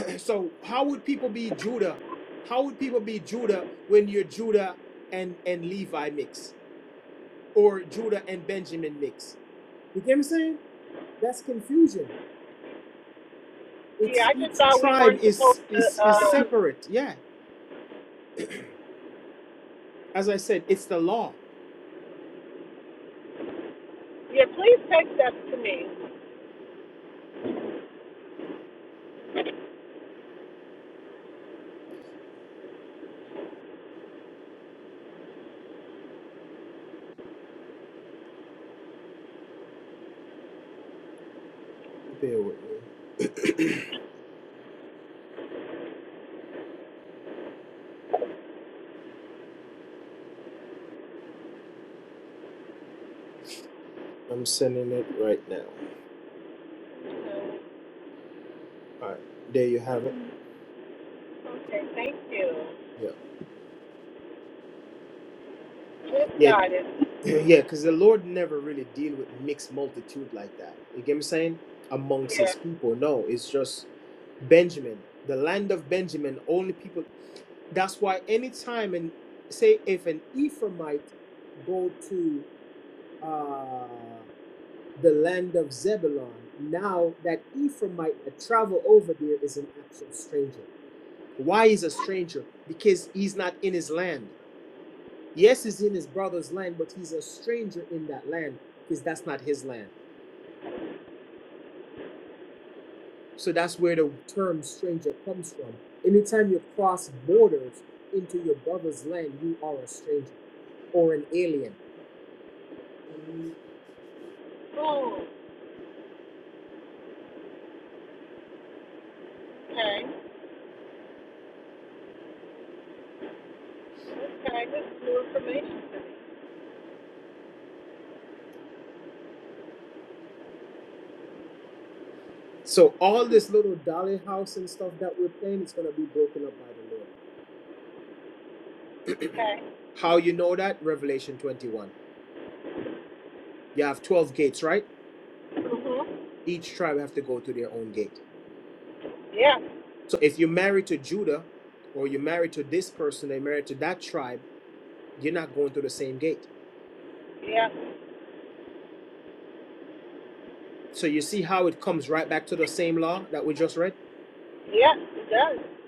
Speaker 1: So how would people be Judah? How would people be Judah when you're Judah and and Levi mix or Judah and Benjamin mix? You get what I'm saying? That's confusion.
Speaker 2: Yeah,
Speaker 1: It's
Speaker 2: I just
Speaker 1: each
Speaker 2: thought we
Speaker 1: tribe
Speaker 2: weren't supposed
Speaker 1: is is
Speaker 2: to.
Speaker 1: is
Speaker 2: Uh,
Speaker 1: separate. Yeah, as I said, it's the law.
Speaker 2: yeah, please text that to me.
Speaker 1: There you have it.
Speaker 2: Okay, thank you.
Speaker 1: Yeah.
Speaker 2: Just
Speaker 1: Yeah.
Speaker 2: got it.
Speaker 1: yeah, because the Lord never really deal with mixed multitude like that. You get me saying? Amongst
Speaker 2: Yeah.
Speaker 1: his people. No, it's just Benjamin. The land of Benjamin, only people that's why anytime and say if an Ephraimite go to uh the land of Zebulon, now that Ephraimite that travel over there is an actual stranger. Why is a stranger? Because he's not in his land. Yes, he's in his brother's land, but he's a stranger in that land because that's not his land. So that's where the term stranger comes from. Anytime you cross borders into your brother's land, you are a stranger or an alien.
Speaker 2: Oh, okay. Okay, this is new information.
Speaker 1: So all this little dolly house and stuff that we're playing is going to be broken up by the Lord.
Speaker 2: Okay. me.
Speaker 1: How you know that? Revelation 21. You have 12 gates, right?
Speaker 2: Okay. Mhm.
Speaker 1: Each tribe have to go to their own gate.
Speaker 2: Yeah,
Speaker 1: So if you're married to Judah or you're married to this person, they're married to that tribe, you're not going through the same gate.
Speaker 2: yeah,
Speaker 1: So you see how it comes right back to the same law that we just read.
Speaker 2: yeah. It does.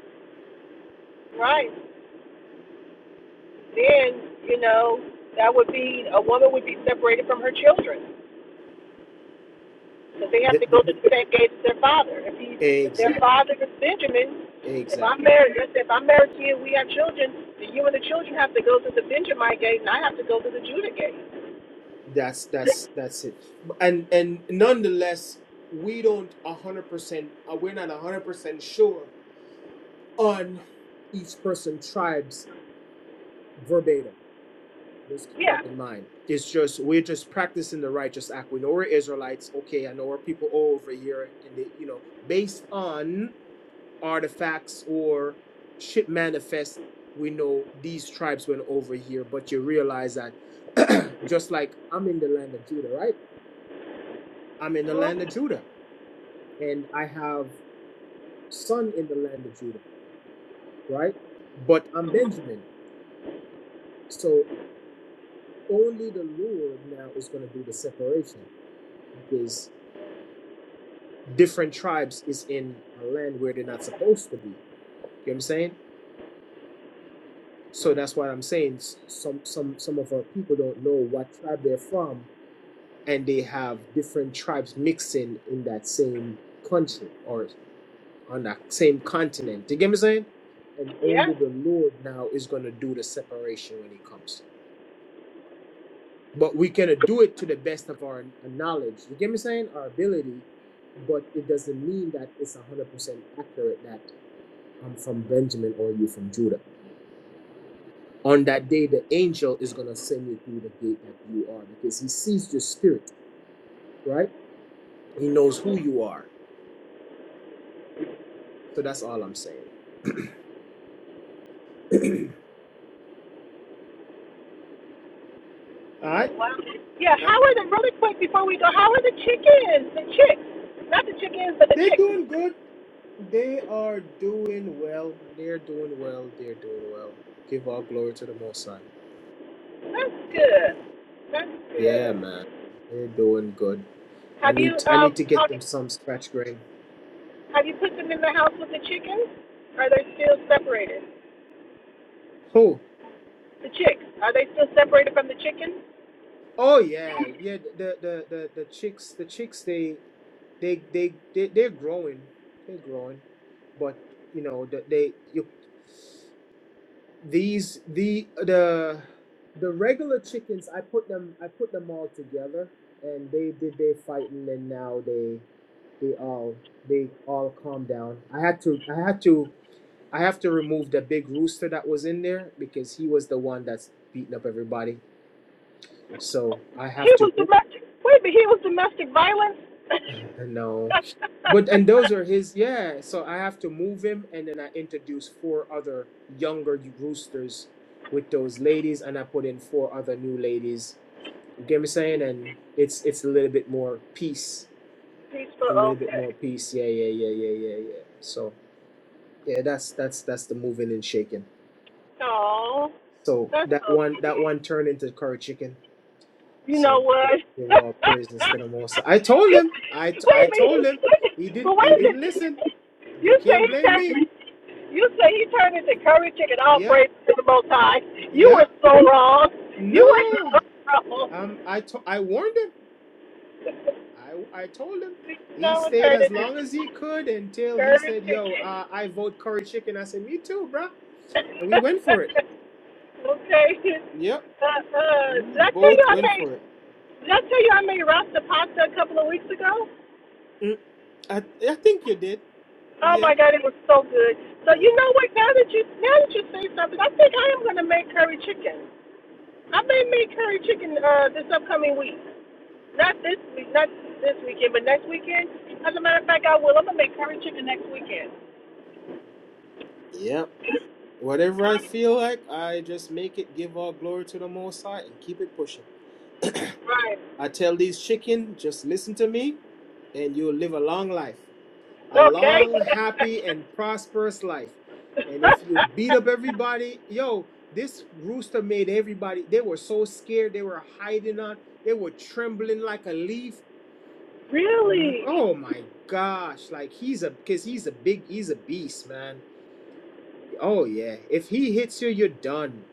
Speaker 2: Right. Then you know that would be a woman would be separated from her children. because they
Speaker 1: The-
Speaker 2: have to
Speaker 1: the-
Speaker 2: go through the same gate as their father. If he,
Speaker 1: the-
Speaker 2: if their
Speaker 1: exactly,
Speaker 2: father is Benjamin, if I'm
Speaker 1: exactly.
Speaker 2: married, let's say if I'm married to you, and we have children, then you and the children have to go through the Benjamite gate, and I have to go through the Judah gate.
Speaker 1: That's that's that's it. And and nonetheless, we don't a hundred percent. uh, We're not a hundred a percent sure on each person tribes verbatim. Just keep
Speaker 2: Yeah.
Speaker 1: that in mind. It's just we're just practicing the righteous act. We know we're Israelites. Okay, I know we're people over here, and they, you know, based on artifacts or ship manifest, we know these tribes went over here, but you realize that just like I'm in the land of Judah, right? I'm in the land of
Speaker 2: Mm-hmm.
Speaker 1: Judah, and I have son in the land of Judah, right? But I'm Benjamin. So only the Lord now is going to do the separation because different tribes is in a land where they're not supposed to be. You know what I'm saying? So that's what I'm saying. Some some some of our people don't know what tribe they're from and they have different tribes mixing in that same country or on that same continent. You get me saying? And
Speaker 2: Yes.
Speaker 1: only the Lord now is gonna do the separation when He comes. But we can do it to the best of our knowledge. You get me saying? Our ability, but it doesn't mean that it's one hundred percent accurate that I'm from Benjamin or you from Judah. On that day, the angel is gonna send you through the gate that you are because he sees your spirit, right? He knows who you are. So that's all I'm saying. All right.
Speaker 2: Wow. Yeah.
Speaker 1: Uh,
Speaker 2: How are the really quick before we go? How are the chickens? The chicks, not the chickens, but the
Speaker 1: They're
Speaker 2: chicks.
Speaker 1: doing good. They are doing well. They're doing well. They're doing well. Give all glory to the Most High.
Speaker 2: That's
Speaker 1: Yeah.
Speaker 2: good. That's
Speaker 1: Yeah,
Speaker 2: good.
Speaker 1: man. They're doing good. I
Speaker 2: Have you
Speaker 1: need I
Speaker 2: um
Speaker 1: need to get them some scratch grain.
Speaker 2: have you put them in the house with the chickens? Are they still separated?
Speaker 1: Oh.
Speaker 2: The chicks, are they still separated from the chicken?
Speaker 1: Oh yeah. Yeah, the the the the chicks the chicks they they they, they they're growing. They're growing. But you know, the- they you These the the the regular chickens. I put them. I put them all together, and they did their fighting, and now they they all they all calmed down. I had to I had to I have to remove the big rooster that was in there because he was the one that's beating up everybody. So I
Speaker 2: He
Speaker 1: have to
Speaker 2: was
Speaker 1: move.
Speaker 2: domestic. Wait, but he was domestic violence?
Speaker 1: No, but and those are his. Yeah, so I have to move him, and then I introduce four other younger roosters with those ladies, and I put in four other new ladies You get what I'm saying? And it's it's a little bit more peace. A little
Speaker 2: Peaceful,
Speaker 1: bit
Speaker 2: okay.
Speaker 1: more peace. Yeah, yeah, yeah, yeah, yeah, yeah. So yeah, that's that's that's the moving and shaking.
Speaker 2: Oh,
Speaker 1: So
Speaker 2: that's
Speaker 1: that
Speaker 2: so
Speaker 1: one that
Speaker 2: sweet.
Speaker 1: one turned into curry chicken.
Speaker 2: You know
Speaker 1: So give
Speaker 2: what?
Speaker 1: give all praises to the most. High. I told him. I
Speaker 2: wait
Speaker 1: I
Speaker 2: a
Speaker 1: told him.
Speaker 2: minute.
Speaker 1: He
Speaker 2: But
Speaker 1: didn't
Speaker 2: wait
Speaker 1: he
Speaker 2: a
Speaker 1: didn't listen.
Speaker 2: minute.
Speaker 1: You
Speaker 2: You say
Speaker 1: can't
Speaker 2: he
Speaker 1: blame me.
Speaker 2: turned. You say he turned into curry chicken. All
Speaker 1: Yep.
Speaker 2: praise to the Most High. You were
Speaker 1: Yep.
Speaker 2: so wrong. You were
Speaker 1: No.
Speaker 2: so wrong.
Speaker 1: Um I to- I warned him. I I told him. He
Speaker 2: no one
Speaker 1: stayed
Speaker 2: turned
Speaker 1: as long as he
Speaker 2: into.
Speaker 1: could until he
Speaker 2: Curry
Speaker 1: said, "Yo,
Speaker 2: chicken.
Speaker 1: uh, I vote curry chicken." I said, "Me too, bro." And we went for it.
Speaker 2: okay.
Speaker 1: Yep,
Speaker 2: Uh, uh,
Speaker 1: we
Speaker 2: did I tell you
Speaker 1: both
Speaker 2: I
Speaker 1: went
Speaker 2: made,
Speaker 1: for it.
Speaker 2: did I tell you I made rasta pasta a couple of weeks ago?
Speaker 1: Mm, I I think you did.
Speaker 2: Oh
Speaker 1: Yeah,
Speaker 2: my God, it was so good. So you
Speaker 1: yeah,
Speaker 2: know what? Now that you now that you say something, I think I am gonna make curry chicken. I may make curry chicken uh, this upcoming week. Not this week, not this weekend, but next weekend. As a matter of fact, I will. I'm gonna make curry chicken next weekend.
Speaker 1: yeah. Whatever I feel like, I just make it. Give all glory to the Most High and keep it pushing.
Speaker 2: Right.
Speaker 1: I tell these chicken, just listen to me, and you'll live a long life. a
Speaker 2: Okay.
Speaker 1: long, happy, and prosperous life. And if you beat up everybody, yo, this rooster made everybody, they were so scared, they were hiding on, they were trembling like a leaf. N-
Speaker 2: Really?
Speaker 1: Oh my gosh, like he's a, because he's a big, he's a beast, man. Oh yeah, if he hits you, you're done.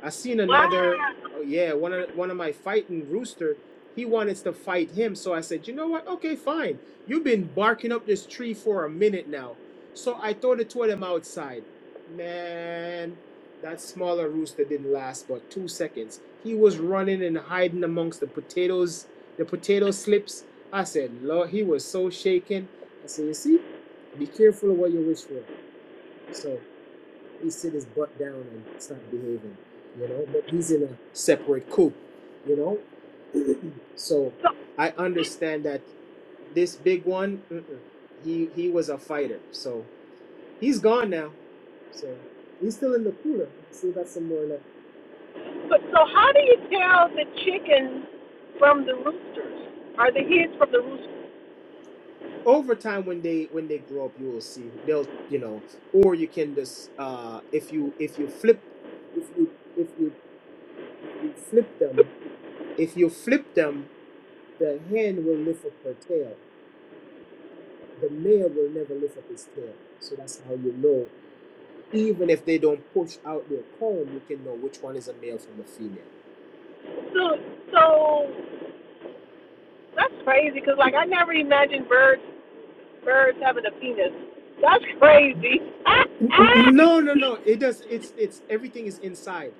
Speaker 1: I seen
Speaker 2: Wow.
Speaker 1: another. Oh yeah, one of one of my fighting rooster. He wanted to fight him, so I said, you know what? Okay, fine. You've been barking up this tree for a minute now, so I throw the two of them outside. Man, that smaller rooster didn't last but two seconds. He was running and hiding amongst the potatoes, the potato slips. I said, Lord, he was so shaken. I said, you see, be careful of what you wish for. So he sit his butt down and start behaving, you know. But he's in a separate coup, you know. so
Speaker 2: So,
Speaker 1: I understand that this big one, mm-mm, he he was a fighter. So he's gone now. So he's still in the cooler. I still got some more left.
Speaker 2: so, so how do you tell the chickens from the roosters? Are the hens from the roosters?
Speaker 1: Over time, when they when they grow up, you will see they'll you know, or you can just uh if you if you flip if you if you if you flip them if you flip them, the hen will lift up her tail. the male will never lift up his tail. So that's how you know. Even if they don't push out their comb, you can know which one is a male from a female.
Speaker 2: So, so that's crazy because, like, I never imagined birds birds having a penis. That's crazy.
Speaker 1: N- n- No, no, no. It does. It's it's everything is inside.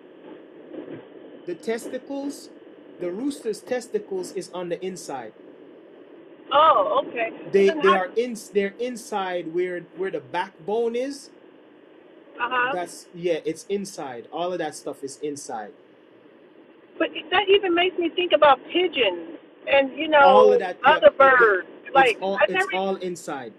Speaker 1: The testicles, the rooster's testicles is on the inside.
Speaker 2: oh, okay. So
Speaker 1: They
Speaker 2: then,
Speaker 1: they
Speaker 2: how?
Speaker 1: are in they're inside where where the backbone is.
Speaker 2: Uh huh.
Speaker 1: That's yeah. It's inside. All of that stuff is inside.
Speaker 2: But that even makes me think about pigeons and you
Speaker 1: All of
Speaker 2: know
Speaker 1: that. Yep.
Speaker 2: other
Speaker 1: it, it-
Speaker 2: birds.
Speaker 1: it's
Speaker 2: Like,
Speaker 1: all
Speaker 2: I
Speaker 1: it's
Speaker 2: never even
Speaker 1: all inside.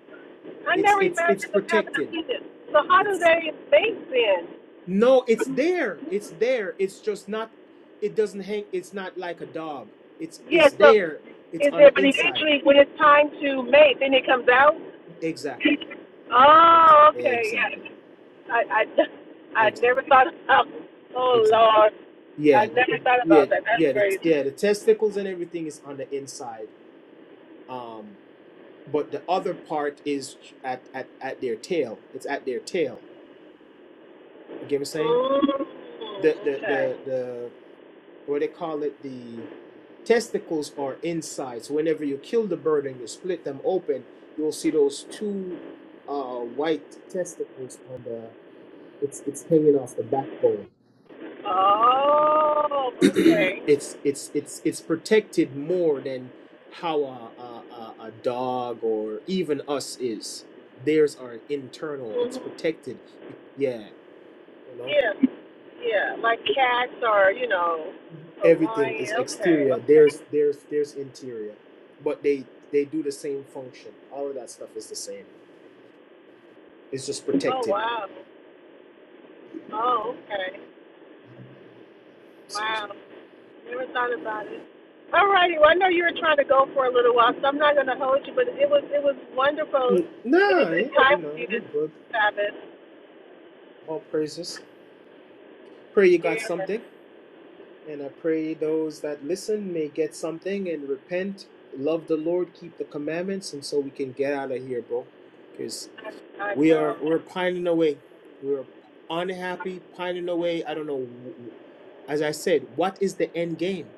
Speaker 2: I
Speaker 1: It's
Speaker 2: never
Speaker 1: it's it's
Speaker 2: imagined them having a
Speaker 1: protected.
Speaker 2: penis. So how do they mate then?
Speaker 1: No, it's there. It's there. It's just not. It doesn't hang. It's not like a dog. It's
Speaker 2: Yes,
Speaker 1: it's
Speaker 2: Yeah, so
Speaker 1: there. It's
Speaker 2: is
Speaker 1: on
Speaker 2: there,
Speaker 1: the
Speaker 2: but
Speaker 1: inside.
Speaker 2: eventually when it's time to mate, then it comes out?
Speaker 1: Exactly. Ex-
Speaker 2: Oh, okay.
Speaker 1: Exactly.
Speaker 2: Yeah. I, I, I never
Speaker 1: Exactly.
Speaker 2: thought about, oh,
Speaker 1: Exactly.
Speaker 2: Lord. I
Speaker 1: Yeah. th-
Speaker 2: never thought
Speaker 1: Yeah.
Speaker 2: about that. That's
Speaker 1: Yeah. The,
Speaker 2: crazy.
Speaker 1: yeah. The testicles and everything is on the inside. Um. But the other part is at at at their tail. It's at their tail. You get what I'm saying?
Speaker 2: Mm,
Speaker 1: The the
Speaker 2: okay.
Speaker 1: the the what do they call it the testicles are inside. So whenever you kill the bird and you split them open, you'll see those two uh, white testicles on the. It's it's hanging off the backbone.
Speaker 2: Oh, okay.
Speaker 1: it's it's it's it's protected more than how a a, a, a dog or even us is. Theirs are internal. It's
Speaker 2: hmm
Speaker 1: protected. Yeah, you know
Speaker 2: Yeah, yeah. Like cats or, you know, a
Speaker 1: everything
Speaker 2: lion.
Speaker 1: is
Speaker 2: Okay,
Speaker 1: exterior. There's
Speaker 2: okay.
Speaker 1: there's there's interior, but they they do the same function. All of that stuff is the same. It's just
Speaker 2: Oh,
Speaker 1: protected.
Speaker 2: wow. Oh, okay.
Speaker 1: Excuse
Speaker 2: Wow.
Speaker 1: me.
Speaker 2: Never thought about it. All righty. Well, I know you were trying to go for a little while, so I'm not going to hold you. But it was it was wonderful. But
Speaker 1: Nah,
Speaker 2: it's,
Speaker 1: yeah,
Speaker 2: it's
Speaker 1: you
Speaker 2: time for
Speaker 1: know,
Speaker 2: you to
Speaker 1: you're good.
Speaker 2: Sabbath.
Speaker 1: All praises. Pray you got
Speaker 2: Yeah.
Speaker 1: something. And I pray those that listen may get something and repent, love the Lord, keep the commandments, and so we can get out of here, bro. Because
Speaker 2: I, I
Speaker 1: we
Speaker 2: know.
Speaker 1: are we're pining away. We're unhappy, pining away. I don't know. As I said, what is the end game?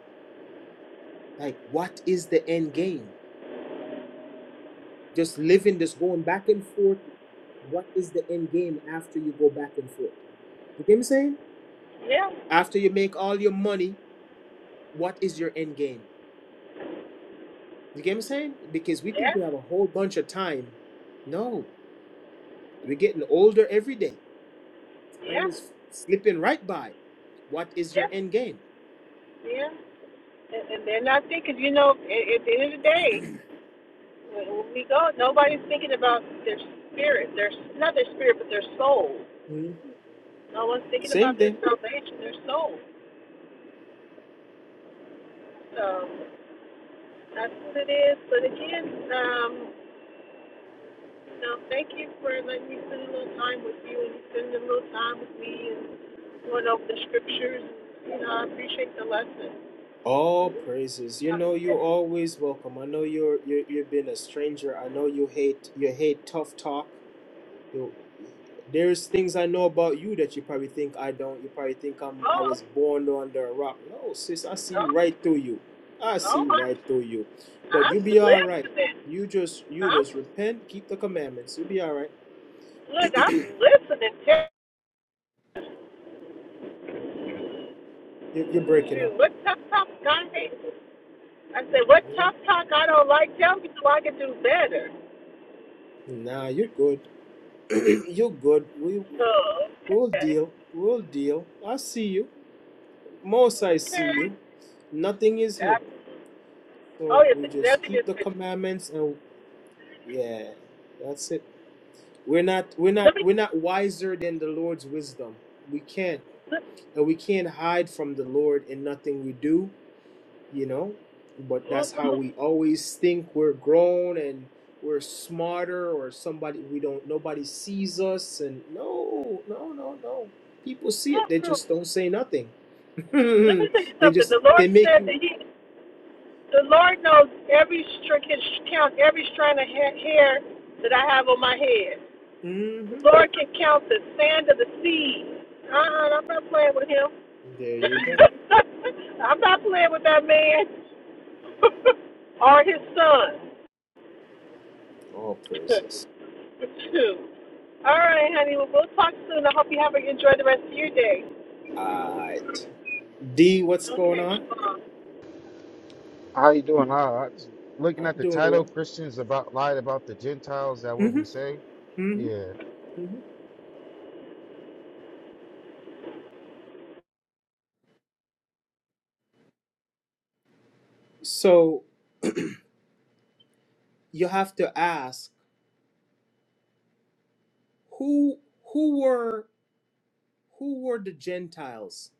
Speaker 1: Like, what is the end game? Just living, just going back and forth. What is the end game after you go back and forth? You get me saying?
Speaker 2: Yeah.
Speaker 1: After you make all your money, what is your end game? You get me saying? Because we think
Speaker 2: Yeah.
Speaker 1: we have a whole bunch of time. No, we're getting older every day. Time
Speaker 2: Yeah.
Speaker 1: is slipping right by. What is your
Speaker 2: Yeah.
Speaker 1: end game?
Speaker 2: Yeah. And, and they're not thinking. You know, at, at the end of the day, when we go, nobody's thinking about their spirit. Their not their spirit, but their soul.
Speaker 1: Mhm.
Speaker 2: No one's thinking
Speaker 1: Same
Speaker 2: about their
Speaker 1: thing.
Speaker 2: salvation. Their soul. So. That's what it is. But again, um, no, thank you for letting me spend a little time with you and spending a little time with me and going over the scriptures. You know, I appreciate the lesson.
Speaker 1: All praises. You
Speaker 2: I
Speaker 1: know you're
Speaker 2: said,
Speaker 1: always welcome. I know you're, you're you've been a stranger. I know you hate you hate tough talk. Yo, there's things I know about you that you probably think I don't. You probably think I'm I
Speaker 2: Oh,
Speaker 1: was born under a rock. No, sis, I see
Speaker 2: oh,
Speaker 1: right through you. I
Speaker 2: oh,
Speaker 1: see right
Speaker 2: I,
Speaker 1: through you. But
Speaker 2: I'm
Speaker 1: you will be all right.
Speaker 2: listening.
Speaker 1: You just you
Speaker 2: I'm,
Speaker 1: just repent, keep the commandments. You'll be all right.
Speaker 2: look, I'm listening. Tell
Speaker 1: You're, you're breaking
Speaker 2: you,
Speaker 1: up.
Speaker 2: what tough talk I hate. I said, what tough talk I don't like, tell me so I can do better.
Speaker 1: Nah, you're good. you're good. We
Speaker 2: So,
Speaker 1: we'll
Speaker 2: okay,
Speaker 1: deal. We'll deal. I see you. Most I see
Speaker 2: okay.
Speaker 1: you. Nothing is
Speaker 2: That,
Speaker 1: hid.
Speaker 2: oh,
Speaker 1: So
Speaker 2: yeah,
Speaker 1: we just
Speaker 2: nothing
Speaker 1: keep the
Speaker 2: is,
Speaker 1: commandments and yeah, that's it. We're not we're not
Speaker 2: let me
Speaker 1: we're not wiser than the Lord's wisdom. We can't
Speaker 2: let,
Speaker 1: and we can't hide from the Lord in nothing we do, you know. But
Speaker 2: Well,
Speaker 1: that's
Speaker 2: well,
Speaker 1: how we always think we're grown and we're smarter or somebody we don't nobody sees us and no, no, no, no. People see it. They just don't say nothing.
Speaker 2: let me tell you
Speaker 1: they
Speaker 2: something.
Speaker 1: just
Speaker 2: The Lord
Speaker 1: they make
Speaker 2: said that
Speaker 1: you
Speaker 2: He, the Lord knows every string, can count every strand of ha- hair that I have on my head.
Speaker 1: hmm
Speaker 2: The Lord can count the sand of the sea. Uh-uh, I'm not playing with Him.
Speaker 1: There you go.
Speaker 2: I'm not playing with that man or his son.
Speaker 1: All praises.
Speaker 2: All right, honey. Well, we'll talk soon. I hope you have a enjoy the rest of your day.
Speaker 1: Uh D, what's going
Speaker 2: Okay.
Speaker 1: on?
Speaker 2: Um,
Speaker 3: How you doing? I, I just looking
Speaker 1: I'm
Speaker 3: at the
Speaker 1: doing
Speaker 3: title,
Speaker 1: well.
Speaker 3: Christians about lied about the Gentiles that will be
Speaker 1: hmm
Speaker 3: saved.
Speaker 1: hmm
Speaker 3: Yeah.
Speaker 1: So you have to ask who who were who were the Gentiles?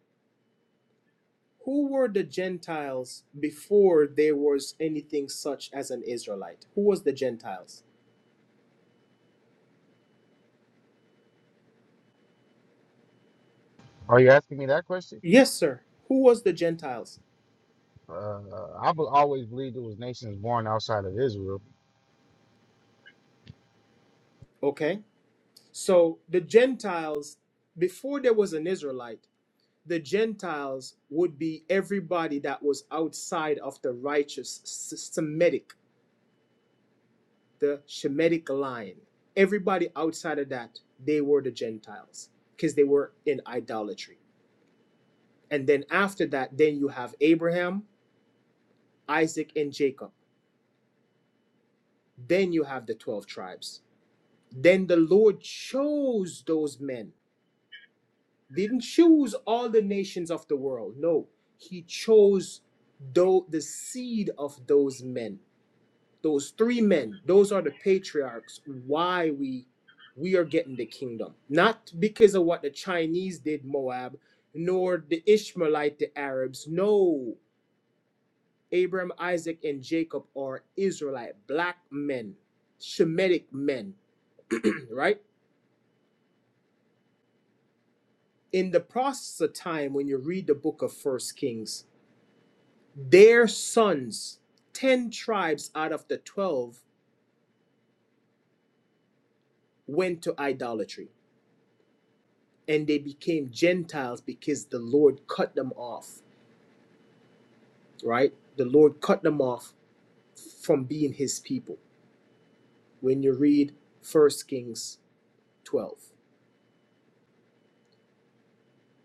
Speaker 1: Who were the Gentiles before there was anything such as an Israelite? Who was the Gentiles?
Speaker 3: Are you asking me that question?
Speaker 1: Yes, sir. Who was the Gentiles?
Speaker 3: Uh, I be- always believed it was nations born outside of Israel.
Speaker 1: Okay. So the Gentiles before there was an Israelite, the Gentiles would be everybody that was outside of the righteous S- Semitic the Shemitic line. Everybody outside of that, they were the Gentiles because they were in idolatry. And then after that, then you have Abraham, Isaac, and Jacob. Then you have the 12 tribes. Then the Lord chose those men. Didn't choose all the nations of the world. No, he chose though the seed of those men. those three men those are the patriarchs why we we are getting the kingdom not because of what the chinese did moab nor the ishmaelite the arabs no abraham isaac and jacob are israelite black men shemitic men right in the process of time when you read the book of first kings their sons 10 tribes out of the 12 went to idolatry and they became Gentiles because the Lord cut them off, right? The Lord cut them off from being his people. When you read First Kings 12.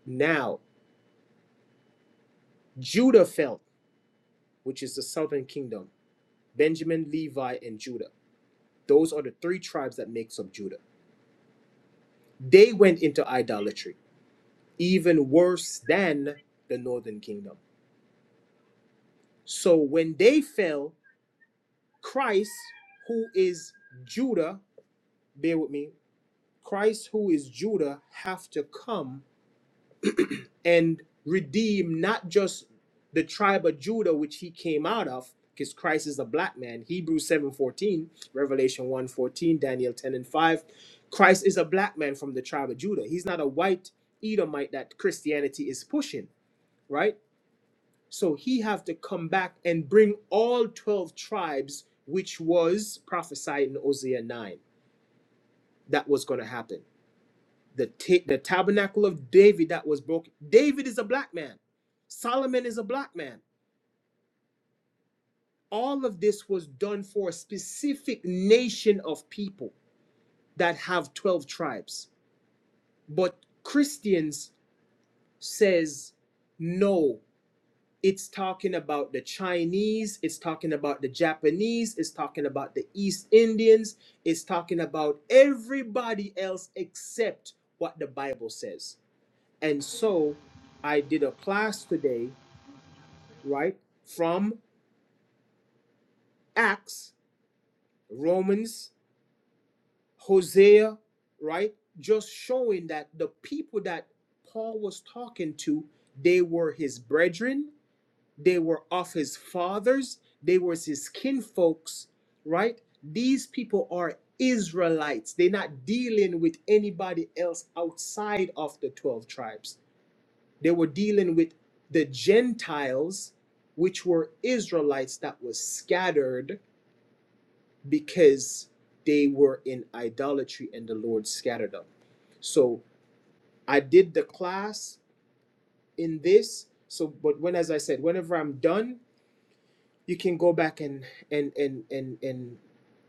Speaker 1: Now, Judah fell, which is the southern kingdom, Benjamin, Levi, and Judah. Those are the three tribes that makes up Judah. They went into idolatry, even worse than the northern kingdom. So when they fell, Christ, who is Judah, bear with me, Christ, who is Judah, have to come and redeem not just the tribe of Judah, which he came out of, because Christ is a black man. Hebrews 7:14, Revelation one fourteen, Daniel 10 and 5. Christ is a black man from the tribe of Judah. He's not a white Edomite that Christianity is pushing, right? So he have to come back and bring all 12 tribes, which was prophesied in Hosea 9. That was going to happen. the, ta- the tabernacle of David that was broken. David is a black man. Solomon is a black man. All of this was done for a specific nation of people that have 12 tribes. But Christians says no, it's talking about the Chinese, it's talking about the Japanese, it's talking about the East Indians, it's talking about everybody else except what the Bible says And so I did a class today, right? From Acts, Romans, Hosea, right? Just showing that the people that Paul was talking to, they were his brethren, they were of his fathers, they were his kinfolks, right? These people are Israelites. They're not dealing with anybody else outside of the 12 tribes. They were dealing with the Gentiles, which were Israelites that was scattered because they were in idolatry and the Lord scattered them. So I did the class in this. So, but when, as I said, whenever I'm done, you can go back and and and and and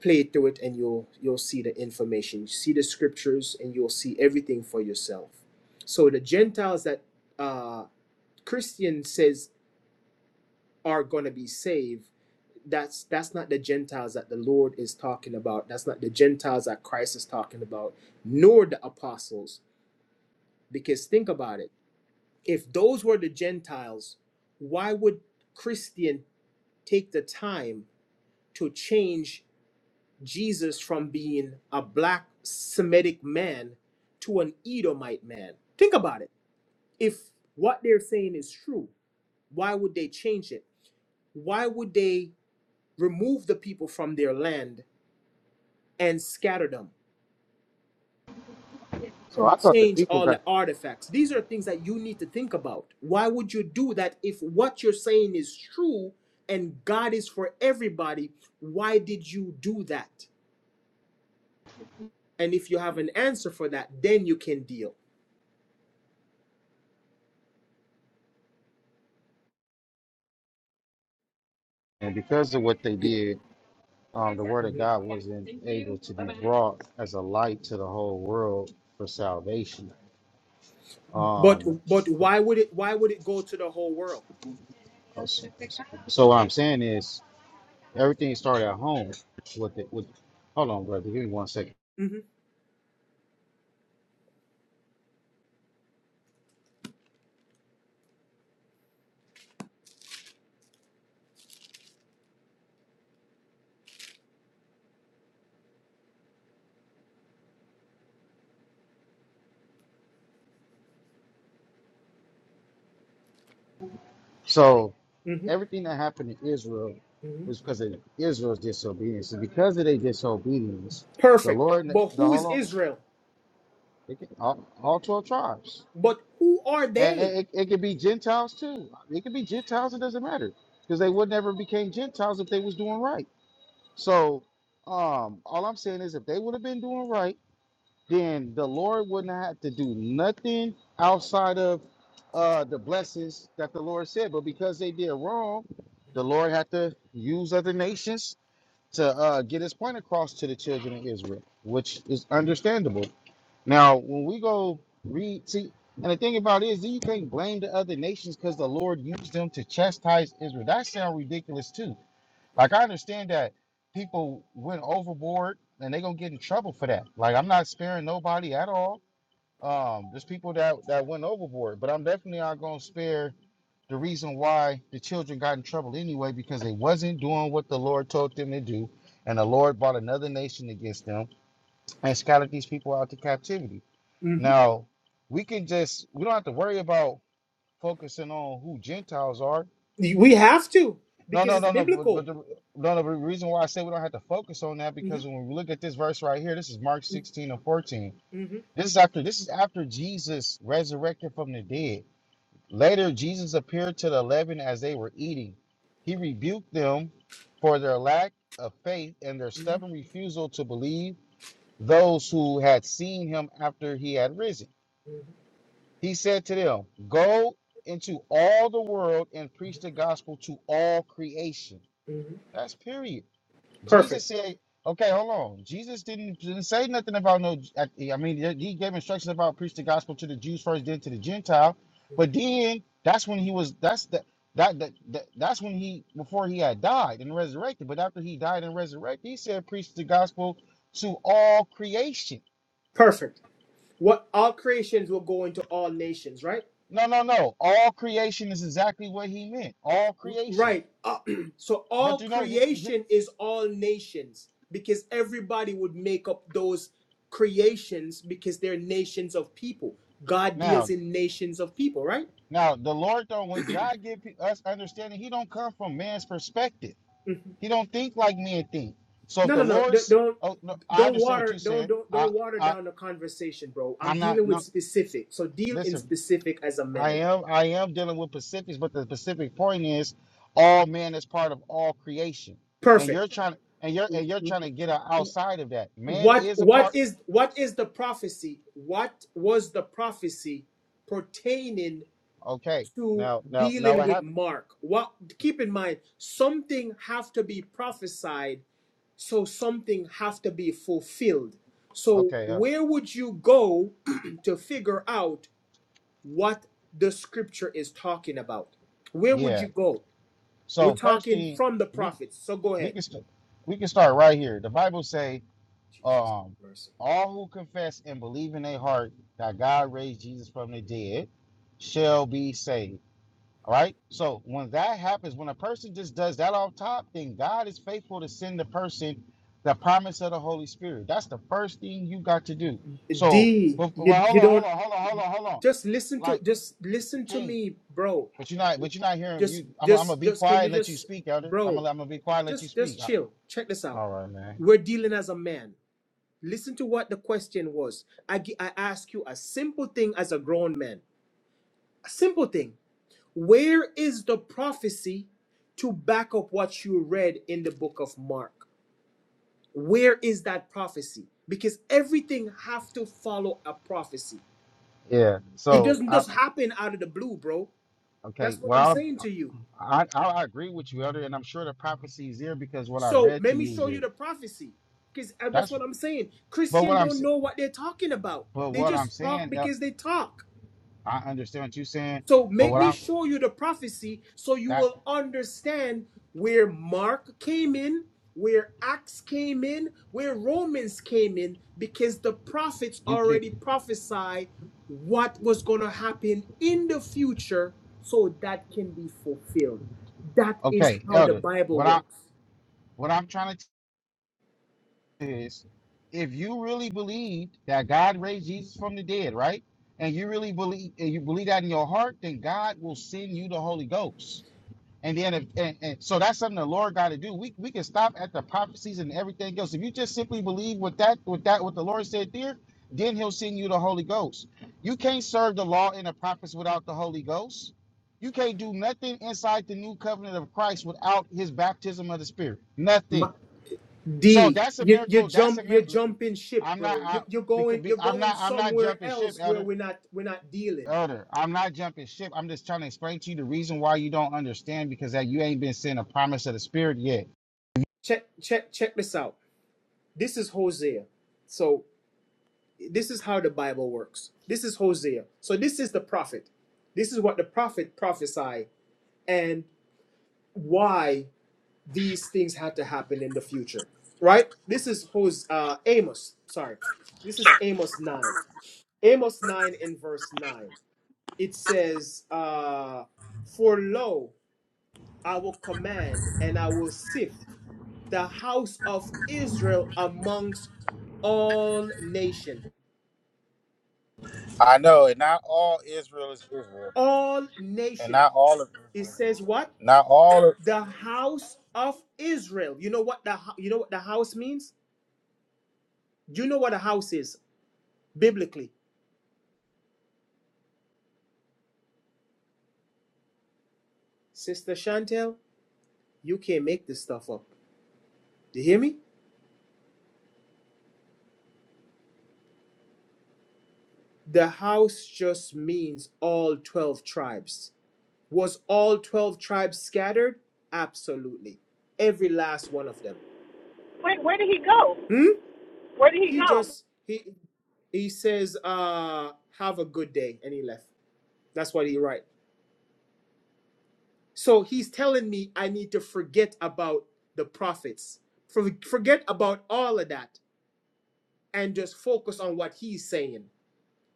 Speaker 1: play through it, and you'll you'll see the information, you see the scriptures, and you'll see everything for yourself. So the Gentiles that uh, Christian says are going to be saved that's that's not the gentiles that the lord is talking about that's not the gentiles that christ is talking about nor the apostles because think about it if those were the gentiles why would christian take the time to change jesus from being a black semitic man to an edomite man think about it if what they're saying is true why would they change it why would they remove the people from their land and scatter them
Speaker 3: So
Speaker 1: and
Speaker 3: I thought the
Speaker 1: change
Speaker 3: people
Speaker 1: all the
Speaker 3: got
Speaker 1: artifacts. These are things that you need to think about. Why would you do that if what you're saying is true and God is for everybody? Why did you do that? And if you have an answer for that, then you can deal.
Speaker 3: and because of what they
Speaker 1: You-
Speaker 3: did, um, the word of
Speaker 1: Mhm.
Speaker 3: God wasn't able to be brought as a light to the whole world for salvation.
Speaker 1: But
Speaker 3: Um,
Speaker 1: but why would it why would it go to the whole world?
Speaker 3: so, so what I'm saying is everything started at home with it. With hold on, brother, give me one second.
Speaker 1: Mhm,
Speaker 3: So.
Speaker 1: mhm,
Speaker 3: everything that happened to Israel
Speaker 1: mhm.
Speaker 3: was because of Israel's disobedience. And because of their disobedience, the
Speaker 1: Perfect.
Speaker 3: Lord,
Speaker 1: But
Speaker 3: the
Speaker 1: who is
Speaker 3: whole, all,
Speaker 1: Israel?
Speaker 3: it can, all, all 12 tribes,
Speaker 1: But who are
Speaker 3: and
Speaker 1: they?
Speaker 3: and it, it could be Gentiles too. It could be Gentiles. It doesn't matter because they would never became Gentiles if they was doing right. So, um, all I'm saying is if they would have been doing right then the Lord wouldn't have to do nothing outside of uh, the blessings that the Lord said. But because they did wrong, the Lord had to use other nations to uh, get his point across to the children of Israel, which is understandable. Now, when we go read, see, and the thing about it is, you can't blame the other nations because the Lord used them to chastise Israel. That sounds ridiculous, too like I understand that people went overboard and they gonna get in trouble for that. Like I'm not sparing nobody at all. Um, there's people that that went overboard, but I'm definitely not gonna spare the reason why the children got in trouble anyway because they wasn't doing what the Lord told them to do, and the Lord brought another nation against them and scattered these people out to captivity.
Speaker 1: Mhm.
Speaker 3: Now we can just we don't have to worry about focusing on who Gentiles are
Speaker 1: We have to
Speaker 3: No,
Speaker 1: because
Speaker 3: no,
Speaker 1: it's
Speaker 3: no, no. But, but
Speaker 1: biblical.
Speaker 3: the, no, no, but the reason why I say we don't have to focus on that
Speaker 1: hmm
Speaker 3: because when we look at this verse right here, this is Mark 16 and 14.
Speaker 1: hmm
Speaker 3: This is after this is after Jesus resurrected from the dead. Later, Jesus appeared to the eleven as they were eating. He rebuked them for their lack of faith and their stubborn refusal to believe those who had seen him after he had risen. He said to them, Go into all the world and preach the gospel to all creation. That's period.
Speaker 1: Perfect.
Speaker 3: Jesus said, okay, hold on. Jesus didn't, didn't say nothing about no, I, mean, he gave instructions about preach the gospel to the Jews first, then to the Gentile. But then that's when he was, that's the, that, that, that that's when he before he had died and resurrected but after he died and resurrected he said preach the gospel to all creation
Speaker 1: Perfect. What all creations will go into all nations, right?
Speaker 3: no no no all creation is exactly what he meant all creation
Speaker 1: Right. Uh, so
Speaker 3: but
Speaker 1: all
Speaker 3: you know he- he-
Speaker 1: creation is all nations because everybody would make up those creations because they're nations of people. God
Speaker 3: now
Speaker 1: deals in nations of people, right?
Speaker 3: now the lord though when god give us understanding he don't come from man's perspective
Speaker 1: Mhm.
Speaker 3: He don't think like men think. So if
Speaker 1: No, no,
Speaker 3: the
Speaker 1: no. do
Speaker 3: Lord's,
Speaker 1: don't
Speaker 3: oh, no, I
Speaker 1: don't
Speaker 3: understand what
Speaker 1: water
Speaker 3: you
Speaker 1: don't
Speaker 3: said.
Speaker 1: don't
Speaker 3: I,
Speaker 1: don't water
Speaker 3: I,
Speaker 1: down the conversation, bro. I'm
Speaker 3: I'm not.
Speaker 1: dealing with
Speaker 3: No,
Speaker 1: specific. So deal in
Speaker 3: listen.
Speaker 1: specific as a
Speaker 3: I
Speaker 1: man.
Speaker 3: am, I am dealing with Pacifics, but the Pacific point is, all man is part of all creation, and
Speaker 1: Perfect.
Speaker 3: you're trying, and you're, and you're trying to get out- outside of that. Man
Speaker 1: what
Speaker 3: is a
Speaker 1: what
Speaker 3: part.
Speaker 1: is what is the prophecy what was the prophecy pertaining
Speaker 3: Okay.
Speaker 1: to
Speaker 3: Now, now, now,
Speaker 1: dealing
Speaker 3: what
Speaker 1: with
Speaker 3: happened?
Speaker 1: mark what keep in mind something have to be prophesied so something have to be fulfilled so
Speaker 3: Okay. Uh,
Speaker 1: where would you go to figure out what the scripture is talking about where would
Speaker 3: yeah.
Speaker 1: you go we're
Speaker 3: So first
Speaker 1: talking
Speaker 3: thing,
Speaker 1: from the
Speaker 3: we,
Speaker 1: prophets so go
Speaker 3: we
Speaker 1: ahead
Speaker 3: can, st- we can start right here. The Bible say. Um, all who confess and believe in their heart that God raised Jesus from the dead shall be saved. All right. So when that happens, when a person just does that off top, then God is faithful to send the person the promise of the Holy Spirit. That's the first thing you got to do. So,
Speaker 1: d
Speaker 3: well,
Speaker 1: you,
Speaker 3: well,
Speaker 1: you
Speaker 3: hold on, hold
Speaker 1: don't
Speaker 3: on, hold on, hold on, hold on.
Speaker 1: just listen to
Speaker 3: Like
Speaker 1: just listen to
Speaker 3: King,
Speaker 1: me bro
Speaker 3: but you're not, but you're not hearing
Speaker 1: just
Speaker 3: you. I'm, I'm gonna
Speaker 1: just
Speaker 3: be
Speaker 1: just can
Speaker 3: quiet
Speaker 1: you
Speaker 3: and let you
Speaker 1: just
Speaker 3: speak, Elder. I'm
Speaker 1: bro
Speaker 3: gonna, I'm gonna be quiet and let you
Speaker 1: just
Speaker 3: speak.
Speaker 1: just
Speaker 3: I-
Speaker 1: chill check this out
Speaker 3: all right, man.
Speaker 1: we're dealing as a man listen to what the question was i gi- i ask you a simple thing as a grown man a simple thing where is the prophecy to back up what you read in the book of mark where is that prophecy because everything have to follow a prophecy
Speaker 3: Yeah.
Speaker 1: it
Speaker 3: So,
Speaker 1: doesn't
Speaker 3: I,
Speaker 1: just happen out of the blue bro that's
Speaker 3: okay.
Speaker 1: what i'm
Speaker 3: Well, I'm,
Speaker 1: saying to you
Speaker 3: I, I I agree with you, Elder, and I'm sure the prophecy is there because what I
Speaker 1: So
Speaker 3: read
Speaker 1: let
Speaker 3: to
Speaker 1: me
Speaker 3: you is
Speaker 1: show you
Speaker 3: there.
Speaker 1: the prophecy, because that's
Speaker 3: That's
Speaker 1: what I'm saying.
Speaker 3: but
Speaker 1: Christian
Speaker 3: what I'm
Speaker 1: don't
Speaker 3: saying.
Speaker 1: know what they're talking about.
Speaker 3: But
Speaker 1: They
Speaker 3: what I'm
Speaker 1: just talk
Speaker 3: saying, El-
Speaker 1: because they talk.
Speaker 3: I understand what you're saying.
Speaker 1: So
Speaker 3: But
Speaker 1: make
Speaker 3: what
Speaker 1: me
Speaker 3: I'm
Speaker 1: show you the prophecy, so you
Speaker 3: that
Speaker 1: will understand where Mark came in, where Acts came in, where Romans came in, because the prophets
Speaker 3: you could
Speaker 1: already prophesied what was going to happen in the future, so that can be fulfilled. That is
Speaker 3: okay,
Speaker 1: how the
Speaker 3: Elder.
Speaker 1: Bible
Speaker 3: What I
Speaker 1: works.
Speaker 3: what I'm trying to tell you is, if you really believed that God raised Jesus from the dead, right, and you really believe and you believe that in your heart, then God will send you the Holy Ghost. And then if and, and so that's something the Lord got to do. We we can stop at the prophecies and everything else. If you just simply believe what that what that what the Lord said there, then he'll send you the Holy Ghost. You can't serve the law and the prophets without the Holy Ghost. You can't do nothing inside the new covenant of Christ without his baptism of the Spirit.
Speaker 1: Ma-
Speaker 3: Nothing. So
Speaker 1: D,
Speaker 3: that's a
Speaker 1: you you
Speaker 3: miracle. That's
Speaker 1: jump
Speaker 3: a
Speaker 1: you're
Speaker 3: miracle.
Speaker 1: jumping ship,
Speaker 3: I'm not
Speaker 1: bro.
Speaker 3: I
Speaker 1: You you're
Speaker 3: because
Speaker 1: going
Speaker 3: be,
Speaker 1: you're
Speaker 3: I'm
Speaker 1: going
Speaker 3: not I'm not
Speaker 1: somewhere
Speaker 3: jumping ship,
Speaker 1: else
Speaker 3: Elder.
Speaker 1: where we're not we're not dealing.
Speaker 3: Elder, I'm not jumping ship. I'm just trying to explain to you the reason why you don't understand because that you ain't been seeing a promise of the Spirit yet.
Speaker 1: Check check check this out. This is Hosea. So this is how the Bible works. This is Hosea. So this is the prophet. This is what the prophet prophesied and why these things had to happen in the future. Right? This is Hos uh Amos. Sorry. This is Amos 9. Amos 9 in verse 9. it says, uh, For lo, I will command and I will sift the house of Israel amongst all nation.
Speaker 3: I know, and not all Israel is Israel,
Speaker 1: All
Speaker 3: and
Speaker 1: nation.
Speaker 3: not all of
Speaker 1: It
Speaker 3: Israel is
Speaker 1: says
Speaker 3: Israel.
Speaker 1: what?
Speaker 3: Not all. of
Speaker 1: The house of Israel. You know what the you know what the house means? You know what a house is biblically. Sister Chantel, you can't make this stuff up. Do you hear me? The house just means all 12 tribes Was all 12 tribes scattered? Absolutely. Every last one of them.
Speaker 2: wait, where did he go?
Speaker 1: Hmm?
Speaker 2: Where did he
Speaker 1: He
Speaker 2: go?
Speaker 1: just he he says, uh, have a good day, and he left. That's what he write. So he's telling me I need to forget about the prophets. For, forget about all of that and just focus on what he's saying.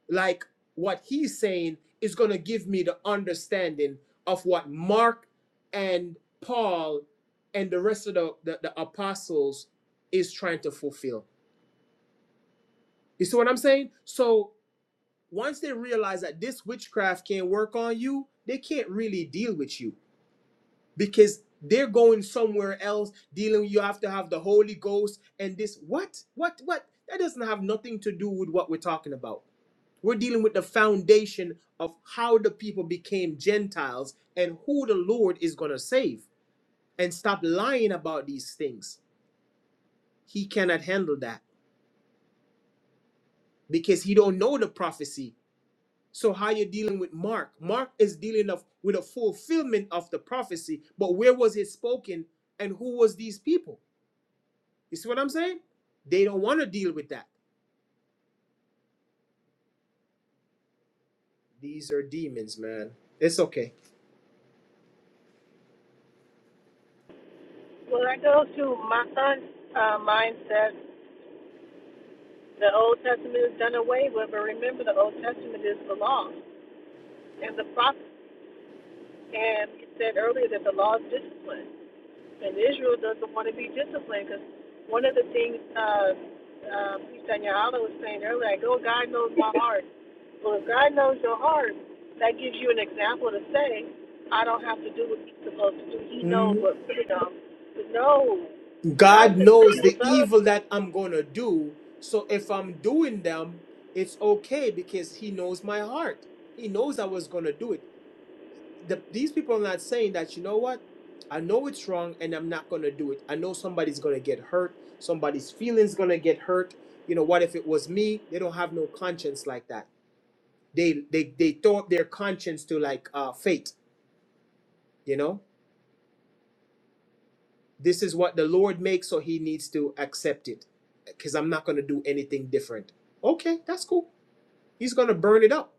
Speaker 1: like what he's saying is going to give me the understanding of what mark and paul and the rest of the, the, the apostles is trying to fulfill you see what i'm saying so once they realize that this witchcraft can't work on you they can't really deal with you because they're going somewhere else dealing you have to have the holy ghost and this what what what that doesn't have nothing to do with what we're talking about We're dealing with the foundation of how the people became Gentiles and who the Lord is going to save. And stop lying about these things. He cannot handle that because he don't know the prophecy. So how you dealing with Mark? Mark is dealing of, with a fulfillment of the prophecy, but where was it spoken and who was these people? You see what I'm saying? They don't want to deal with that. These are demons, man. It's okay.
Speaker 2: When I go to my son's uh, mindset, the Old Testament is done away with, but remember the Old Testament is the law and the prophets. And you said earlier that the law is discipline, and Israel doesn't want to be disciplined because one of the things uh, uh, Pisanya Allah was saying earlier, like, oh, God knows my heart. Well, if God knows your heart, that gives you an example to say, I don't have to do what he's supposed to do. He knows what's good enough. But no, God
Speaker 1: God
Speaker 2: said,
Speaker 1: knows
Speaker 2: you
Speaker 1: the
Speaker 2: love
Speaker 1: evil that I'm going to do. So if I'm doing them, it's okay because He knows my heart. He knows I was going to do it. The, these people are not saying that, you know what? I know it's wrong and I'm not going to do it. I know somebody's going to get hurt. Somebody's feelings going to get hurt. You know, what if it was me? They don't have no conscience like that. They they they throw up their conscience to like uh, fate, you know? This is what the Lord makes, so he needs to accept it because I'm not going to do anything different. Okay, that's cool. He's going to burn it up.